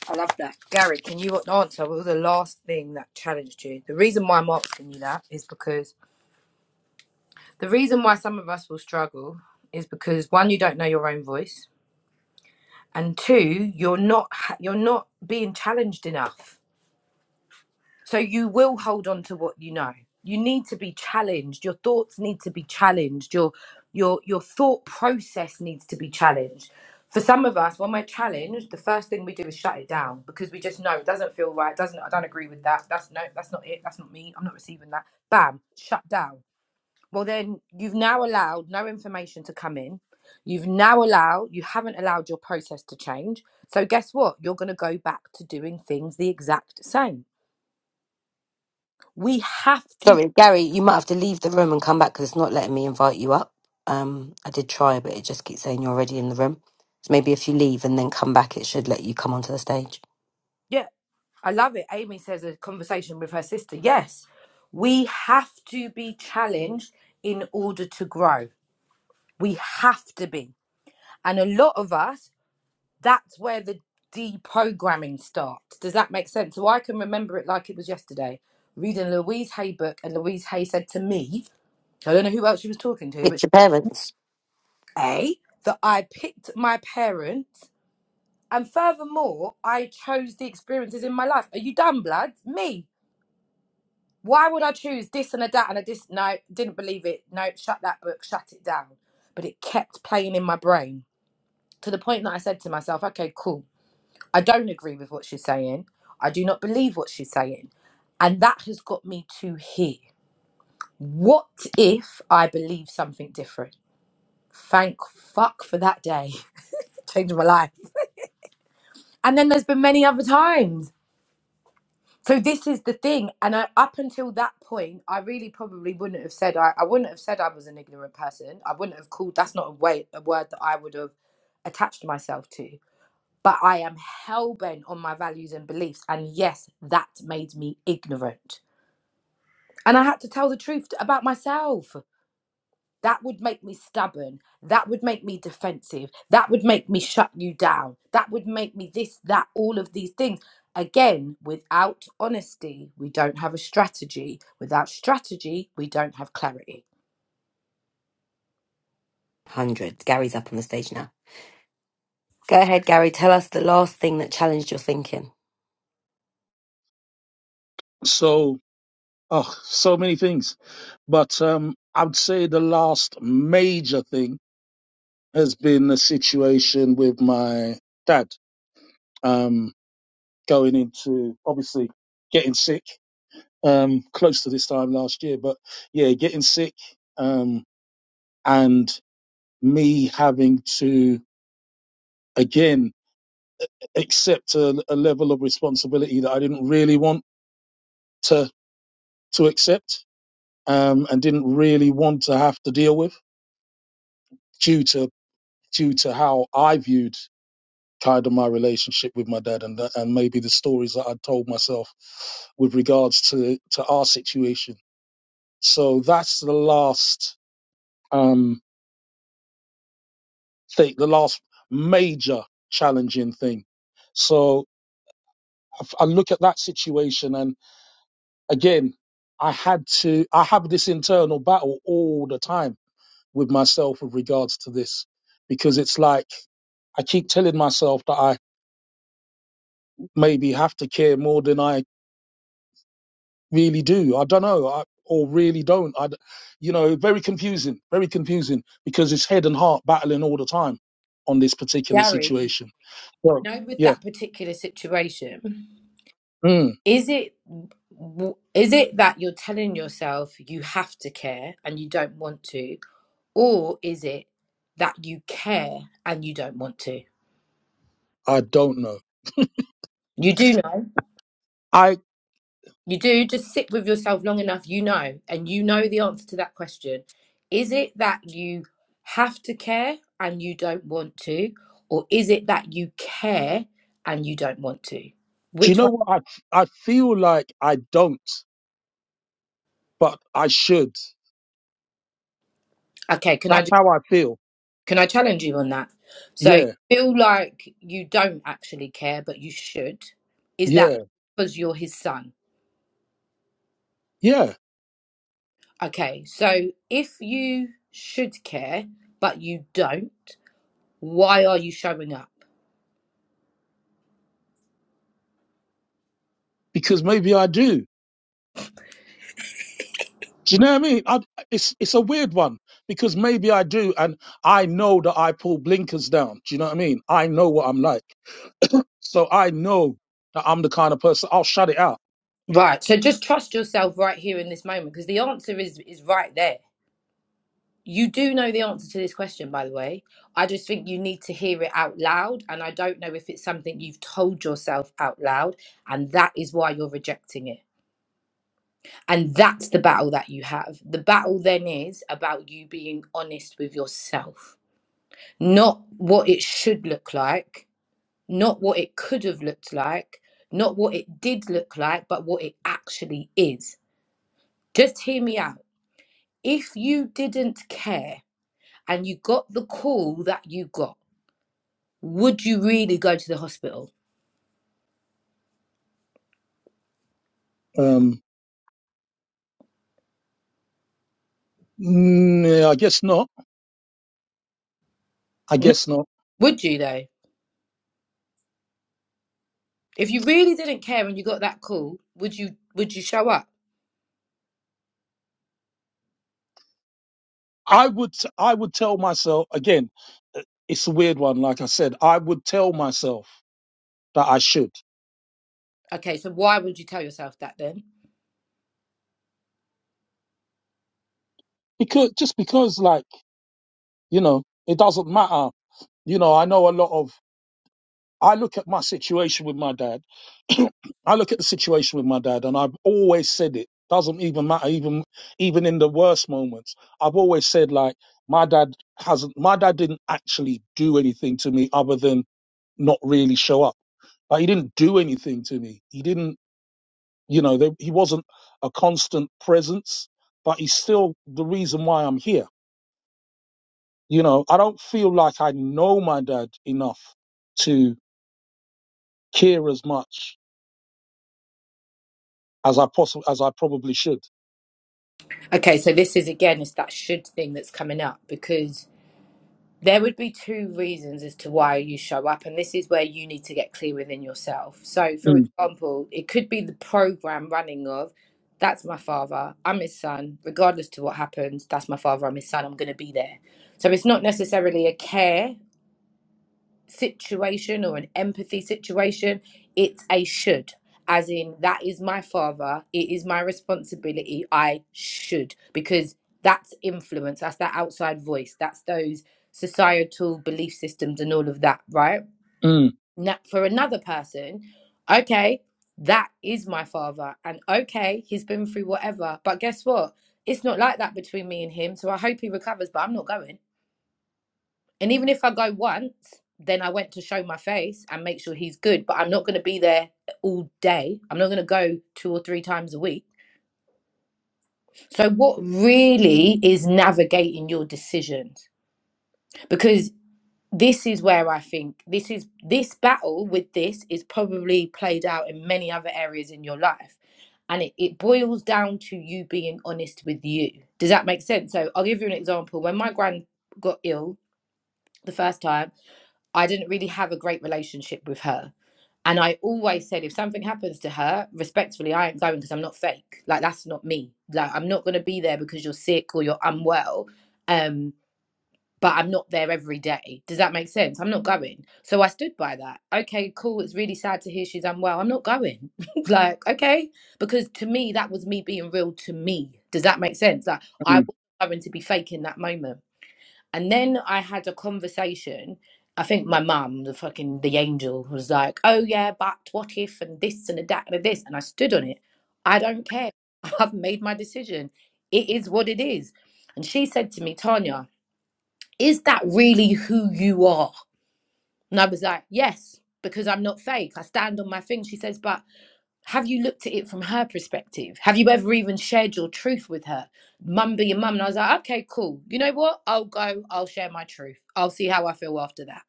I love that. Gary, can you answer what was the last thing that challenged you? The reason why I'm asking you that is because The reason why some of us will struggle is because one, you don't know your own voice, and two, you're not you're not being challenged enough. So you will hold on to what you know. You need to be challenged. Your thoughts need to be challenged. Your your your thought process needs to be challenged. For some of us, when we're challenged, the first thing we do is shut it down because we just know it doesn't feel right. Doesn't I don't agree with that. That's no, that's not it. That's not me. I'm not receiving that. Bam, shut down well, then you've now allowed no information to come in. You've now allowed, you haven't allowed your process to change. So, guess what? You're going to go back to doing things the exact same. We have to, Sorry, Gary, you might have to leave the room and come back because it's not letting me invite you up. Um, I did try, but it just keeps saying you're already in the room. So maybe if you leave and then come back, it should let you come onto the stage. yeah, I love it. Amy says a conversation with her sister. Yes, we have to be challenged in order to grow. We have to be. And a lot of us that's where the deprogramming starts. Does that make sense? So I can remember it like it was yesterday, reading a Louise Hay book, and Louise Hay said to me, I don't know who else she was talking to, but It's your parents. A, that I picked my parents, and furthermore, I chose the experiences in my life. Are you done, blood? Me. Why would I choose this and a that and a this? No, didn't believe it. No, shut that book, shut it down. But it kept playing in my brain to the point that I said to myself, okay, cool. I don't agree with what she's saying. I do not believe what she's saying. And that has got me to here. What if I believe something different? Thank fuck for that day. *laughs* Changed my life. And then there's been many other times. So this is the thing. And I, up until that point, I really probably wouldn't have said I, I wouldn't have said I was an ignorant person. I wouldn't have called that's not a way a word that I would have attached myself to. but I am hell bent on my values and beliefs. And yes, that made me ignorant. And I had to tell the truth about myself. That would make me stubborn. That would make me defensive. That would make me shut you down. That would make me this, that, all of these things. Again, without honesty, we don't have a strategy. Without strategy, we don't have clarity. Hundreds. Gary's up on the stage now. Go ahead, Gary. Tell us the last thing that challenged your thinking. So. Oh, so many things. But um, I would say the last major thing has been the situation with my dad um, going into obviously getting sick um, close to this time last year. But yeah, getting sick um, and me having to again accept a, a level of responsibility that I didn't really want to to accept um, and didn't really want to have to deal with due to due to how I viewed kind of my relationship with my dad and that, and maybe the stories that I told myself with regards to to our situation. So that's the last um thing, the last major challenging thing. So I I look at that situation and again, I had to I have this internal battle all the time with myself with regards to this because it's like I keep telling myself that I maybe have to care more than I really do. I don't know, I, or really don't. I, I you know, very confusing, very confusing because it's head and heart battling all the time on this particular Gary, situation. you So know, with yeah, that particular situation, mm, is it w- is it that you're telling yourself you have to care and you don't want to or is it that you care and you don't want to I don't know. you do know I you do just sit with yourself long enough you know and you know the answer to that question is it that you have to care and you don't want to or is it that you care and you don't want to do you which know one what I I feel like I don't, but I should. okay can i just? That's how I feel. Can I challenge you on that? So you Yeah, feel like you don't actually care, but you should. Is that yeah, because you're his son? yeah. Okay, so if you should care, but you don't, why are you showing up? Because maybe I do. Do you know what I mean? I, it's it's a weird one because maybe I do, and I know that I pull blinkers down. Do you know what I mean? I know what I'm like. So I know that I'm the kind of person I'll shut it out. Right. So just trust yourself right here in this moment because the answer is is right there. You do know the answer to this question, by the way. I just think you need to hear it out loud. And I don't know if it's something you've told yourself out loud. And that is why you're rejecting it. And that's the battle that you have. The battle then is about you being honest with yourself, not what it should look like, not what it could have looked like, not what it did look like, but what it actually is. Just hear me out. If you didn't care and you got the call that you got, would you really go to the hospital? Um, mm, yeah, I guess not. I No. guess not. Would you though? If you really didn't care and you got that call, would you would you show up? I would I would tell myself again. It's a weird one. Like I said, I would tell myself that I should Okay, so why would you tell yourself that then? because just because like you know it doesn't matter. You know I know a lot of I look at my situation with my dad. *clears throat* I look at the situation with my dad, and I've always said it doesn't even matter, even even in the worst moments. I've always said like my dad hasn't, my dad didn't actually do anything to me other than not really show up. Like he didn't do anything to me. He didn't, you know, there, he wasn't a constant presence, but he's still the reason why I'm here. You know, I don't feel like I know my dad enough to care as much as I possibly as I probably should. Okay, so this is again, it's that should thing that's coming up because there would be two reasons as to why you show up, and this is where you need to get clear within yourself. So, for Mm, example, it could be the program running of that's my father, I'm his son, regardless to what happens, that's my father, I'm his son, I'm going to be there. So, it's not necessarily a care situation or an empathy situation, it's a should. As in, that is my father, it is my responsibility, I should. Because that's influence, that's that outside voice, that's those societal belief systems and all of that, right? mm, Now, for another person, okay, that is my father, and okay, he's been through whatever, but guess what? It's not like that between me and him, so I hope he recovers, but I'm not going. And even if I go once, then I went to show my face and make sure he's good, but I'm not going to be there all day. I'm not going to go two or three times a week. So, what really is navigating your decisions? Because this is where I think this is this battle with this is probably played out in many other areas in your life. And it, it boils down to you being honest with you. Does that make sense? So, I'll give you an example. When my grand got ill the first time, I didn't really have a great relationship with her. And I always said, if something happens to her, respectfully, I ain't going because I'm not fake. Like that's not me. Like I'm not gonna be there because you're sick or you're unwell. Um, but I'm not there every day. Does that make sense? I'm not going. So I stood by that. Okay, cool. It's really sad to hear she's unwell. I'm not going. *laughs* like, okay. Because to me, that was me being real to me. Does that make sense? Like I mm. wasn't going to be fake in that moment. And then I had a conversation. I think my mum, the fucking the angel, was like, "Oh yeah, but what if and this and a that and this." And I stood on it. I don't care. *laughs* I've made my decision. It is what it is. And she said to me, Tanya, is that really who you are? And I was like, yes, because I'm not fake. I stand on my thing. She says, but have you looked at it from her perspective? Have you ever even shared your truth with her? Mum be your mum. And I was like, okay, cool. You know what? I'll go, I'll share my truth. I'll see how I feel after that.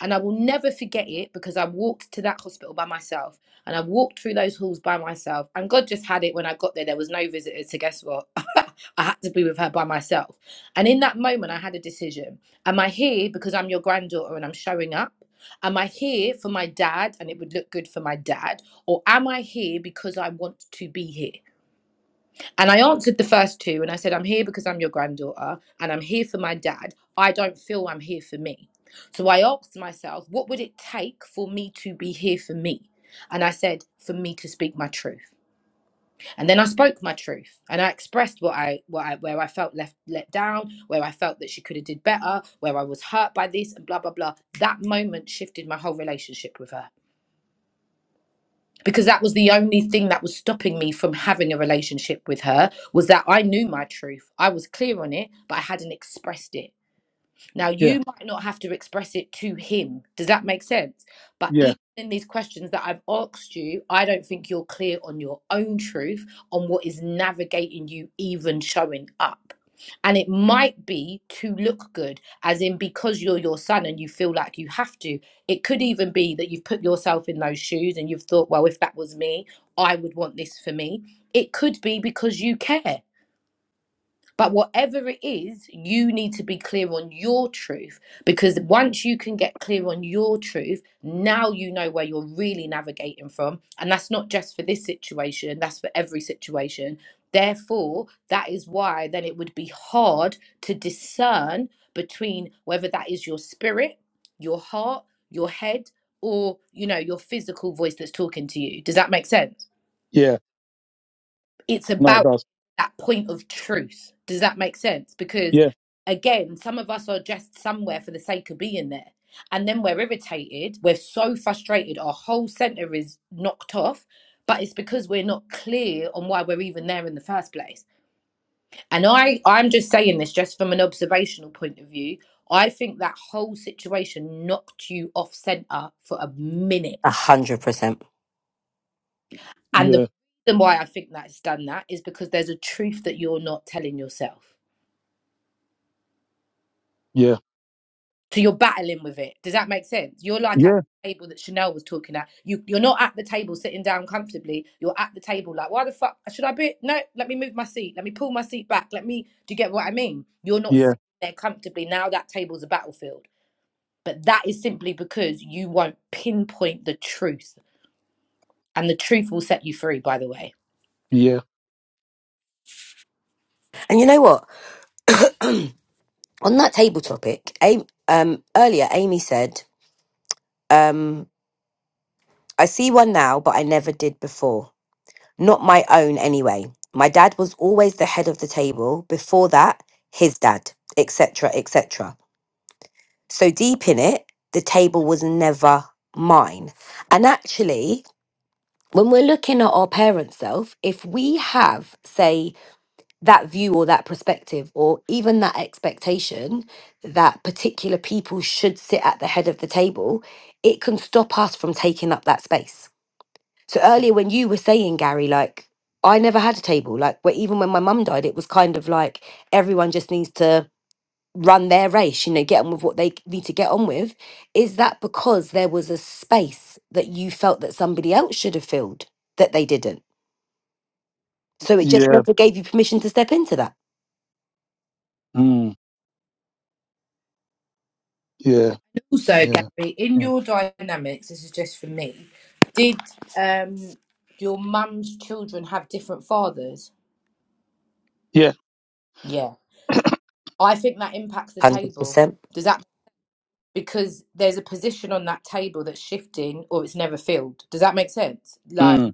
And I will never forget it because I walked to that hospital by myself and I walked through those halls by myself. And God just had it when I got there. There was no visitors. So, guess what? *laughs* I had to be with her by myself. And in that moment, I had a decision. Am I here because I'm your granddaughter and I'm showing up? Am I here for my dad and it would look good for my dad? Or am I here because I want to be here? And I answered the first two and I said, I'm here because I'm your granddaughter and I'm here for my dad. I don't feel I'm here for me. So I asked myself, what would it take for me to be here for me? And I said, for me to speak my truth. And then I spoke my truth and I expressed what I, what I where I felt left let down, where I felt that she could have did better, where I was hurt by this and blah blah blah. That moment shifted my whole relationship with her because that was the only thing that was stopping me from having a relationship with her was that I knew my truth. I was clear on it, but I hadn't expressed it. Now, Yeah, you might not have to express it to him. Does that make sense? But yeah, even in these questions that I've asked you, I don't think you're clear on your own truth, on what is navigating you even showing up. And it might be to look good, as in because you're your son and you feel like you have to. It could even be that you've put yourself in those shoes and you've thought, well, if that was me, I would want this for me. It could be because you care but whatever it is, you need to be clear on your truth because once you can get clear on your truth, now you know where you're really navigating from. And that's not just for this situation, that's for every situation. Therefore, that is why then it would be hard to discern between whether that is your spirit, your heart, your head, or you know, your physical voice that's talking to you. Does that make sense? yeah. it's No, it about does. that point of truth. Does that make sense? Because Yeah, again, some of us are just somewhere for the sake of being there. And then we're irritated, we're so frustrated, our whole center is knocked off, but it's because we're not clear on why we're even there in the first place. And I I'm just saying this just from an observational point of view. I think that whole situation knocked you off center for a minute. A hundred percent. And the yeah, reason why I think that's done that is because there's a truth that you're not telling yourself yeah, So you're battling with it. Does that make sense? You're like at yeah, the table that Chanel was talking at. You you're not at the table sitting down comfortably. You're at the table like, why the fuck should I be? No, let me move my seat. Let me pull my seat back. Let me. Do you get what I mean? You're not yeah, sitting there comfortably. Now that table's a battlefield. But that is simply because you won't pinpoint the truth, and the truth will set you free. By the way. yeah, And you know what? *clears throat* on that table topic, Amy, um, earlier Amy said, um, "I see one now, but I never did before. Not my own, anyway. My dad was always the head of the table. Before that, his dad, etc., etc. So deep in it, the table was never mine. And actually, when we're looking at our parents' self, if we have, say, that view or that perspective or even that expectation that particular people should sit at the head of the table, it can stop us from taking up that space. So earlier when you were saying, Gary, like, I never had a table. Like, where even when my mum died, it was kind of like everyone just needs to run their race, you know, get on with what they need to get on with. Is that because there was a space that you felt that somebody else should have filled that they didn't? So it just yeah, never gave you permission to step into that. mm, yeah, Also, yeah, Gary, in mm, your dynamics, this is just for me. Did um your mum's children have different fathers? yeah, Yeah. I think that impacts the Hundred table. percent. Does that because there's a position on that table that's shifting or it's never filled. Does that make sense? Like mm,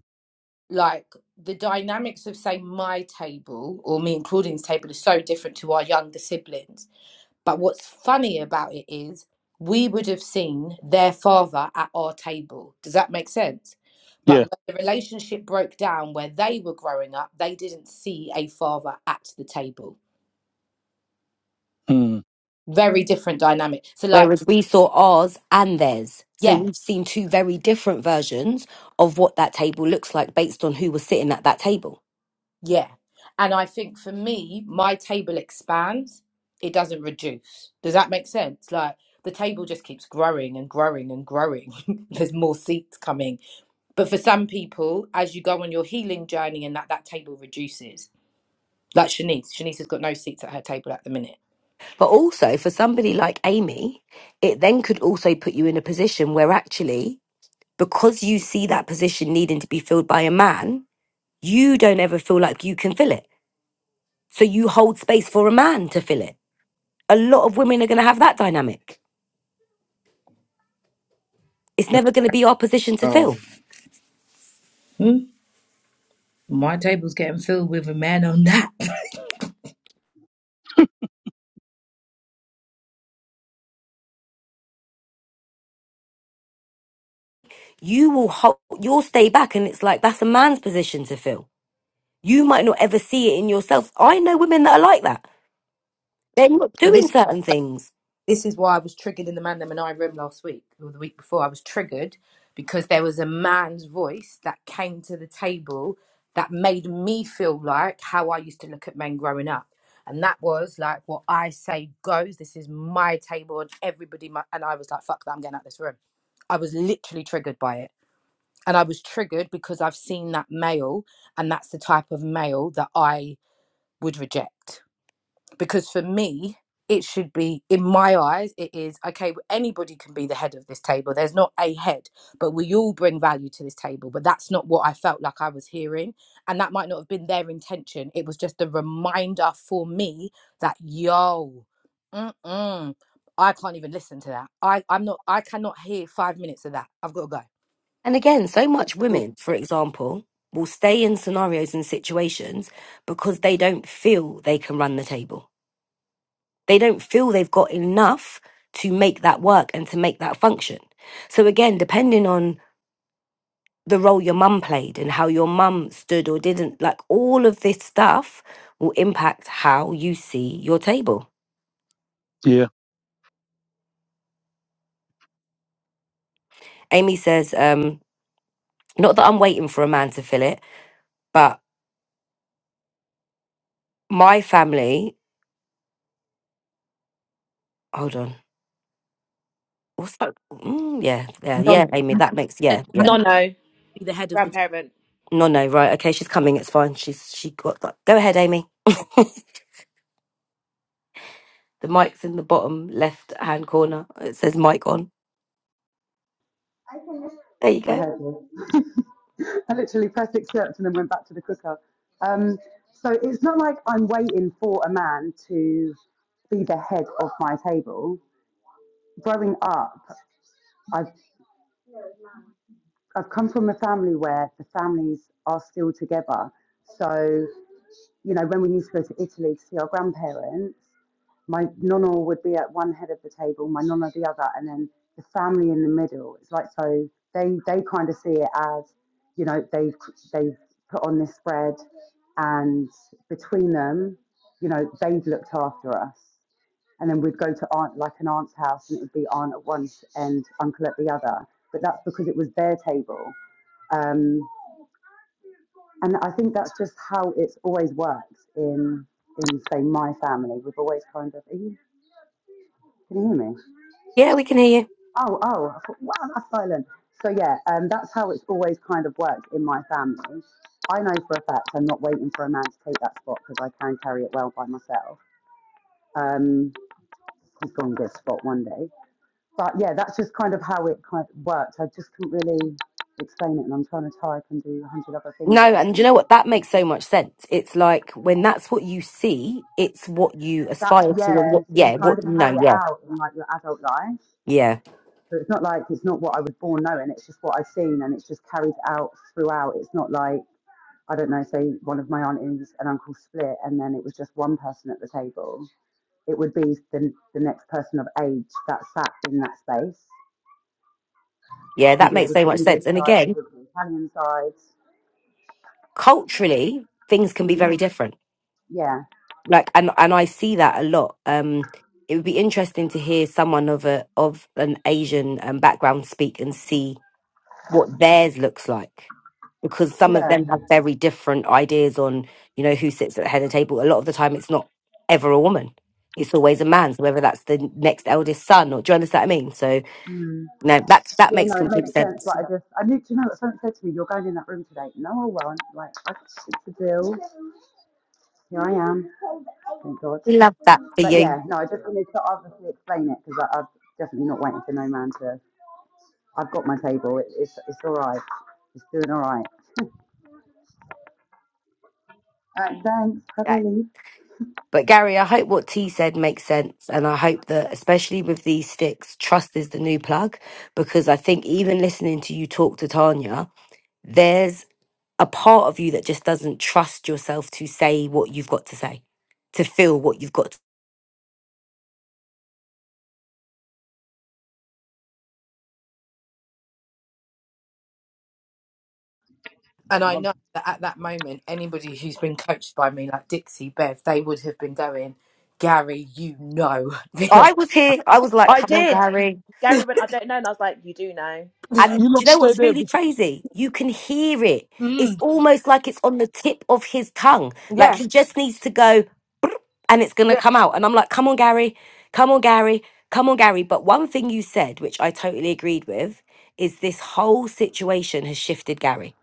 like the dynamics of say my table or me and Claudine's table is so different to our younger siblings. But what's funny about it is we would have seen their father at our table. Does that make sense? But yeah, when the relationship broke down where they were growing up, they didn't see a father at the table. mm, Very different dynamic. So like Whereas we saw ours and theirs. So yeah we've seen two very different versions of what that table looks like based on who was sitting at that table. Yeah. And I think for me, my table expands, it doesn't reduce. Does that make sense? Like the table just keeps growing and growing and growing. *laughs* There's more seats coming. But for some people, as you go on your healing journey and that, that table reduces. Like Shanice, Shanice has got no seats at her table at the minute. But also for somebody like Amy, it then could also put you in a position where actually, because you see that position needing to be filled by a man, you don't ever feel like you can fill it. So you hold space for a man to fill it. A lot of women are going to have that dynamic. It's never going to be our position to Oh, fill. Hmm? My table's getting filled with a man on that. *laughs* You will hold, you'll stay back and it's like that's a man's position to fill. You might not ever see it in yourself. I know women that are like that. They're not But doing this. certain things this is why I was triggered in the Man Them and I room last week or the week before. I was triggered because there was a man's voice that came to the table that made me feel like how I used to look at men growing up. And that was like what I say goes. This is my table, and everybody. mu and I was like, "Fuck that! I'm getting out of this room." I was literally triggered by it, and I was triggered because I've seen that male, and that's the type of male that I would reject because for me it should be in my eyes it is okay anybody can be the head of this table there's not a head but we all bring value to this table but that's not what i felt like i was hearing and that might not have been their intention it was just a reminder for me that yo mm-mm, i can't even listen to that i i'm not i cannot hear five minutes of that i've got to go And again, so much Well, women, for example, will stay in scenarios and situations because they don't feel they can run the table. They don't feel they've got enough to make that work and to make that function. So again, depending on the role your mum played and how your mum stood or didn't, like all of this stuff will impact how you see your table. yeah. Amy says, um, not that I'm waiting for a man to fill it, but my family, hold on. What's that? Mm, yeah, yeah, Non, yeah, Amy. That makes yeah, said yeah. one nono, be the head of the grandparent. No, no, right. Okay, she's coming. It's fine. She's she got that. Go ahead, Amy. *laughs* the mic's in the bottom left hand corner. It says mic on. There you I go. heard you. I literally pressed accept and then went back to the cooker. Um, so it's not like I'm waiting for a man to be the head of my table. Growing up, I've I've come from a family where the families are still together. So you know, when we used to go to Italy to see our grandparents, my nonna would be at one head of the table, my nonna the other, and then the family in the middle. It's like so they they kind of see it as you know they've they've put on this spread, and between them, you know they've looked after us. And then we'd go to aunt like an aunt's house, and it would be aunt at one and uncle at the other. But that's because it was their table. Um, and I think that's just how it's always worked in in say my family. We've always kind of are you, can you hear me? Yeah, we can hear you. Oh, oh, I thought, wow, that's violent. So yeah, um, that's how it's always kind of worked in my family. I know for a fact I'm not waiting for a man to take that spot because I can carry it well by myself. Um, he's going to get a spot one day. But yeah, that's just kind of how it kind of worked. I just couldn't really explain it, and I'm trying to type and do a hundred other things at No, the and you same know what? That time. makes so much sense. It's like when that's what you see, it's what you That's aspire to, and yeah. what So you yeah, kind what of no, carry it yeah, out in like your adult life. yeah, So it's not like it's not what I was born knowing. It's just what I've seen, and it's just carried out throughout. It's not like I don't know, say one of my aunties and uncle split and then it was just one person at the table, it would be the, the next person of age that sat in that space. yeah. We That do it makes with so the much English sense. And side, we again, do it with the Italian side. culturally, things can be Mm, very different. yeah, like and and I see that a lot. Um, it would be interesting to hear someone of a of an Asian um, background speak and see what theirs looks like, because some of yeah. them have very different ideas on you know who sits at the head of the table. A lot of the time, it's not ever a woman; it's always a man. So whether that's the next eldest son or do you understand what I mean? So Mm. no, that that Yeah, makes no, it complete makes sense. sense. Like, I just, I knew, do you know, what someone said to me, you're going in that room today. No, I won't. Like, I, it's a deal. Here I am. Thank God. We love that for But you. yeah, no, I just wanted to obviously explain it because I'm definitely not waiting for no man to I've got my table. It, it's it's all right. It's doing all right. Uh, thanks. How do I Yeah. leave? But Gary, I hope what T said makes sense. And I hope that, especially with these sticks, trust is the new plug. Because I think even listening to you talk to Tanya, there's a part of you that just doesn't trust yourself to say what you've got to say, to feel what you've got. To. And I Um, know that at that moment, anybody who's been coached by me, like Dixie, Bev, they would have been going, Gary, you know. *laughs* the I was here. I was like, I come on, did. Gary. Gary answer." went, I don't know. And I was like, you do know. And You do you lot know stay what's there. really Because, crazy? You can hear it. It's mm, almost like it's on the tip of his tongue. Like yeah, he just needs to go "Brrr," and it's going to yeah. come out. And I'm like, come on, Gary. Come on, Gary. Come on, Gary. But one thing you said, which I totally agreed with, is this whole situation has shifted Gary.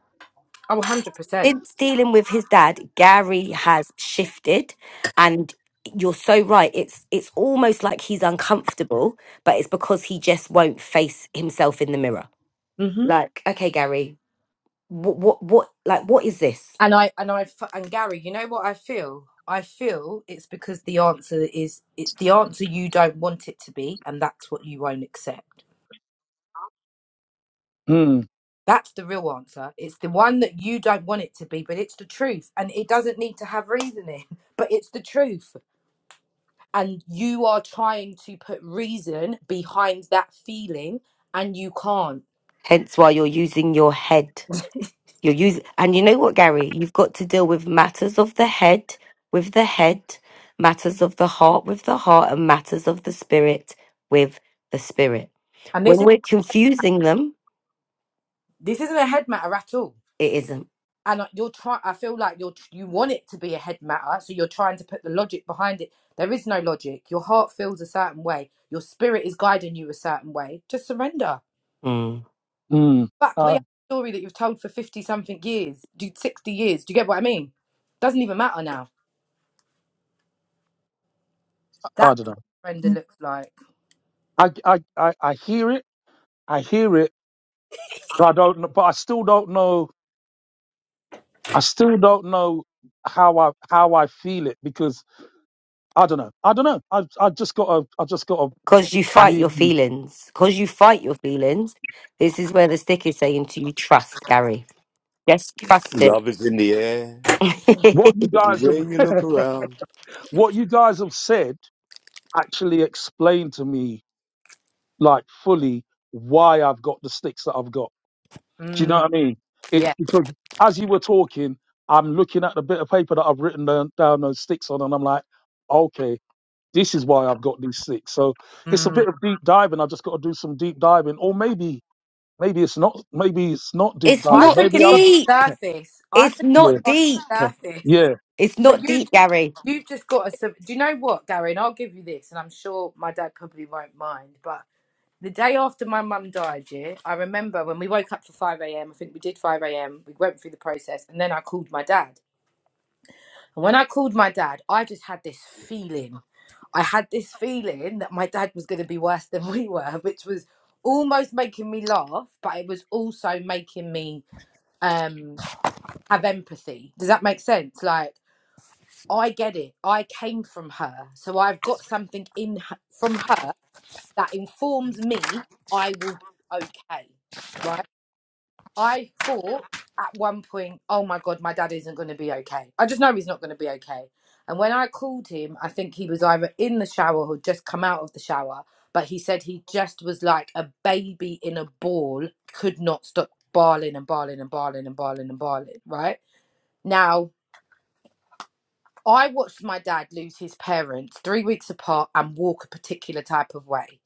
Oh, 100%. Since dealing with his dad, Gary has shifted. And you're so right. It's it's almost like he's uncomfortable, but it's because he just won't face himself in the mirror. hmm Like, okay, Gary, what, what, what, like, what is this? And I, and I, f- and Gary, you know what I feel? I feel it's because the answer is, it's the answer you don't want it to be, and that's what you won't accept. mm, That's the real answer. It's the one that you don't want it to be, but it's the truth. And it doesn't need to have reasoning, *laughs* but it's the truth and you are trying to put reason behind that feeling and you can't Hence why you're using your head. You're using, and you know what, Gary, you've got to deal with matters of the head with the head, matters of the heart with the heart, and matters of the spirit with the spirit. and When this is we're confusing them, this isn't a head matter at all it isn't. and uh, you're trying i feel like you're you want it to be a head matter so you're trying to put the logic behind it there is no logic your heart feels a certain way your spirit is guiding you a certain way just surrender Because mm, fuck the I, story that you've told for 50 something years dude. 60 years do you get what i mean doesn't even matter now I that's don't what surrender know. looks like I, I, I, I hear it. I hear it. But I don't. know- But I still don't know. I still don't know how I how I feel it because I don't know. I don't know. I I just got a I just got a you fight your trust really feelings. Because you fight your feelings. This is where the stick is saying to you, trust, Gary. Yes, trust it. Love is in the air. what *laughs* you guys Everywhere have you look around. *laughs* what you guys have said actually explained to me like fully why I've got the sticks that I've got. Do you know mm, what I mean? yeah It's because as you were talking, I'm looking at the bit of paper that I've written down, down those sticks on, and I'm like, okay, this is why I've got these sticks. So it's a Mm. bit of deep diving. I've just got to do some deep diving, or maybe maybe it's not maybe it's not deep it's I diving. not think Maybe it's on I'm d- the deep. surface. I think It's yeah it's not on the deep. surface. yeah It's But not you, deep, Gary. you've just got to. sub- Do you know what, Darren? I'll give you this, and I'm sure my dad probably won't mind. But the day after my mum died, yeah, I remember when we woke up for 5 a.m. I think we did 5 a.m. We went through the process, and then I called my dad. And when I called my dad, I just had this feeling. I had this feeling that my dad was going to be worse than we were, which was almost making me laugh, but it was also making me. um. have empathy. Does that make sense? Like, I get it. I came from her. So I've got something in her, from her that informs me I will be okay. Right? I thought at one point, oh my God, my dad isn't going to be okay. I just know he's not going to be okay. And when I called him, I think he was either in the shower or just come out of the shower. But he said he just was like a baby in a ball, could not stop barling and barling and barling and barling and barling. Right? Now, I watched my dad lose his parents three weeks apart and walk a particular type of way.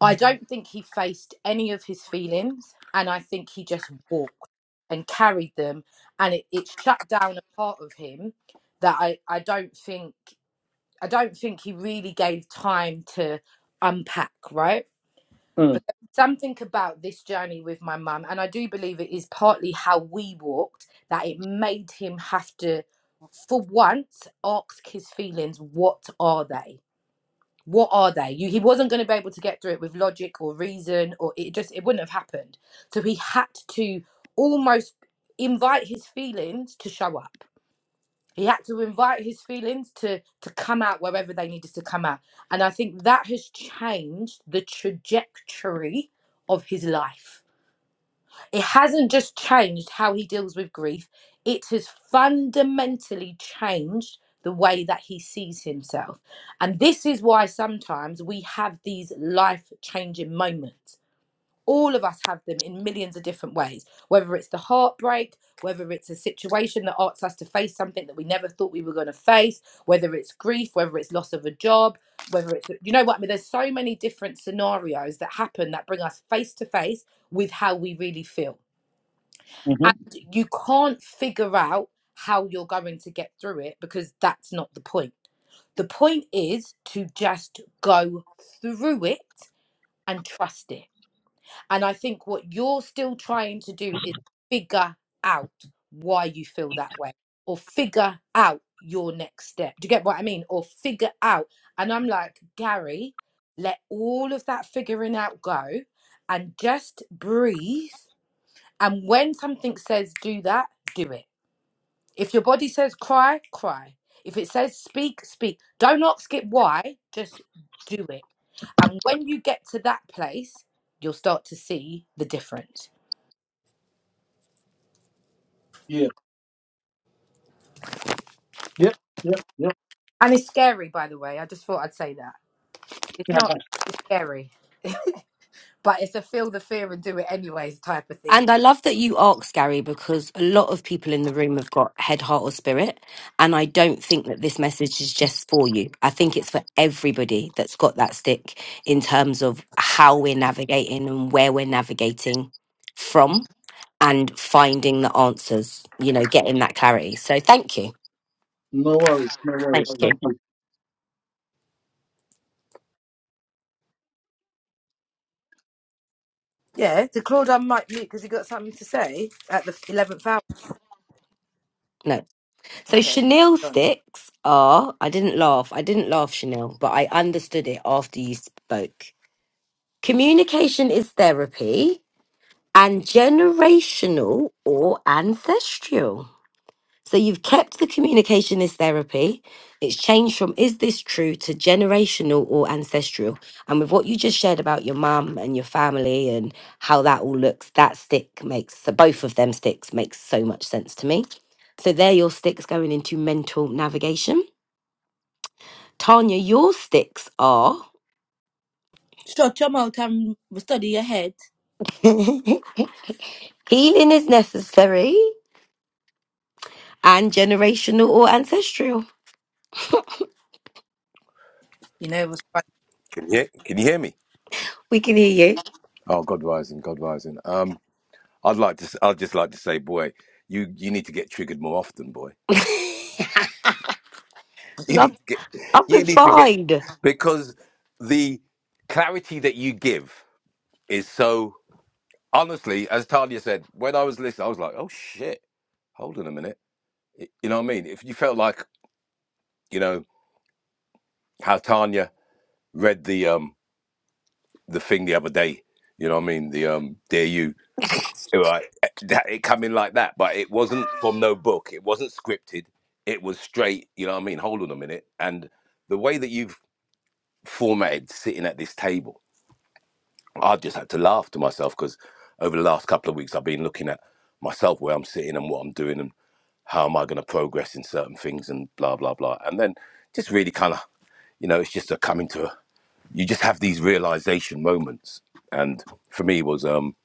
I don't think he faced any of his feelings, and I think he just walked and carried them, and it, it shut down a part of him that I, I don't think I don't think he really gave time to unpack. Right? mm, But there was something about this journey with my mum, and I do believe it is partly how we walked, that it made him have to, for once, ask his feelings, what are they? What are they? You, he wasn't going to be able to get through it with logic or reason, or it just it wouldn't have happened. So he had to almost invite his feelings to show up he had to invite his feelings to to come out wherever they needed to come out and i think that has changed the trajectory of his life it hasn't just changed how he deals with grief it has fundamentally changed the way that he sees himself and this is why sometimes we have these life changing moments all of us have them in millions of different ways whether it's the heartbreak whether it's a situation that asks us to face something that we never thought we were going to face whether it's grief whether it's loss of a job whether it's you know what i mean there's so many different scenarios that happen that bring us face to face with how we really feel mhm, and you can't figure out how you're going to get through it because that's not the point the point is to just go through it and trust it and I think what you're still trying to do is figure out why you feel that way or figure out your next step. Do you get what I mean? Or figure out. And I'm like, Gary, let all of that figuring out go and just breathe. And when something says do that, do it if your body says cry, cry. If it says speak, speak. Do not skip why, just do it. And when you get to that place, you'll start to see the difference. yeah yeah yeah And it's scary, by the way. I just thought I'd say that. It's not, yeah. it's scary. *laughs* but it's a feel the fear and do it anyways type of thing. And I love that you asked, Gary, because a lot of people in the room have got head, heart, or spirit. And I don't think that this message is just for you. I think it's for everybody that's got that stick in terms of how we're navigating and where we're navigating from and finding the answers, you know, getting that clarity. So thank you. No worries, no worries. Thank Thank you. you. Yeah, did Claude unmic mute because he got something to say at the 11th hour? No. So Okay, chenille go on then. sticks are, I didn't laugh, I didn't laugh, Chanel, but I understood it after you spoke. Communication is therapy and generational or ancestral. So you've kept the communicationist therapy. It's changed from is this true to generational or ancestral. And with what you just shared about your mum and your family and how that all looks, that stick makes so both of them sticks makes so much sense to me. So they're your sticks going into mental navigation. Tanya, your sticks are Shut your mouth and study your head. *laughs* healing is necessary and generational or ancestral. You know what's funny? Can you hear, can you hear me? We can hear you. Oh, God rising, God rising. Um, I'd like to. s- I'd just like to say, boy, you you need to get triggered more often, boy. *laughs* *laughs* You I've need to get. I've You been need to get fine. because the clarity that you give is so. Honestly, as Talia said, when I was listening, I was like, oh shit, hold on a minute. Y- You know what I mean? If you felt like you know how Tanya read the um the thing the other day, you know what I mean? The um dare you. right that it come in like that but it wasn't from no book it wasn't scripted it was straight you know what i mean hold on a minute and the way that you've formatted sitting at this table i just had to laugh to myself because over the last couple of weeks i've been looking at myself where i'm sitting and what i'm doing and how am i going to progress in certain things and blah blah blah and then just really kind of you know it's just a coming to you just have these realization moments and for me was um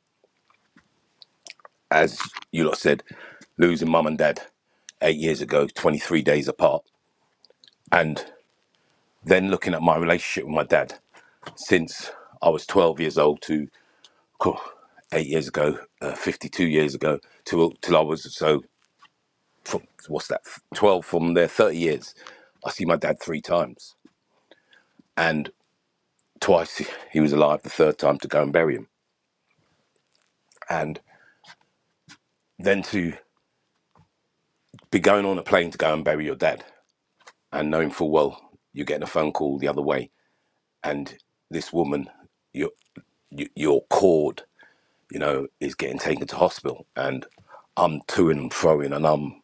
as you lot said, losing mum and dad eight years ago, 23 days apart. And then looking at my relationship with my dad since I was 12 years old to cool, eight years ago, uh, 52 years ago, till, till I was so, from, what's that, 12 from there, 30 years. I see my dad three times. And twice he he was alive, the third time to go and bury him. And then to be going on a plane to go and bury your dad and knowing full well you're getting a phone call the other way and this woman, your your cord, you know, is getting taken to hospital, and I'm to and froing, and I'm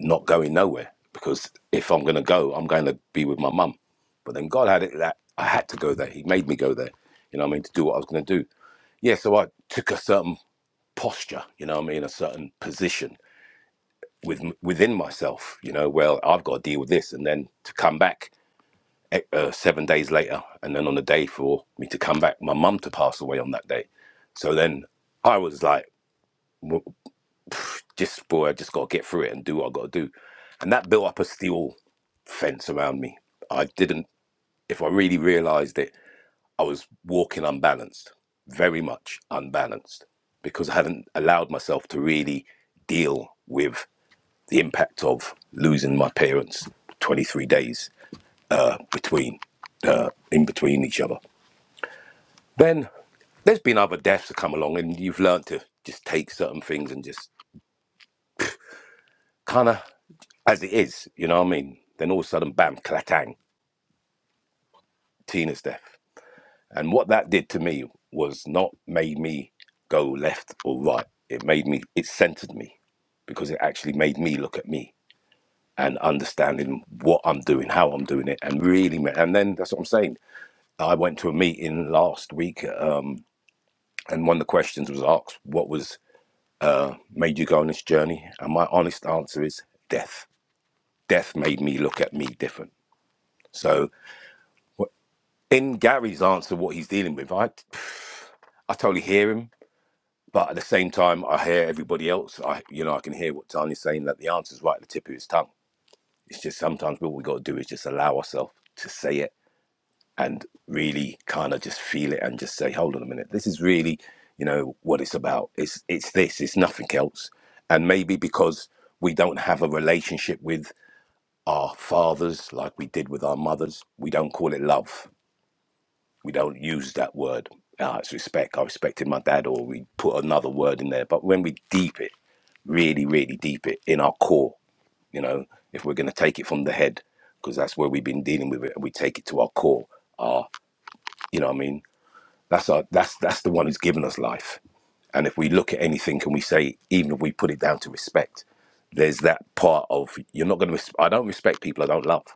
not going nowhere because if I'm going to go, I'm going to be with my mum. But then God had it that I had to go there. He made me go there. You know what I mean? To do what I was going to do. Yeah. So I took a certain posture. You know what I mean? A certain position with within myself. You know, well, I've got to deal with this, and then to come back eh, uh, seven days later, and then on the day for me to come back, my mum to pass away on that day. So then I was like, w- just boy, I just got to get through it and do what I got to do, and that built up a steel fence around me. I didn't, if I really realised it, I was walking unbalanced, very much unbalanced, because I hadn't allowed myself to really deal with the impact of losing my parents 23 days uh, between uh, in between each other Then there's been other deaths that come along, and you've learned to just take certain things and just kind of as it is, you know what I mean? Then all of a sudden, bam, clatang, Tina's death. And what that did to me was not made me go left or right. It made me, it centered me because it actually made me look at me and understanding what I'm doing, how I'm doing it, and really, ma- and then that's what I'm saying. I went to a meeting last week, um, and one of the questions was asked, "What was?" made you go on this journey? And my honest answer is death. Death made me look at me different. So in Gary's answer, what he's dealing with, I I totally hear him, but at the same time, I hear everybody else. I you know I can hear what Tanya's saying that the answer's right at the tip of his tongue. It's just sometimes what we got to do is just allow ourselves to say it and really kind of just feel it and just say, hold on a minute, this is really you know what it's about. It's it's this. It's nothing else. And maybe because we don't have a relationship with our fathers like we did with our mothers. We don't call it love. We don't use that word. Ah, it's respect. I respected my dad, or we put another word in there. But when we deep it, really, really deep it in our core, you know, if we're going to take it from the head, because that's where we've been dealing with it, and we take it to our core. You know what I mean? That's our. That's that's the one who's given us life. And if we look at anything, can we say, even if we put it down to respect, there's that part of you're not going to. I don't respect people I don't love.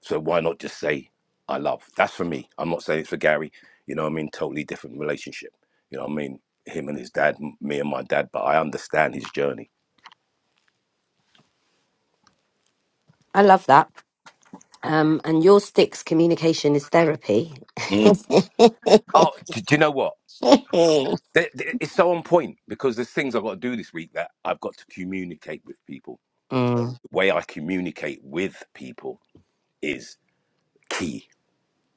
So why not just say I love? That's for me. I'm not saying it's for Gary. You know what I mean? Totally different relationship. You know what I mean? Him and his dad, m- me and my dad, but I understand his journey. I love that. Um, and your stick's communication is therapy. Mm. *laughs* Oh, do, do you know what? Th- th- It's so on point because there's things I've got to do this week that I've got to communicate with people. Mm. The way I communicate with people is key.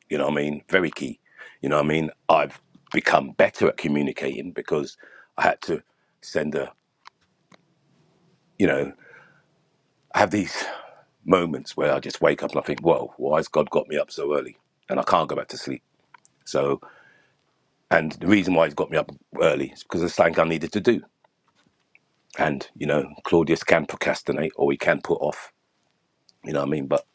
You know what I mean? Very key. You know what I mean? I've become better at communicating because I had to send a, you know. I have these moments where I just wake up and I think, whoa, why has God got me up so early? And I can't go back to sleep. So, and the reason why he's got me up early is because it's something I needed to do. And, you know, Claudius can procrastinate or he can put off, you know what I mean? But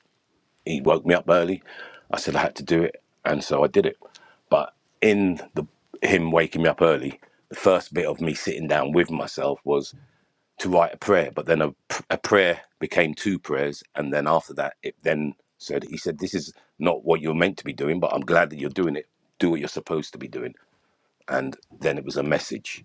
he woke me up early. I said I had to do it. And so I did it. But in the him waking me up early, the first bit of me sitting down with myself was to write a prayer, but then a a prayer became two prayers, and then after that, it then said, "He said this is not what you're meant to be doing, but I'm glad that you're doing it. Do what you're supposed to be doing." And then it was a message,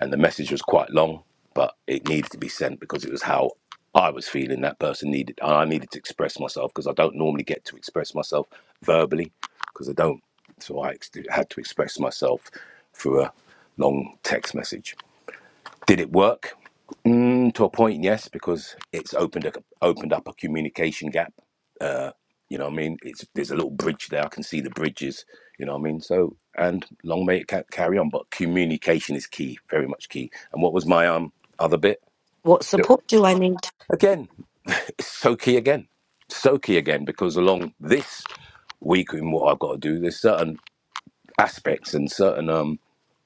and the message was quite long, but it needed to be sent because it was how I was feeling. That person needed, and I needed to express myself because I don't normally get to express myself verbally because I don't. So I ex- had to express myself through a long text message. Did it work? Mm, to a point, yes, because it's opened a, opened up a communication gap. You know what I mean? It's there's a little bridge there. I can see the bridges. You know what I mean? So and long may it ca- carry on. But communication is key, very much key. And what was my um other bit? What Yeah. support do I need? Again, it's so key again, so key again because along this week in what I've got to do, there's certain aspects and certain um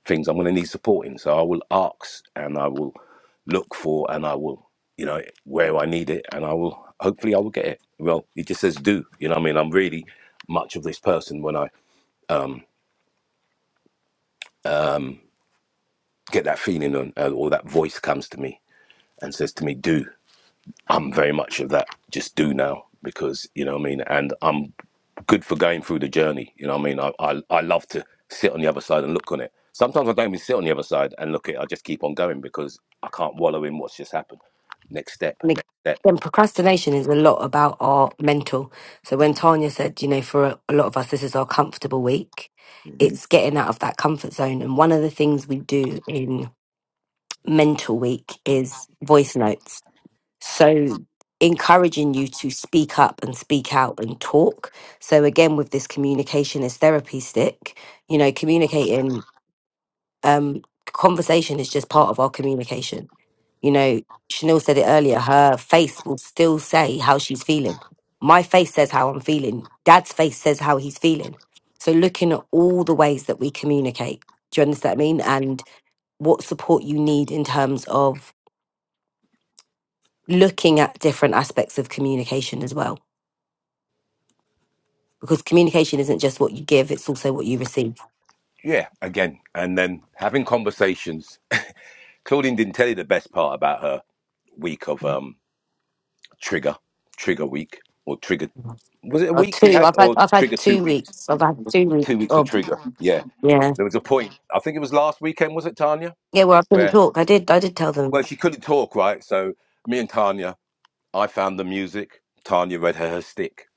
things I'm going to need support in. So I will ask and I will look for and I will, you know, where I need it and I will, hopefully I will get it. Well, it just says do, you know what I mean? I'm really much of this person when I get that feeling and, uh, or that voice comes to me and says to me, do. I'm very much of that just do now because you know what I mean and I'm good for going through the journey you know what I mean I, I I love to sit on the other side and look on it sometimes I don't even sit on the other side and look at it I just keep on going because I can't wallow in what's just happened next step And next step again, procrastination is a lot about our mental. So when Tanya said, you know, for a, a lot of us, this is our comfortable week, it's getting out of that comfort zone. And one of the things we do in mental week is voice notes. So, encouraging you to speak up and speak out and talk. So, again, with this communication is therapy stick, you know, communicating, um, conversation is just part of our communication. You know, Chanel said it earlier, her face will still say how she's feeling. My face says how I'm feeling. Dad's face says how he's feeling. So, looking at all the ways that we communicate, do you understand what I mean? And what support you need in terms of looking at different aspects of communication as well because communication isn't just what you give it's also what you receive yeah again and then having conversations Claudine didn't tell you the best part about her week of um trigger trigger week or trigger was it a or week you two had i've had or i've had trigger two two weeks weeks i've had two weeks Two weeks to of trigger. Yeah. yeah There was a point, I think it was last weekend, was it, Tanya? yeah where i couldn't Where, talk i did i did tell well, them she couldn't talk, right? So me and Tanya, I found the music. Tanya read her her stick.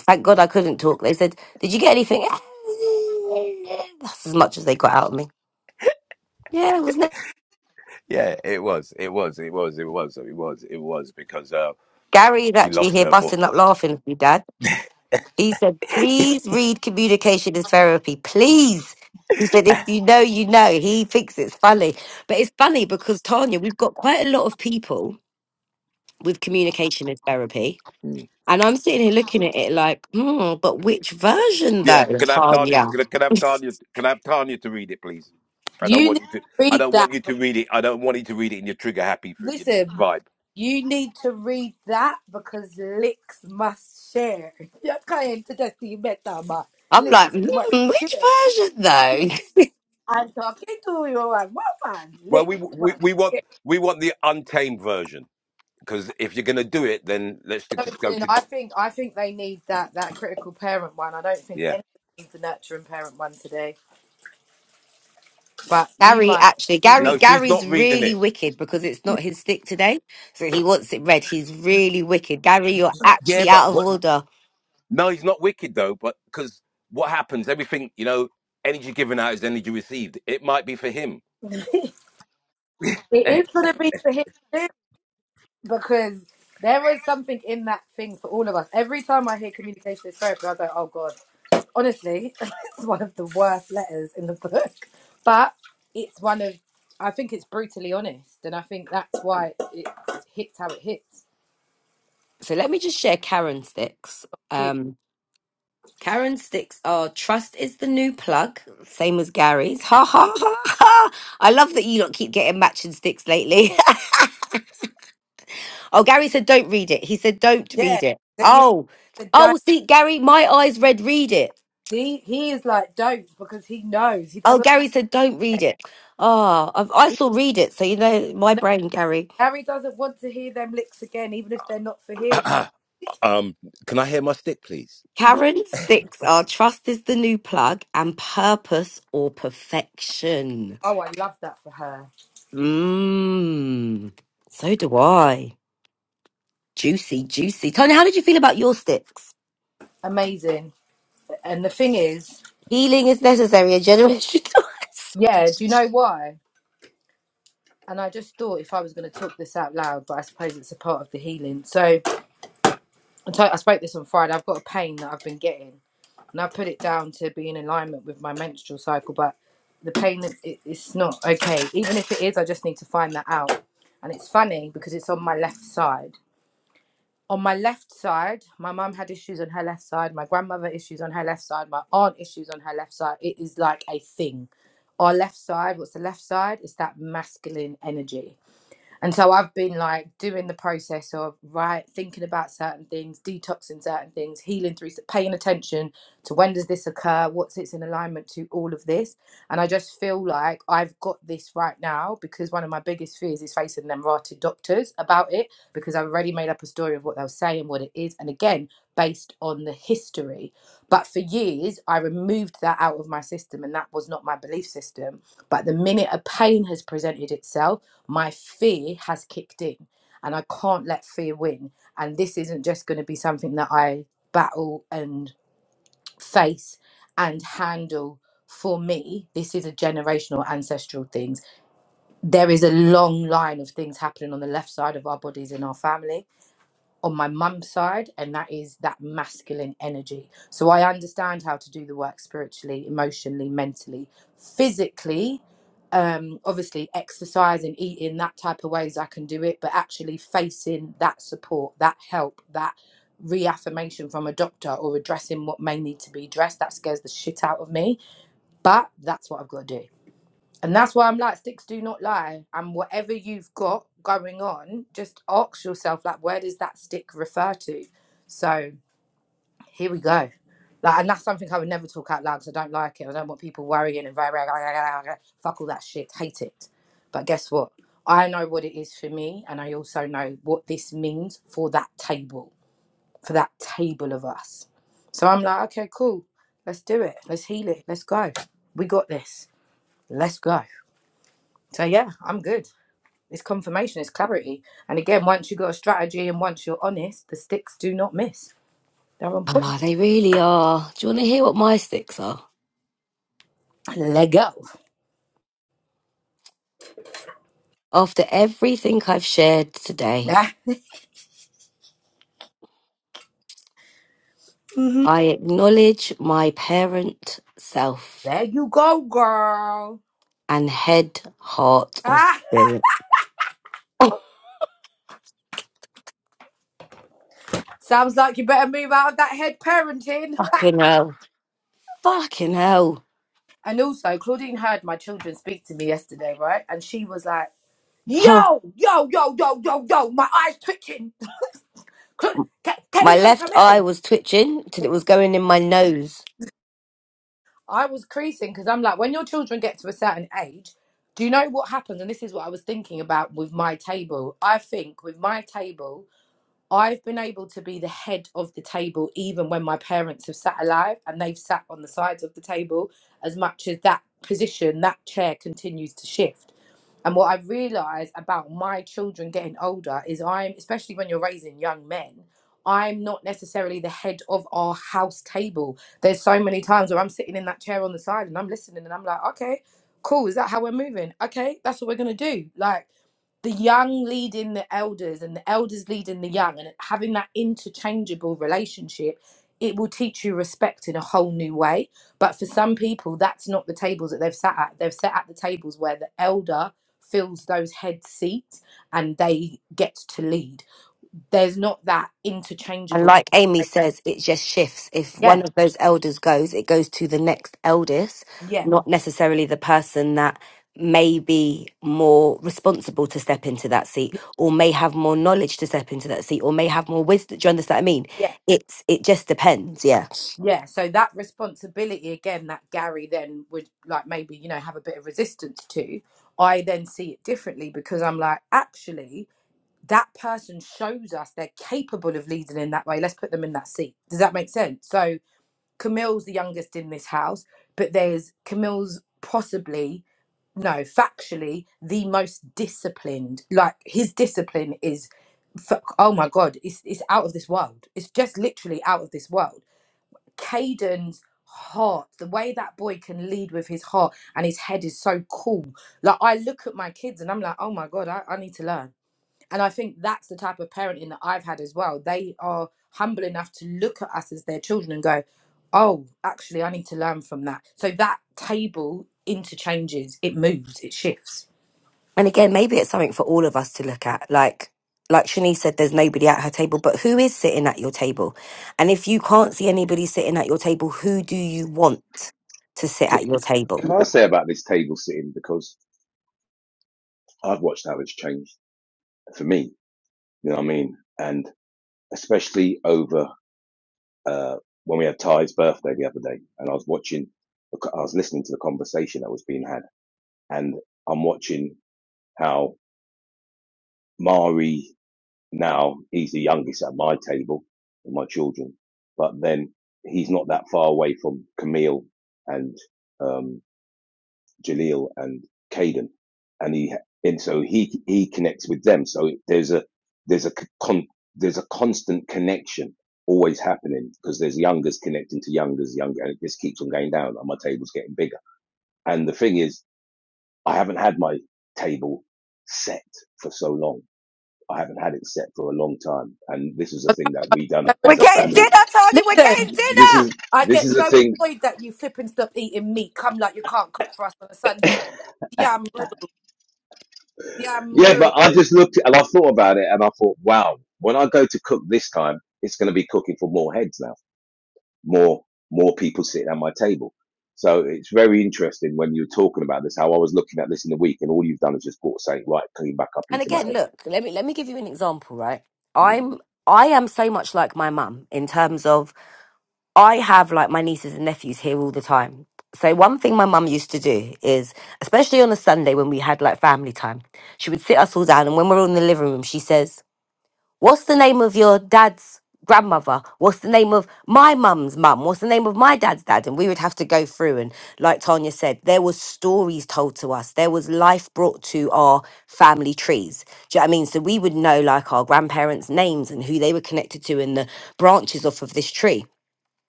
thank god i couldn't talk they said did you get anything *laughs* that's as much as they got out of me yeah it was Yeah, it was. It was. It was. It was. It was. It was because uh, Gary's she actually lost here her busting voice. up laughing with me, Dad. He said, please read Communication is Therapy. Please. He said, if you know, you know. He thinks it's funny. But it's funny because, Tanya, we've got quite a lot of people with Communication is Therapy. Mm. And I'm sitting here looking at it like, hmm, but which version Yeah. though, Can I have Tanya? Tanya? Can I, can I *laughs* have Tanya? Can I have Tanya to read it, please? I don't You need want to you to. I read don't want that. you to read it. I don't want you to read it in your trigger happy friggin' Listen. vibe. You need to read that because licks must share. *laughs* Jag kan inte decimera bara. I'm like, Licks must hmm, which share. version though? *laughs* I'm talking to you and what man? Well, we Licks we, must we want share. we want the untamed version. because if you're gonna do it, then let's just So, go you know, to I think I think they need that that critical parent one. I don't think yeah. anyone needs the nurturing parent one today. But you Gary might actually be Gary No, reading. she's Gary's not reading really it. wicked because it's not his stick today. So he wants it red. He's really wicked. Gary, you're Yeah, actually but out of but order. no, he's not wicked though. But because what happens? Everything you know, energy given out is energy received. It might be for him. *laughs* it is gonna be for him too because there is something in that thing for all of us. Every time I hear communication is therapy, I go, oh god. honestly, *laughs* it's one of the worst letters in the book, but it's one of, I think it's brutally honest, and I think that's why it hits how it hits. So let me just share Karen sticks. Cute. Um Karen sticks are trust is the new plug, same as Gary's. *laughs* Ha ha ha ha. I love that you lot keep getting matching sticks lately. *laughs* oh, Gary said don't read it. He said don't Yeah, read it. that you Oh. said don't. Oh, see, Gary, my eyes read read it. He, he is like don't because he knows he Oh, doesn't. Gary said, don't read it. Oh, I've, I He, still read it. So, you know, my no, brain, Gary. Harry doesn't want to hear them licks again, even if they're not for him. *clears throat* um, can I hear my stick, please? Karen six are trust is the new plug and purpose or perfection. Oh, I love that for her. Mmm. So do I. Juicy, juicy. Tony, how did you feel about your sticks? Amazing. And the thing is, Healing is necessary, a generation. *laughs* yeah, do you know why? And I just thought if I was going to talk this out loud, but I suppose it's a part of the healing. So I, t- I spoke this on Friday. I've got a pain that I've been getting, and I put it down to be in alignment with my menstrual cycle. But the pain that it, it's not okay. Even if it is, I just need to find that out. And it's funny because it's on my left side. On my left side, my mum had issues on her left side. My grandmother issues on her left side. My aunt issues on her left side. It is like a thing. Our left side. What's the left side? It's that masculine energy and so I've been like doing the process of right thinking about certain things, detoxing certain things, healing through, paying attention to when does this occur, what's it's in alignment to all of this. And I just feel like I've got this right now because one of my biggest fears is facing them rotted doctors about it because I've already made up a story of what they'll say and what it is. And again, based on the history. But for years, I removed that out of my system and that was not my belief system. But the minute a pain has presented itself, my fear has kicked in and I can't let fear win. And this isn't just going to be something that I battle and face and handle for me. This is a generational ancestral things. There is a long line of things happening on the left side of our bodies in our family on my mum's side, and that is that masculine energy. So I understand how to do the work spiritually, emotionally, mentally, physically. Um, obviously, exercise and eating that type of ways I can do it, but actually facing that support, that help, that reaffirmation from a doctor or addressing what may need to be addressed that scares the shit out of me. But that's what I've got to do. And that's why I'm like, sticks do not lie. And whatever you've got going on, just ask yourself, like, where does that stick refer to? So here we go. Like, and that's something I would never talk out loud because I don't like it. I don't want people worrying and very, *laughs* fuck all that shit. Hate it. But guess what? I know what it is for me, and I also know what this means for that table, for that table of us. So I'm like, okay, cool. Let's do it. Let's heal it. Let's go. We got this. Let's go. So yeah, I'm good. It's confirmation, it's clarity. And again, once you've got a strategy and once you're honest, the sticks do not miss. They're on point. Ah, they really are. Do you want to hear what my sticks are? Lego. After everything I've shared today, Ah, hmm I acknowledge my parent self. there you go, girl. and head, heart, or Ah, spirit. *laughs* Oh, sounds like you better move out of that head parenting. fucking hell. Fucking hell. *laughs* And also, Claudine heard my children speak to me yesterday, right? And she was like, Huh. yo, yo, yo, yo, yo, yo, my eyes twitching. Cla- Ka- my Kaden and left eye Camille. was twitching till it was going in my nose. I was creasing because I'm like, when your children get to a certain age, do you know what happens? And this is what I was thinking about with my table. I think with my table, I've been able to be the head of the table even when my parents have sat alive and they've sat on the sides of the table as much as that position, that chair continues to shift. And what I've realized about my children getting older is I'm, especially when you're raising young men, I'm not necessarily the head of our house table. There's so many times where I'm sitting in that chair on the side and I'm listening and I'm like, okay, cool. Is that how we're moving? Okay, that's what we're going to do. Like, the young leading the elders and the elders leading the young and having that interchangeable relationship it will teach you respect in a whole new way but for some people that's not the tables that they've sat at they've sat at the tables where the elder fills those head seats and they get to lead there's not that And interchangeable like Amy says, it just shifts. If one yeah of those elders goes, it goes to the next eldest, yeah not necessarily the person that may be more responsible to step into that seat or may have more knowledge to step into that seat or may have more wisdom. Do you understand what I mean? yeah It's it just depends, yeah. Yeah, so that responsibility again that Gary then would like maybe, you know, have a bit of resistance to, I then see it differently because I'm like, actually, that person shows us they're capable of leading in that way. Let's put them in that seat. Does that make sense? So Camille's the youngest in this house, but there's Camille's possibly, no, factually, the most disciplined. Like his discipline is, f- oh my God, it's, it's out of this world. It's just literally out of this world Caden's heart, the way that boy can lead with his heart and his head is so cool. Like I look at my kids and I'm like, oh my God, I, I need to learn. And I think that's the type of parenting that I've had as well. They are humble enough to look at us as their children and go, oh, actually, I need to learn from that. So that table interchanges, it moves, it shifts. And again, maybe it's something for all of us to look at. Like, like Shanice said, there's nobody at her table, but who is sitting at your table? And if you can't see anybody sitting at your table, who do you want to sit Can, at your table? can I say about this table sitting? Because I've watched how it's changed for me. You know what I mean? And especially over uh, when we had Ty's birthday the other day, and I was watching, I was listening to the conversation that was being had. and I'm watching how Mari now he's the youngest at my table, with my children, but then he's not that far away from Camille and um, Jaleel and Caden, and he and so he he connects with them. So there's a there's a con, there's a constant connection always happening because there's youngers connecting to youngers, younger, and it just keeps on going down, and my table's getting bigger. And the thing is, I haven't had my table set for so long. I haven't had it set for a long time, and this is a thing that we done We're as a getting dinner, family. Tony. We're Listen, getting This dinner. is I this get is a so thing. annoyed that you flip and stop eating meat. Come like you can't cook for us on a *laughs* Sunday. Yam rule, yam yeah, rule. but I just looked and I thought about it, and I thought, wow, when I go to cook this time, it's going to be cooking for more heads now, more more people sitting at my table. So it's very interesting when you're talking about this. How I was looking at this in the week, and all you've done is just brought saying, right, clean back up And into my head again, look, let me let me give you an example, right? Mm. I'm I am so much like my mum in terms of I have like my nieces and nephews here all the time. So one thing my mum used to do is, especially on a Sunday when we had like family time, she would sit us all down and when we're all in the living room, she says, What's the name of your dad's grandmother? What's the name of my mum's mum? What's the name of my dad's dad? And we would have to go through and like Tanya said, there was stories told to us. There was life brought to our family trees. Do you know what I mean? So we would know like our grandparents' names and who they were connected to in the branches off of this tree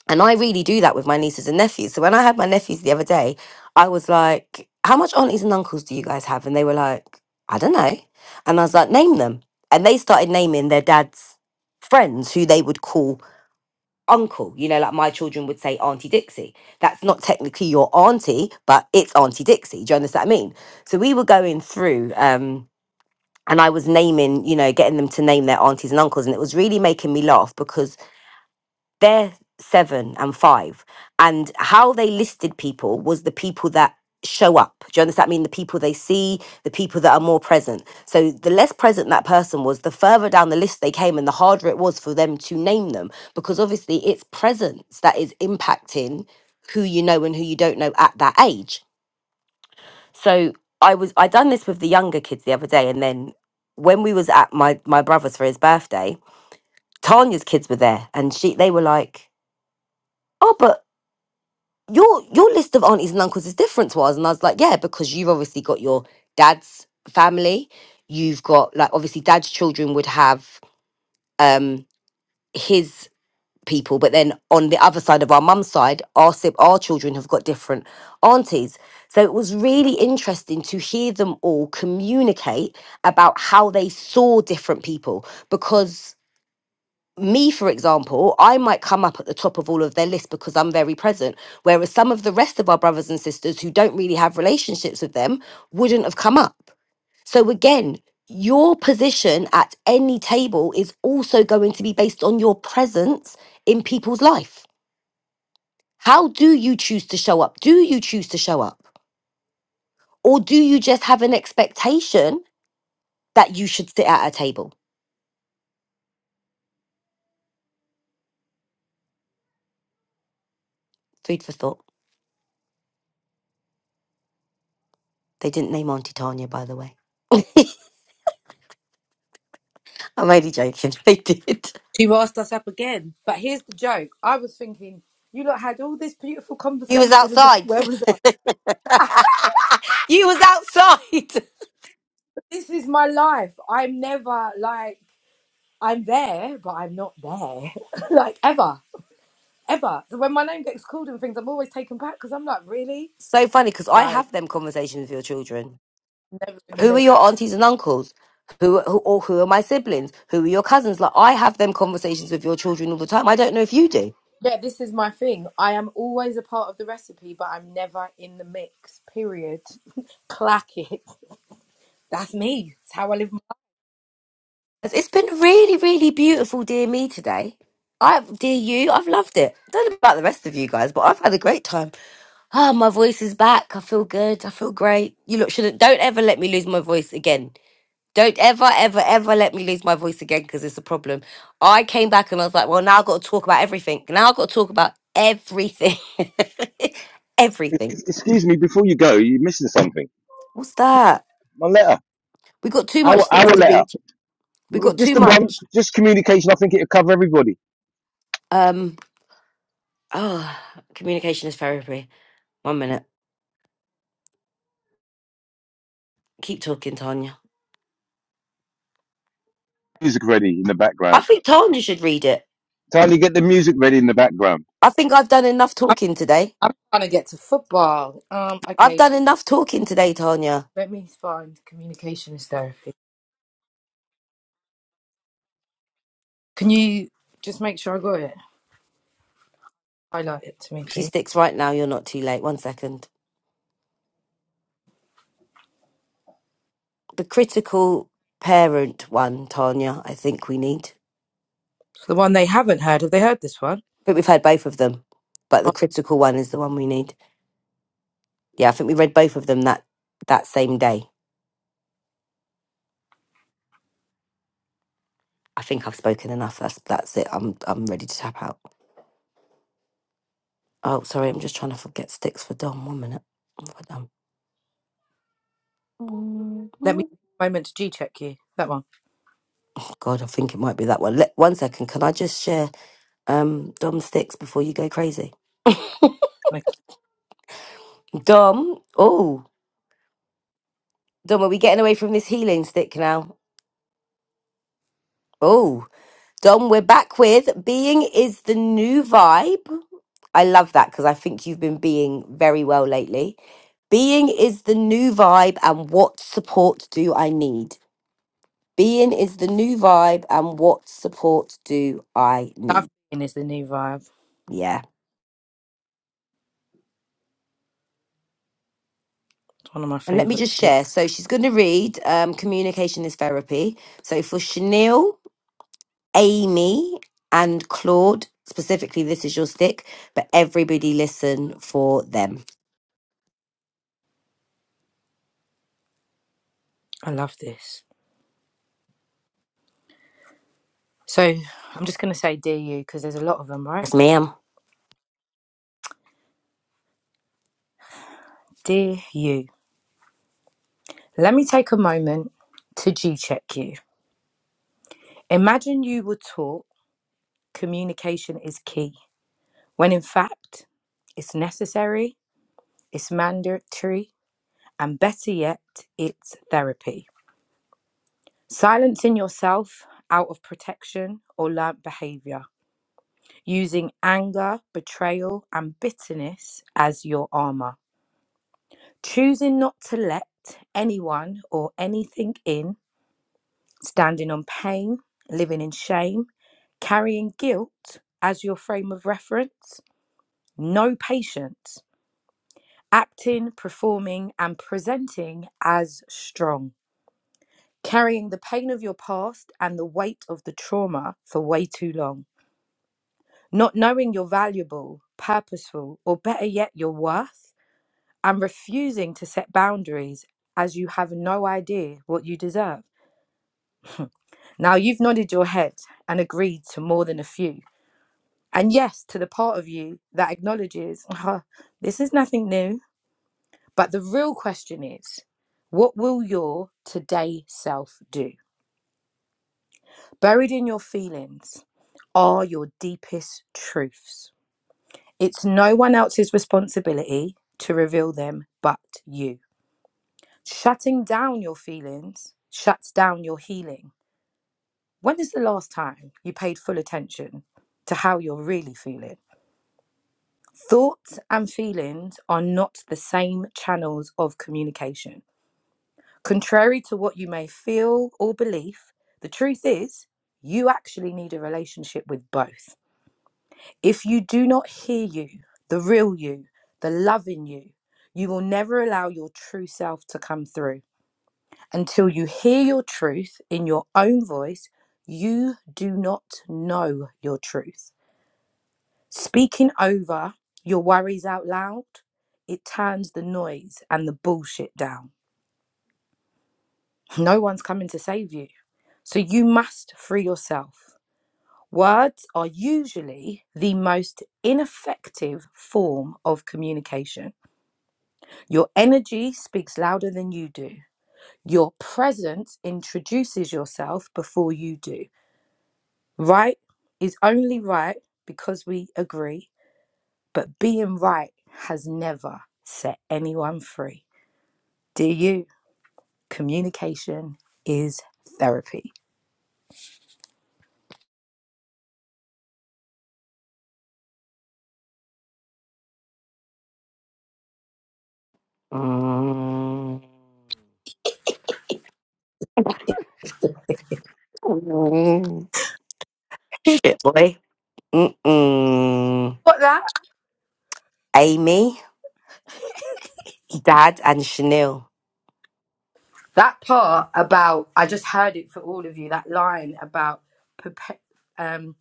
and I really do that with my nieces and nephews. So when I had my nephews the other day, I was like, How much aunties and uncles do you guys have? And they were like, I don't know. And I was like, Name them. And they started naming their dad's friends who they would call uncle. You know, like my children would say Auntie Dixie. That's not technically your auntie, but it's Auntie Dixie. Do you understand what I mean? So we were going through, um, and I was naming, you know, getting them to name their aunties and uncles. And it was really making me laugh because they're seven and five. And how they listed people was the people that show up. Do you understand? I mean, the people they see, the people that are more present. So the less present that person was, the further down the list they came and the harder it was for them to name them because obviously it's presence that is impacting who you know and who you don't know at that age. So I was I done this with the younger kids the other day and then when we was at my my brother's for his birthday, Tanya's kids were there and she they were like, "Oh, but your your list of aunties and uncles is different to ours. And I was like, yeah, because you've obviously got your dad's family. You've got like obviously dad's children would have um his people, but then on the other side of our mum's side, our sib- our children have got different aunties. So it was really interesting to hear them all communicate about how they saw different people because me, for example, I might come up at the top of all of their list because I'm very present. Whereas some of the rest of our brothers and sisters who don't really have relationships with them wouldn't have come up. So again, your position at any table is also going to be based on your presence in people's life. How do you choose to show up? Do you choose to show up? Or do you just have an expectation that you should sit at a table? Food for thought. They didn't name Auntie Tanya, by the way. I'm only joking. *laughs* They did. You asked us up again. But here's the joke. I was thinking, you lot had all this beautiful You was conversation and *laughs* outside. where was *laughs* I? you was outside. This is my life. I'm never like I'm there, but I'm not there. *laughs* like ever. Ever. So when my name gets called and things, I'm always taken back because I'm like, really? So funny because I Guys, have them conversations with your children. never in the Who are your mix. aunties and uncles? Who, who or who are my siblings? Who are your cousins? Like I have them conversations with your children all the time. I don't know if you do. Yeah, this is my thing. I am always a part of the recipe, but I'm never in the mix. Period. *laughs* Clack it. That's me. It's how I live. My- It's it's been really, really beautiful, dear me, today. I dear you, I've loved it. Don't know about the rest of you guys, but I've had a great time. Ah, my voice is back. I feel good. I feel great. You look shouldn't don't ever let me lose my voice again. Don't ever, ever, ever let me lose my voice again because it's a problem. I came back and I was like, well, now I've got to talk about everything. Now I've got to talk about everything. *laughs* Ex- everything. Excuse me, before you go, you're missing something. What's that? My letter, We got too much our our sticks to letter, read. We got just too the one, much. just communication. I think it'll cover everybody. Um, oh, communication is therapy. One minute. Keep talking, Tanya. Music ready in the background. I think Tanya should read it. Tiny, get the music ready in the background. I think I've done enough I'm, talking today. I'm trying to get to football. Um, I've okay. done enough talking today, Tanya. Let me find communication is therapy. Can you just make sure I got it? Highlight it to me, You please. sticks right now. You're not too late. One second. the critical parent one, Tanya, I think we need. The one they haven't heard. Have they heard this one? I think we've had both of them, but the Oh, critical one is the one we need. Yeah, I think we read both of them that that same day. I think I've spoken enough. That's that's it. I'm I'm ready to tap out. Oh, sorry, I'm just trying to forget sticks for Dom. One minute. For Dom. let me take a moment to G check you. That one. God, I think it might be that one. Let, one second. Can I just share um Dom sticks before you go crazy? Okay. Dom. Oh, Dom, are we getting away from this healing stick now? Dom, we're back with Being is the New Vibe. I love that because I think you've been being very well lately. Being is the new vibe, and what support do I need? Being is the new vibe, and what support do I Love need? Being is the new vibe. Yeah. It's one of my And let me favourite just share. sticks. So she's going to read um, Communication is Therapy. So for Chanel, Amy, and Claude, specifically, this is your stick, but everybody listen for them. I love this. So I'm just going to say Dear You because there's a lot of them, right? Yes, ma'am. Dear You. Let me take a moment to G check you. Imagine you were taught communication is key, when in fact, it's necessary, it's mandatory, and better yet, it's therapy. Silencing yourself out of protection or learnt behavior, using anger, betrayal, and bitterness as your armor, choosing not to let anyone or anything in, standing on pain, living in shame, carrying guilt as your frame of reference, no patience, acting, performing, and presenting as strong carrying the pain of your past and the weight of the trauma for way too long, not knowing you're valuable, purposeful, or better yet, your worth, and refusing to set boundaries as you have no idea what you deserve. Now, you've nodded your head and agreed to more than a few. And yes, to the part of you that acknowledges, "Huh, this is nothing new. But the real question is, what will your today self do? Buried in your feelings are your deepest truths. It's no one else's responsibility to reveal them but you. Shutting down your feelings shuts down your healing. When is the last time you paid full attention to how you're really feeling? Thoughts and feelings are not the same channels of communication. Contrary to what you may feel or believe, the truth is you actually need a relationship with both. If you do not hear you, the real you, the loving you, you will never allow your true self to come through. Until you hear your truth in your own voice, you do not know your truth. Speaking over your worries out loud, it turns the noise and the bullshit down. No one's coming to save you. So you must free yourself. Words are usually the most ineffective form of communication. Your energy speaks louder than you do. Your presence introduces yourself before you do. Right is only right because we agree, but being right has never set anyone free. Do you? Communication is therapy. Mm. Mm. You Shit, boy. Mm-mm. got that? Amy, *laughs* Dad, and Chanel. that part about I just heard it for all of you. That line about perpe- um,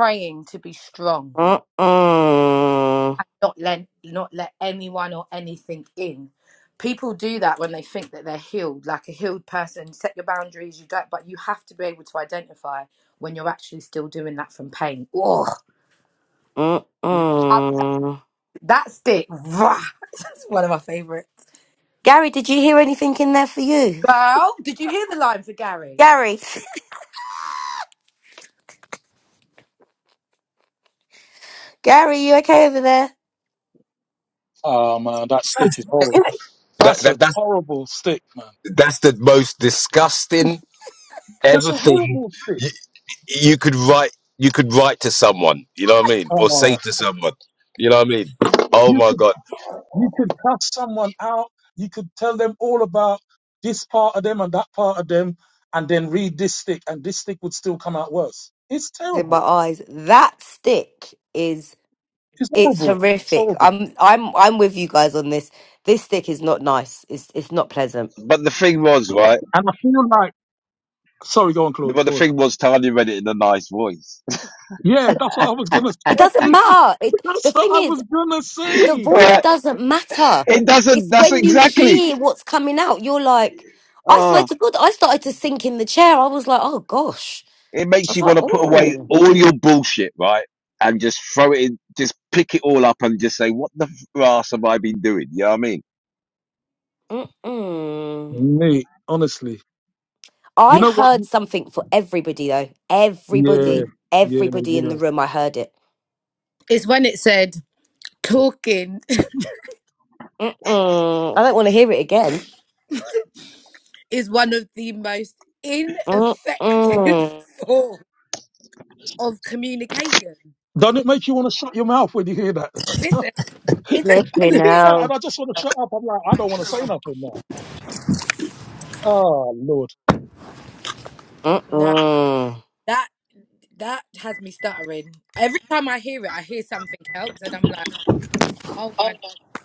portraying to be strong Mm-mm. not let not let anyone or anything in. People do that when they think that they're healed, like a healed person. Set your boundaries. You don't, but you have to be able to identify when you're actually still doing that from pain. Oh, love Mm-mm. that stick. Rah. *laughs* That's one of my favorites. Gary, did you hear anything in there for you? Girl, did you hear the line for Gary? Gary, *laughs* Gary, you okay over there? Oh man, that stick is horrible. That, That's a that that's horrible stick, man. that's the most disgusting That's ever a thing horrible stick. you, you could write. You could write to someone. You know what I mean, or say Oh, to someone. You know what I mean. Oh you my could god. you could cast someone out. You could tell them all about this part of them and that part of them, and then read this stick, and this stick would still come out worse. It's In my terrible. eyes, that stick is It's it's horrible. It's horrific. horrible. I'm I'm I'm with you guys on this. This stick is not nice. It's it's not pleasant. But the thing was, right? And I feel like sorry, go on, Claude. But the Go on. thing was, Tanya read it in a nice voice. Yeah, that's what I was gonna It doesn't say. *laughs* matter. It that's the what thing I is, was gonna the *laughs* say. voice Right? doesn't matter. It It's doesn't. That's when you exactly. hear what's coming out, you're like, I swear Oh, to God, I started to sink in the chair. I was like, oh gosh. it I makes was you like, want to put away oh, all your bullshit, right? And just throw it in, just pick it all up and just say, what the ass have I been doing? You know what I mean? mm-mm. Mate, honestly, you I know what? heard something for everybody though. Mm. Yeah, Everybody, yeah, everybody in yeah. the room, I heard it. It's when it said talking Mm-mm. I don't want to hear it again. *laughs* is one of the most ineffective Mm-mm. *laughs* form of communication. does not it make you want to shut your mouth when you hear that? *laughs* Listen, it doesn't matter. Flipping you Listen. hear that, and hell. I just want to shut up. I'm like, I don't want to say nothing now. Oh Lord. No. Mm-mm. That that has me stuttering. Every time I hear it, I hear something else, and I'm like, oh my,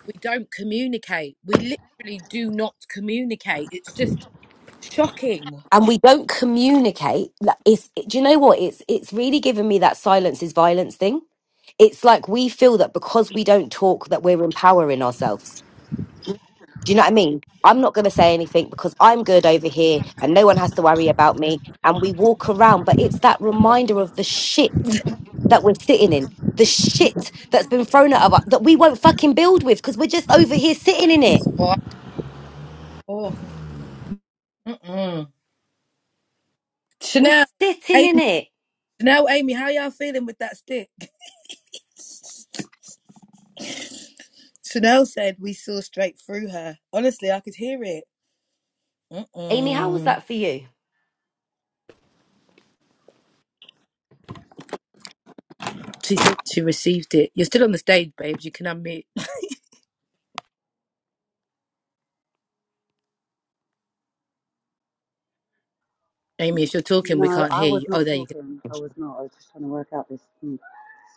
we don't communicate. We literally do not communicate. It's just shocking. and we don't communicate like, it's do you know what it's it's really given me that silence is violence thing it's like we feel that because we don't talk that we're empowering ourselves do you know what i mean i'm not going to say anything because i'm good over here and no one has to worry about me and we walk around but it's that reminder of the shit that we're sitting in the shit that's been thrown at us that we won't fucking build with because we're just over here sitting in it It's vile. Oh, mm-mm. we're Chanel, sitting in Amy, it Chanel, Amy, how y'all feeling with that stick? Chanel said we saw straight through her. Honestly, I could hear it. amy how was Mm-mm. that for you She said she received it. You're still on the stage, babes. You can unmute. Amy, if you're talking, we No, can't I hear was you. Oh, not there you talking. I was not. I was just trying to work out this mm,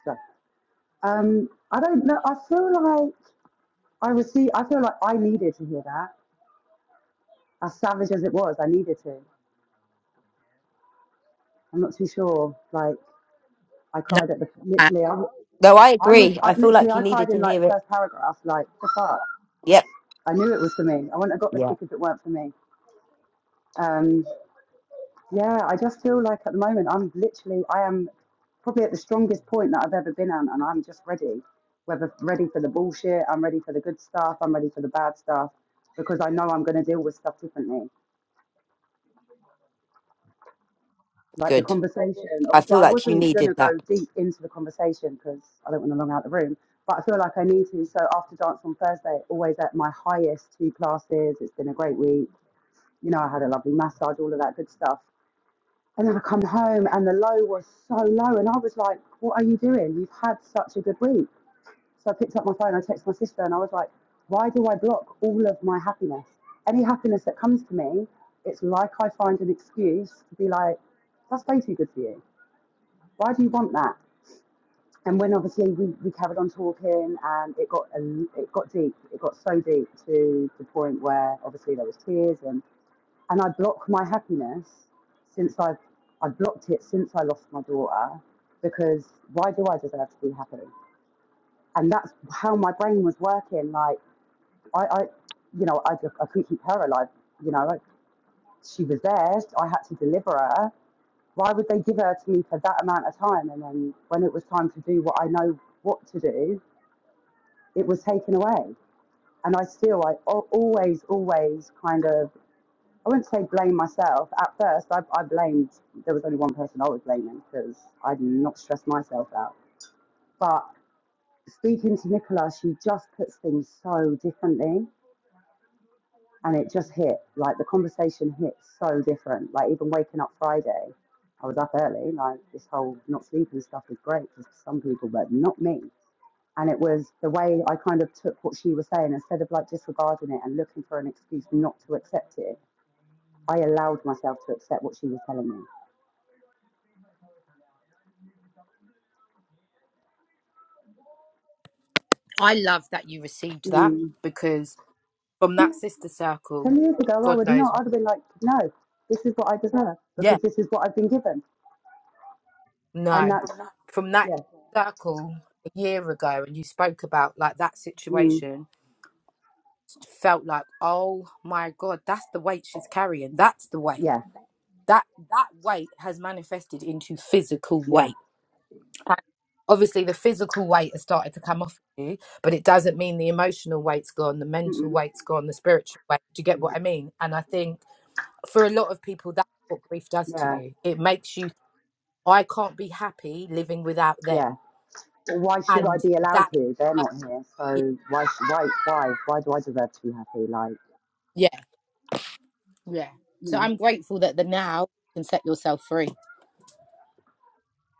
stuff. Um, I don't know. I feel like I received. I feel like I needed to hear that. As savage as it was, I needed to. I'm not too sure. Like I go. cried at the No. literally. I I No, I was agree. I, I feel literally like you I cried needed to in like the hear it. first paragraph. Like the fuck. Yep. I knew it was for me. I wouldn't have got the Yeah. stick if it weren't for me. Um, Yeah, I just feel like at the moment I'm literally I am probably at the strongest point that I've ever been at, and I'm just ready. Whether ready for the bullshit, I'm ready for the good stuff, I'm ready for the bad stuff, because I know I'm going to deal with stuff differently. Like the Good. conversation, I obviously feel I like you wasn't going needed to that. go deep into the conversation because I don't want to long out the room, but I feel like I need to. So after dance on Thursday, always at my highest two classes. It's been a great week. You know, I had a lovely massage, all of that good stuff. And then I come home and the low was so low. And I was like, what are you doing? You've had such a good week. So I picked up my phone, I texted my sister, and I was like, why do I block all of my happiness? Any happiness that comes to me, it's like I find an excuse to be like, that's way too good for you. Why do you want that? And when obviously we, we carried on talking and it got it got deep. It got so deep to the point where obviously there was tears and and I block my happiness since I've I blocked it since I lost my daughter because why do I deserve to be happy? And that's how my brain was working. Like I, I you know, I just I couldn't keep her alive. You know, like, she was theirs. I had to deliver her. Why would they give her to me for that amount of time? And then when it was time to do what I know what to do, it was taken away. And I still, I always, always kind of I wouldn't say blame myself. At first, I, I blamed, there was only one person I was blaming because I'd not stressed myself out. But speaking to Nicola, she just puts things so differently and it just hit. Like the conversation hit so different. Like even waking up Friday, I was up early. Like this whole not sleeping stuff is great for some people, but not me. And it was the way I kind of took what she was saying instead of like disregarding it and looking for an excuse not to accept it. I allowed myself to accept what she was telling me I love that you received that Mm. because from *laughs* that sister Ten circle, years ago, I God would not. knows, I'd have been like, no, this is what I deserve yeah, because this is what I've been given, and no, that's from that yeah, circle a year ago, and you spoke about like that mm, situation, felt like, oh my God, that's the weight she's carrying. That's the weight. yeah, That that weight has manifested into physical yeah, weight. And Obviously, the physical weight has started to come off you, but it doesn't mean the emotional weight's gone, the mental mm-mm, weight's gone, the spiritual weight. Do you get yeah, what I mean? And I think for a lot of people, that's what grief does to yeah, you. It makes you, I can't be happy living without them. yeah. Well, why should I And be allowed that, to? They're not here, yeah, so why, sh- why, why, why do I deserve to be happy? Like, yeah. yeah. you So I'm know, grateful that the now you can set yourself free.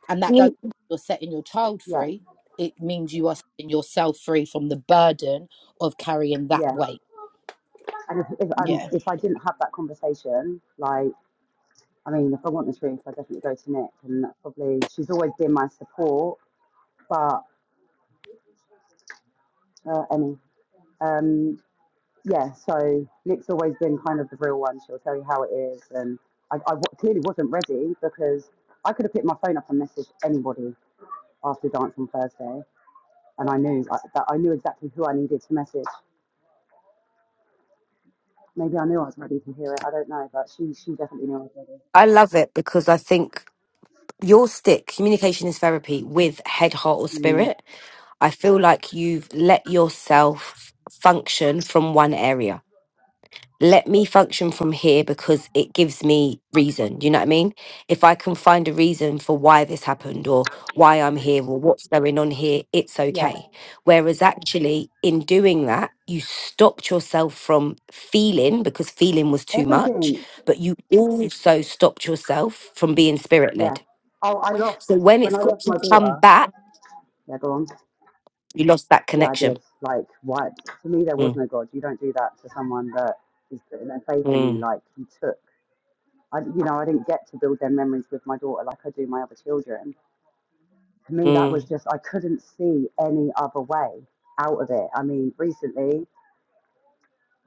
And that does, Mm. you're setting your child yeah, free. It means you are setting yourself free from the burden of carrying that yeah. weight. And if if, um, Yeah. if I didn't have that conversation, like, I mean, if I want the truth, I definitely go to Nick, and that's probably she's always been my support, but uh, any. Um, yeah, so Nick's always been kind of the real one. She'll tell you how it is. And I, I w- clearly wasn't ready because I could have picked my phone up and messaged anybody after dance on Thursday. And I knew I- that I knew exactly who I needed to message. Maybe I knew I was ready to hear it. I don't know, but she she definitely knew I was ready. I love it because I think your stick, communication is therapy with head, heart, or Mm. spirit. I feel like you've let yourself function from one area. let me function from here because it gives me reason. Do you know what I mean? If I can find a reason for why this happened or why I'm here or what's going on here, it's Yeah, okay. Whereas actually, in doing that, you stopped yourself from feeling because feeling was too much, everything. but you also stopped yourself from being spirit Yeah. led. Oh, I lost So when when it's I got lost my to come daughter. back, Yeah, go on. you lost that Yeah, I connection. did. Like, what? To me, there was Mm, no God. You don't do that to someone that is putting their faith in you. mm, Like, you took I, you know, I didn't get to build their memories with my daughter like I do my other children. To me, that mm. was just I couldn't see any other way out of it. I mean, recently,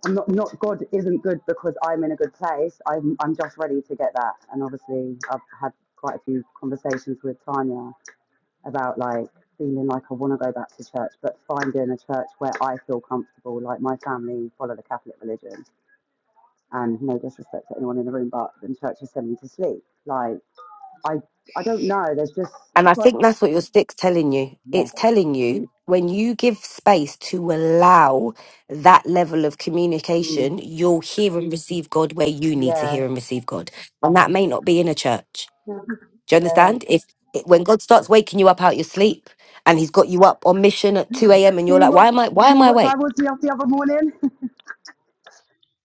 I'm not not God isn't good because I'm in a good place. I'm I'm just ready to get that. And obviously, I've had quite a few conversations with Tanya about like feeling like I want to go back to church, but finding a church where I feel comfortable. Like my family follow the Catholic religion, and no disrespect to anyone in the room, but the church has sent me to sleep. Like I I don't know. There's just And I it's like think that's what your stick's telling you. yeah, It's telling you when you give space to allow that level of mm, communication, you'll hear and receive God where you need to yeah, hear and receive God. And that may not be in a church. Do you yeah. understand? If when God starts waking you up out your sleep and he's got you up on mission at 2 a.m. and you're See like, what why am I why am see I what awake? time was the off the other morning? *laughs*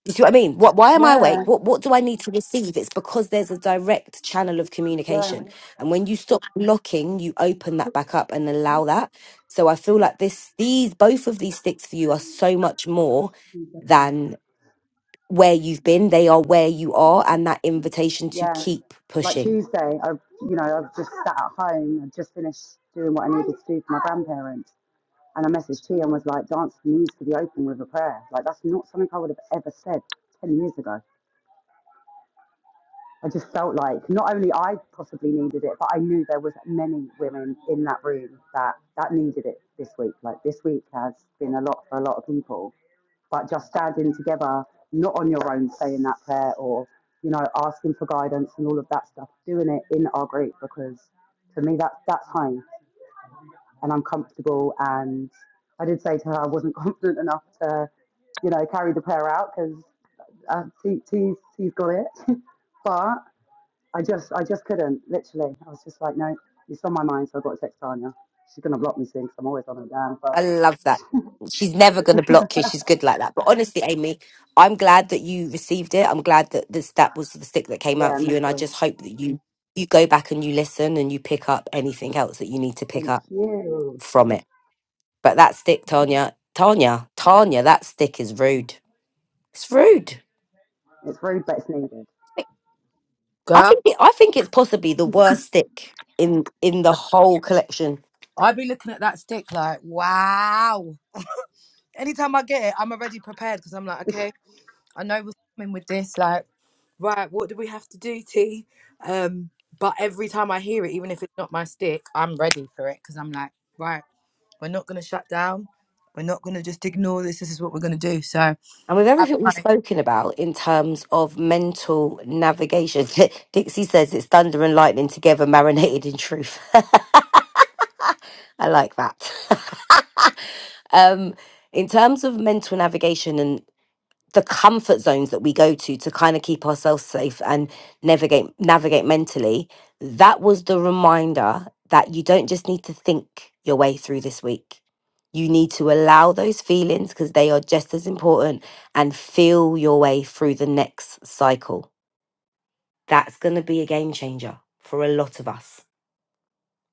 You see what I mean? What, why am I yeah, awake? What, what do I need to receive? It's because there's a direct channel of yeah, communication. And when you stop blocking, you open that back up and allow that. So I feel like this, these, both of these sticks for you are so much more than where you've been. They are where you are and that invitation to yeah. keep Like pushing. Tuesday, I you know I've just sat at home. I just finished doing what I needed to do for my grandparents, and I messaged T and was like, "Dance for me to be open with a prayer." Like that's not something I would have ever said ten years ago. I just felt like not only I possibly needed it, but I knew there was many women in that room that that needed it this week. Like this week has been a lot for a lot of people, but just standing together, not on your own, saying that prayer or you know asking for guidance and all of that stuff, doing it in our group because for me that that's home and I'm comfortable. And I did say to her I wasn't *laughs* confident enough to you know carry the prayer out because uh, she, she's she's got it, *laughs* but I just, I just couldn't. Literally, I was just like, no, it's on my mind, so I've got to text Tanya. She's gonna block me soon because 'cause I'm always on her damn I phone. love that. She's never going to block you. She's good like that. But honestly, Amy, I'm glad that you received it. I'm glad that this that was the stick that came out Yeah, for you, no and I problem. just hope that you you go back and you listen and you pick up anything else that you need to pick Thank up you. from it. But that stick, Tanya, Tanya, Tanya, that stick is *sighs* rude. It's rude. It's rude, but it's needed. I Girl, think it, I think it's possibly the worst stick in in the whole collection. I'd be looking at that stick like, wow. Anytime I get it, I'm already prepared because I'm like, *laughs* okay, I know was coming with this, like, right, what do we have to do, T? Um, but every time I hear it, even if it's not my stick, I'm ready for it because I'm like, right, we're not gonna shut down. We're not gonna just ignore this. This is what we're gonna do. So, I'm And with everything we've like, spoken about in terms of mental navigation, *laughs* Dixie says it's thunder and lightning together, marinated in truth. *laughs* I like that. *laughs* um, in terms of mental navigation and the comfort zones that we go to to kind of keep ourselves safe and navigate navigate mentally that was the reminder that you don't just need to think your way through this week you need to allow those feelings because they are just as important and feel your way through the next cycle that's going to be a game changer for a lot of us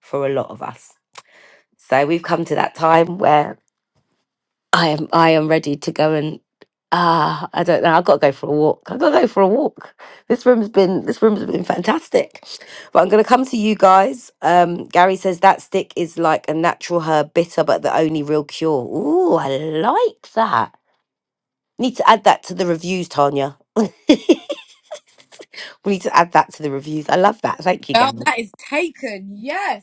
for a lot of us so we've come to that time where. I am I am ready to go and ah I don't know I've got to go for a walk I've got to go for a walk this room's been this room's been fantastic but I'm gonna come to you guys um Gary says that stick is like a natural herb bitter but the only real cure ooh I like that need to add that to the reviews Tanya *laughs* we need to add that to the reviews I love that thank you Well, Gary that is taken.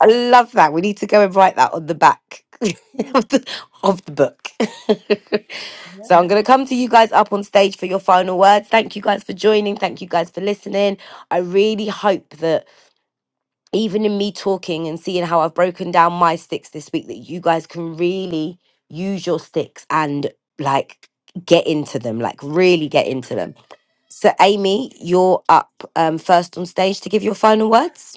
I love that. We need to go and write that on the back *laughs* Mm. of the, of the book. *laughs* yeah. so I'm going to come to you guys up on stage for your final words. Thank you guys for joining. Thank you guys for listening. I really hope that even in me talking and seeing how I've broken down my sticks this week, that you guys can really use your sticks and like get into them, like really get into them. So, Amy, you're up um, first on stage to give your final words.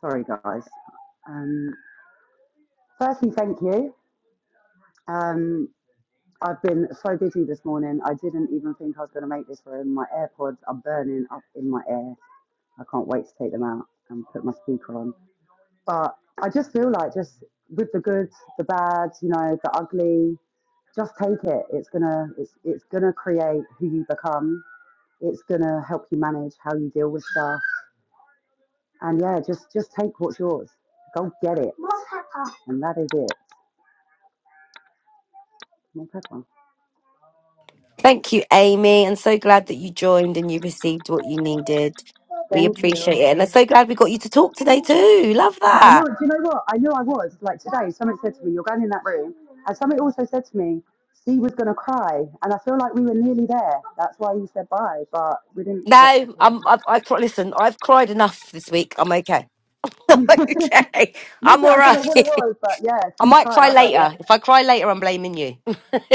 Sorry, guys. Um, firstly, thank you. Um, I've been so busy this morning. I didn't even think I was going to make this room. My AirPods are burning up in my ear. I can't wait to take them out and put my speaker on. But I just feel like just with the good, the bad, you know, the ugly, just take it. It's gonna it's it's gonna create who you become. It's gonna help you manage how you deal with stuff. And yeah, just just take what's yours. Go get it. More pepper. And that is it. more pepper. Thank you, Amy. And so glad that you joined and you received what you needed. We Thank appreciate it. you. And I'm so glad we got you to talk today, too. Love And I knew, that. it. do you know what? I knew I was. Like today, someone said to me, You're going in that room. And someone also said to me, Steve was going to cry. And I feel like we were nearly there. That's why he said bye, but we didn't get the No, I'm, I've, I, cr- listen, I've cried enough this week. I'm okay. *laughs* I'm call. okay. *laughs* I'm Literally, all I don't know right. what it *laughs* was, but yeah, I Steve might cried. cry I was like, Yeah, later. If I cry later, I'm blaming you.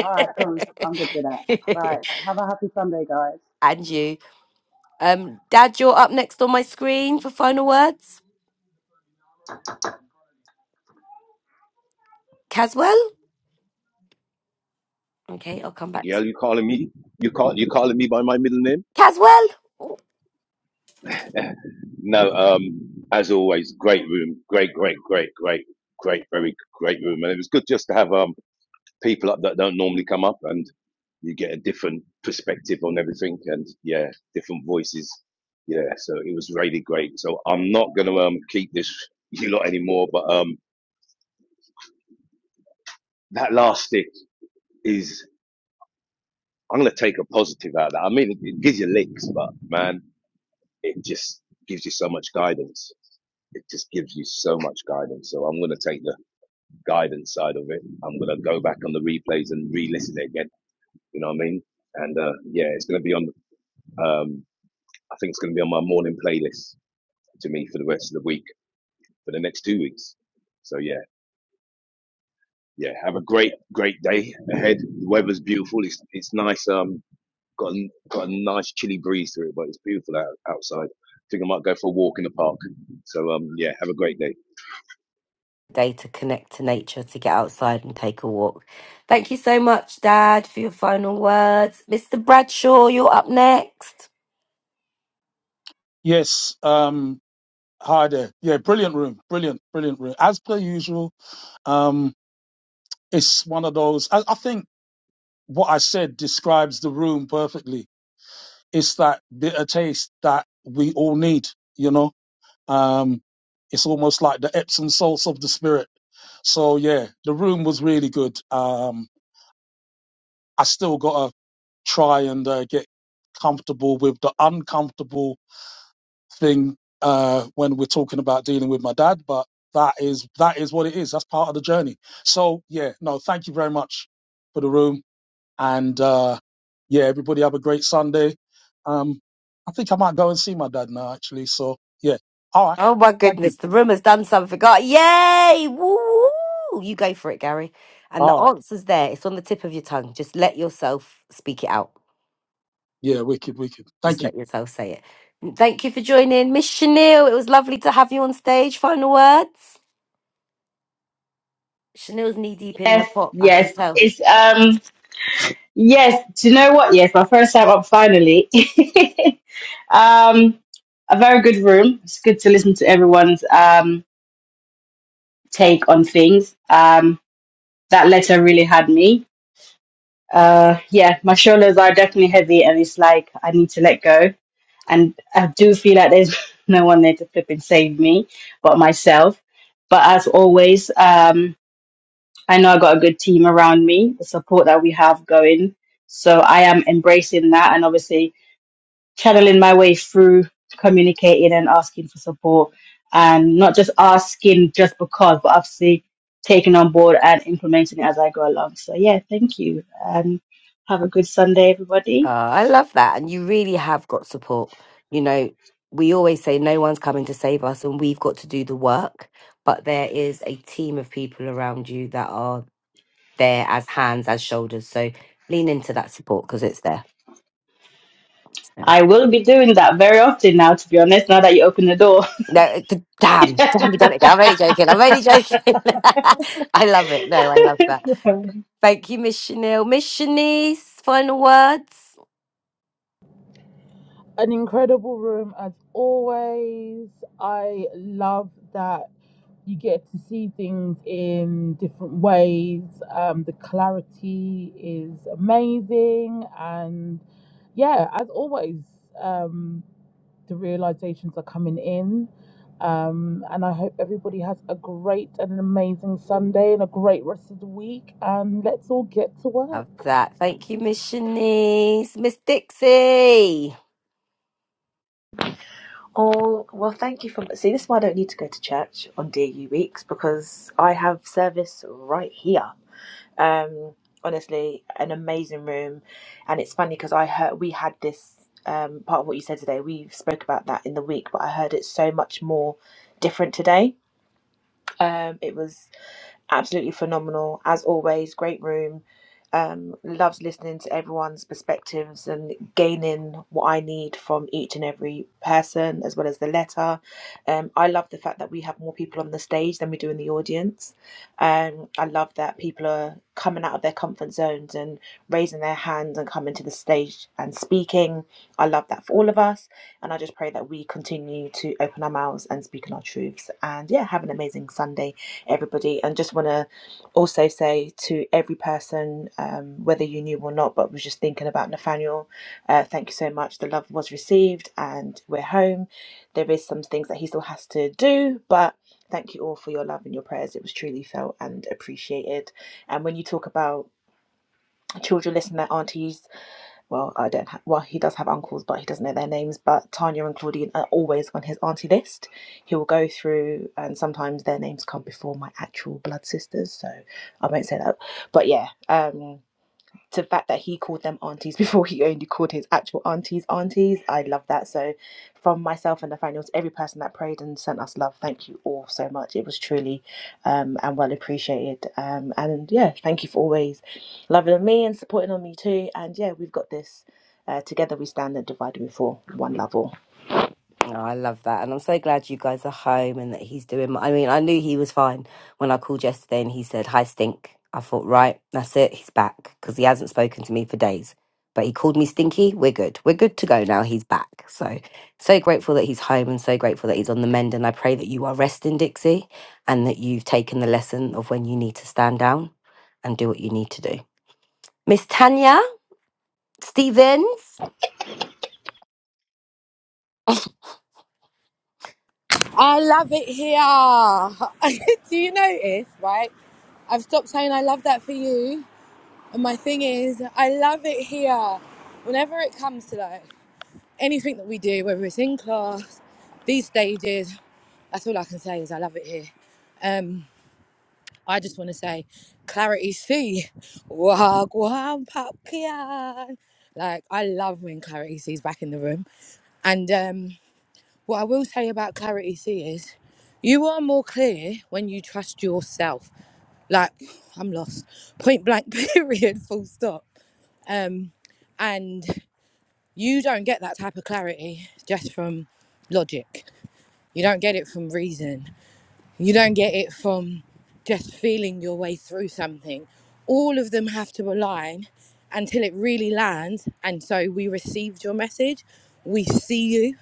all right, cool. I'm good with that. Right. Have a happy Sunday, guys. *laughs* and you. Um, Dad, you're up next on my screen for final words. Caswell? Okay, I'll come back. Yeah, you calling me? You call you calling me by my middle name? Caswell? No. Um, as always, great room, great, great, great, great, great, very great room, and it was good just to have. um. people up that don't normally come up, and you get a different perspective on everything, and yeah, different voices. Yeah, so it was really great. So I'm not gonna um keep this *laughs* you lot anymore, but um that last stick is I'm gonna take a positive out of that. I mean, it, it gives you licks, but man, it just gives you so much guidance. It just gives you so much guidance. So I'm gonna take the guidance side of it. I'm gonna go back on the replays and re-listen it again. You know what I mean? And uh, yeah, it's gonna be on. Um, I think it's going to be on my morning playlist to me for the rest of the week, for the next two weeks. So yeah, yeah. Have a great, great day ahead. The weather's beautiful. It's it's nice. Um, got a, got a nice chilly breeze through it, but it's beautiful out, outside. I think I might go for a walk in the park. So um, yeah. Have a great day. Day to connect to nature, to get outside and take a walk. Thank you so much, Dad, for your final words. Mr. Bradshaw, you're up next. Yes. Um. Hi there. Yeah. Brilliant room. Brilliant. Brilliant room. As per usual. Um. It's one of those. I, I think what I said describes the room perfectly. It's that bitter taste that we all need. You know. Um. It's almost like the Epsom salts of the spirit. So yeah, the room was really good. Um I still got to try and uh, get comfortable with the uncomfortable thing uh, when we're talking about dealing with my dad. But that is that is what it is. That's part of the journey. So yeah, no, thank you very much for the room, and uh, yeah, everybody have a great Sunday. Um, I think I might go and see my dad now, actually. So yeah, all right, Oh my thank goodness, you. the room has done something. Oh, yay! Woo! You go for it, Gary. And the All right, answer's there. It's on the tip of your tongue. Just let yourself speak it out. yeah, wicked, wicked. Just Thank you. let yourself say it. And Thank you for joining. Miss Chanel, it was lovely to have you on stage. Final words? Chanel's knee deep in her Yes, pot, I can yes. tell. It's um yes, do you know what? Yes, my first time up finally. *laughs* um a very good room. It's good to listen to everyone's um take on things. Um that letter really had me. Uh yeah, my shoulders are definitely heavy and it's like I need to let go. And I do feel like there's *laughs* no one there to flip and save me but myself. But as always, um. I know I got a good team around me, the support that we have going. So I am embracing that and obviously channeling my way through communicating and asking for support and not just asking just because, but obviously taking on board and implementing it as I go along. So yeah, thank you and have a good Sunday, Uh, everybody. I love that. And you really have got support. You know, we always say no one's coming to save us and we've got to do the work, but there is a team of people around you that are there as hands, as shoulders. So lean into that support because it's there. Yeah. I will be doing that very often now, to be honest, now that you open the door. No, it- d- damn, damn, we done it. again. I'm only joking. I'm only joking. *laughs* I love it. No, I love that. *laughs* Thank you, Miss Chanel. Miss Shanice, final words. an incredible room as always. I love that you get to see things in different ways. Um, the clarity is amazing, and yeah, as always, um, the realizations are coming in. Um, and I hope everybody has a great and an amazing Sunday and a great rest of the week. And let's all get to Love work. that. Thank you, Miss Shanice. Miss Dixie. Oh, well, thank you for. See, this is why I don't need to go to church on DU weeks because I have service right here. um honestly an amazing room and it's funny because i heard we had this um part of what you said today we spoke about that in the week but i heard it so much more different today um it was Absolutely phenomenal. As always, great room. Um, loves listening to everyone's perspectives and gaining what I need from each and every person, as well as the letter. Um, I love the fact that we have more people on the stage than we do in the audience. Um, I love that people are coming out of their comfort zones and raising their hands and coming to the stage and speaking. I love that for all of us. And I just pray that we continue to open our mouths and speak in our truths. And yeah, have an amazing Sunday everybody and just want to also say to every person um, whether you knew or not but was just thinking about nathaniel uh, thank you so much the love was received and we're home there is some things that he still has to do but thank you all for your love and your prayers it was truly felt and appreciated and when you talk about children listening at aunties well, I don't. have. well, he does have uncles, but he doesn't know their names. But Tanya and Claudine are always on his auntie list. He will go through, and sometimes their names come before my actual blood sisters, so I won't say that. But yeah, um, to the fact that he called them aunties *laughs* before he only called his actual aunties aunties. I love that. So, from myself and Nathaniel to every person that prayed and sent us love, thank you all so much. It was truly um, and well appreciated. Um, and yeah, thank you for always loving on me and supporting on me too. And yeah, we've got this. Uh, together we stand and divided before One love all. No, I love that. And I'm so glad you guys are home and that he's doing. I mean, I knew he was fine when I called yesterday and he said, Hi, stink. I thought, right, that's it. He's back because he hasn't spoken to me for days. But he called me stinky. We're good. We're good to go now. He's back. So, so grateful that he's home and so grateful that he's on the mend. And I pray that you are resting, Dixie, and that you've taken the lesson of when you need to stand down and do what you need to do. Miss Tanya Stevens, I love it here. *laughs* Do you notice, right? I've stopped saying I love that for you. And my thing is, I love it here. Whenever it comes to that. anything that we do, whether it's in class, these stages, that's all I can say is I love it here. Um, I just want to say, Clarity C, Wagwan Papian. Like, I love when Clarity C's back in the room. And um, what I will say about Clarity C is, you are more clear when you trust yourself. Like, I'm lost. Point blank, *laughs* period, full stop. Um, and you don't get that type of clarity just from logic. You don't get it from reason. You don't get it from just feeling your way through something. All of them have to align until it really lands. And so we received your message. We see you.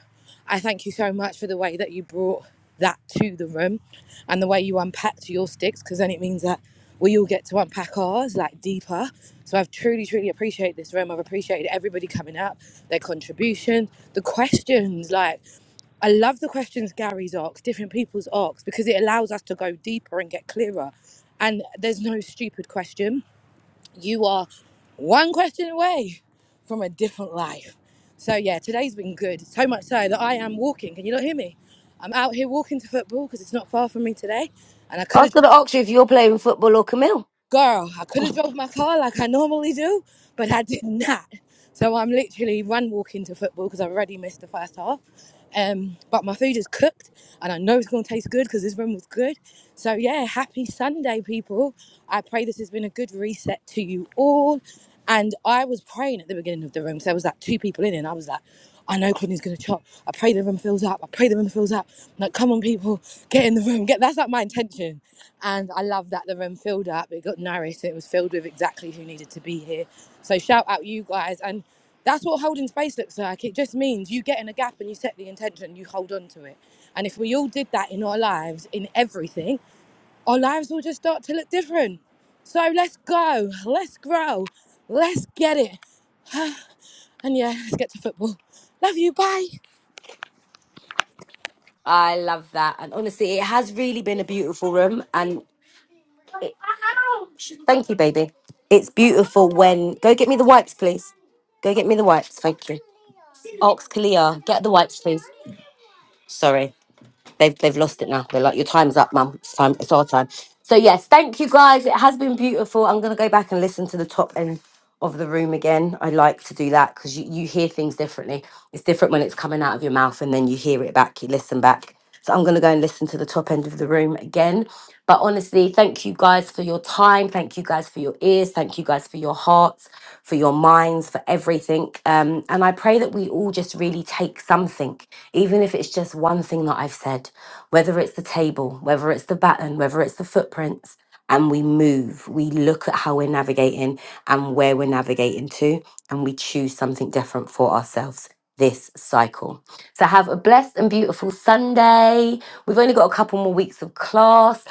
I thank you so much for the way that you brought that to the room and the way you unpacked your sticks because then it means that we all get to unpack ours like deeper. So I've truly, truly appreciated this room. I've appreciated everybody coming up, their contribution, the questions. Like, I love the questions Gary's asked, different people's asked, because it allows us to go deeper and get clearer. And there's no stupid question you are one question away from a different life. So yeah, today's been good. So much so that I am walking. Can you not hear me? I'm out here walking to football because it's not far from me today, and I I could was have, going to ask you if you're playing football or Camille. girl, I could have drove my car like I normally do, but I did *laughs* not. So I'm literally run walking to football because I've already missed the first half. Um, but my food is cooked, and I know it's going to taste good because this room was good. So yeah, happy Sunday, people. I pray this has been a good reset to you all. And I was praying at the beginning of the room, so there was like two people in, it, and I was like, I know Courtney's gonna chop. I pray the room fills up. I pray the room fills up. I'm like, come on, people, get in the room. Get that's like my intention. And I love that the room filled up. It got nourished. It was filled with exactly who needed to be here. So shout out you guys and. That's what holding space looks like. It just means you get in a gap and you set the intention, you hold on to it. And if we all did that in our lives, in everything, our lives will just start to look different. So let's go, let's grow, let's get it. *sighs* And yeah, let's get to football. Love you, bye. I love that. And honestly, it has really been a beautiful room. And it, thank you, baby. It's beautiful when. Go get me the wipes, please. Go get me the wipes. Thank you. Ox Kalia, get the wipes, please. Sorry. They've they've lost it now. They're like, your time's up, mum. It's time. It's our time. So yes, thank you guys. It has been beautiful. I'm gonna go back and listen to the top end of the room again. I like to do that because you, you hear things differently. It's different when it's coming out of your mouth and then you hear it back, you listen back. So I'm gonna go and listen to the top end of the room again. But honestly, thank you guys for your time. Thank you guys for your ears. Thank you guys for your hearts, for your minds, for everything. Um, and I pray that we all just really take something, even if it's just one thing that I've said whether it's the table, whether it's the baton, whether it's the footprints, and we move. We look at how we're navigating and where we're navigating to, and we choose something different for ourselves this cycle. So have a blessed and beautiful Sunday. We've only got a couple more weeks of class.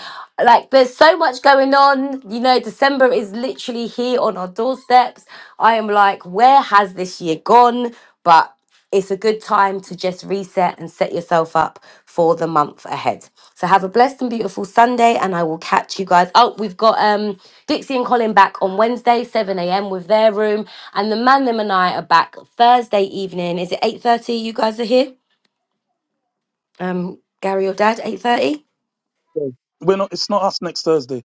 Like there's so much going on. You know, December is literally here on our doorsteps. I am like, where has this year gone? But it's a good time to just reset and set yourself up for the month ahead. So have a blessed and beautiful Sunday, and I will catch you guys. Oh, we've got um Dixie and Colin back on Wednesday, 7 a.m. with their room. And the man them and I are back Thursday evening. Is it 8:30? You guys are here? Um, Gary or Dad, 8:30? Yeah. We're not. It's not us next Thursday.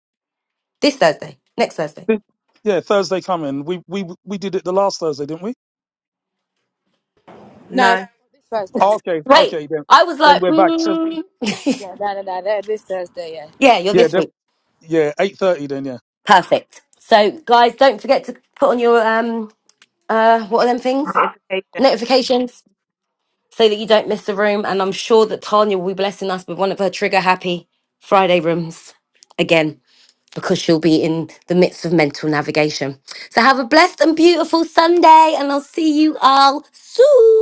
This Thursday. Next Thursday. Thi- Yeah, Thursday coming. We we we did it the last Thursday, didn't we? No, Nice. this Thursday. Oh, okay, Wait. okay, then I was then like, we're back. So mm. *laughs* Yeah, no, no, no, no, this Thursday, yeah. yeah, you're yeah, this week. then yeah, eight thirty then. Yeah. Perfect. So, guys, don't forget to put on your um uh what are them things notifications so that you don't miss the room. And I'm sure that Tanya will be blessing us with one of her trigger happy Friday rooms again because she'll be in the midst of mental navigation. So have a blessed and beautiful Sunday, and I'll see you all soon.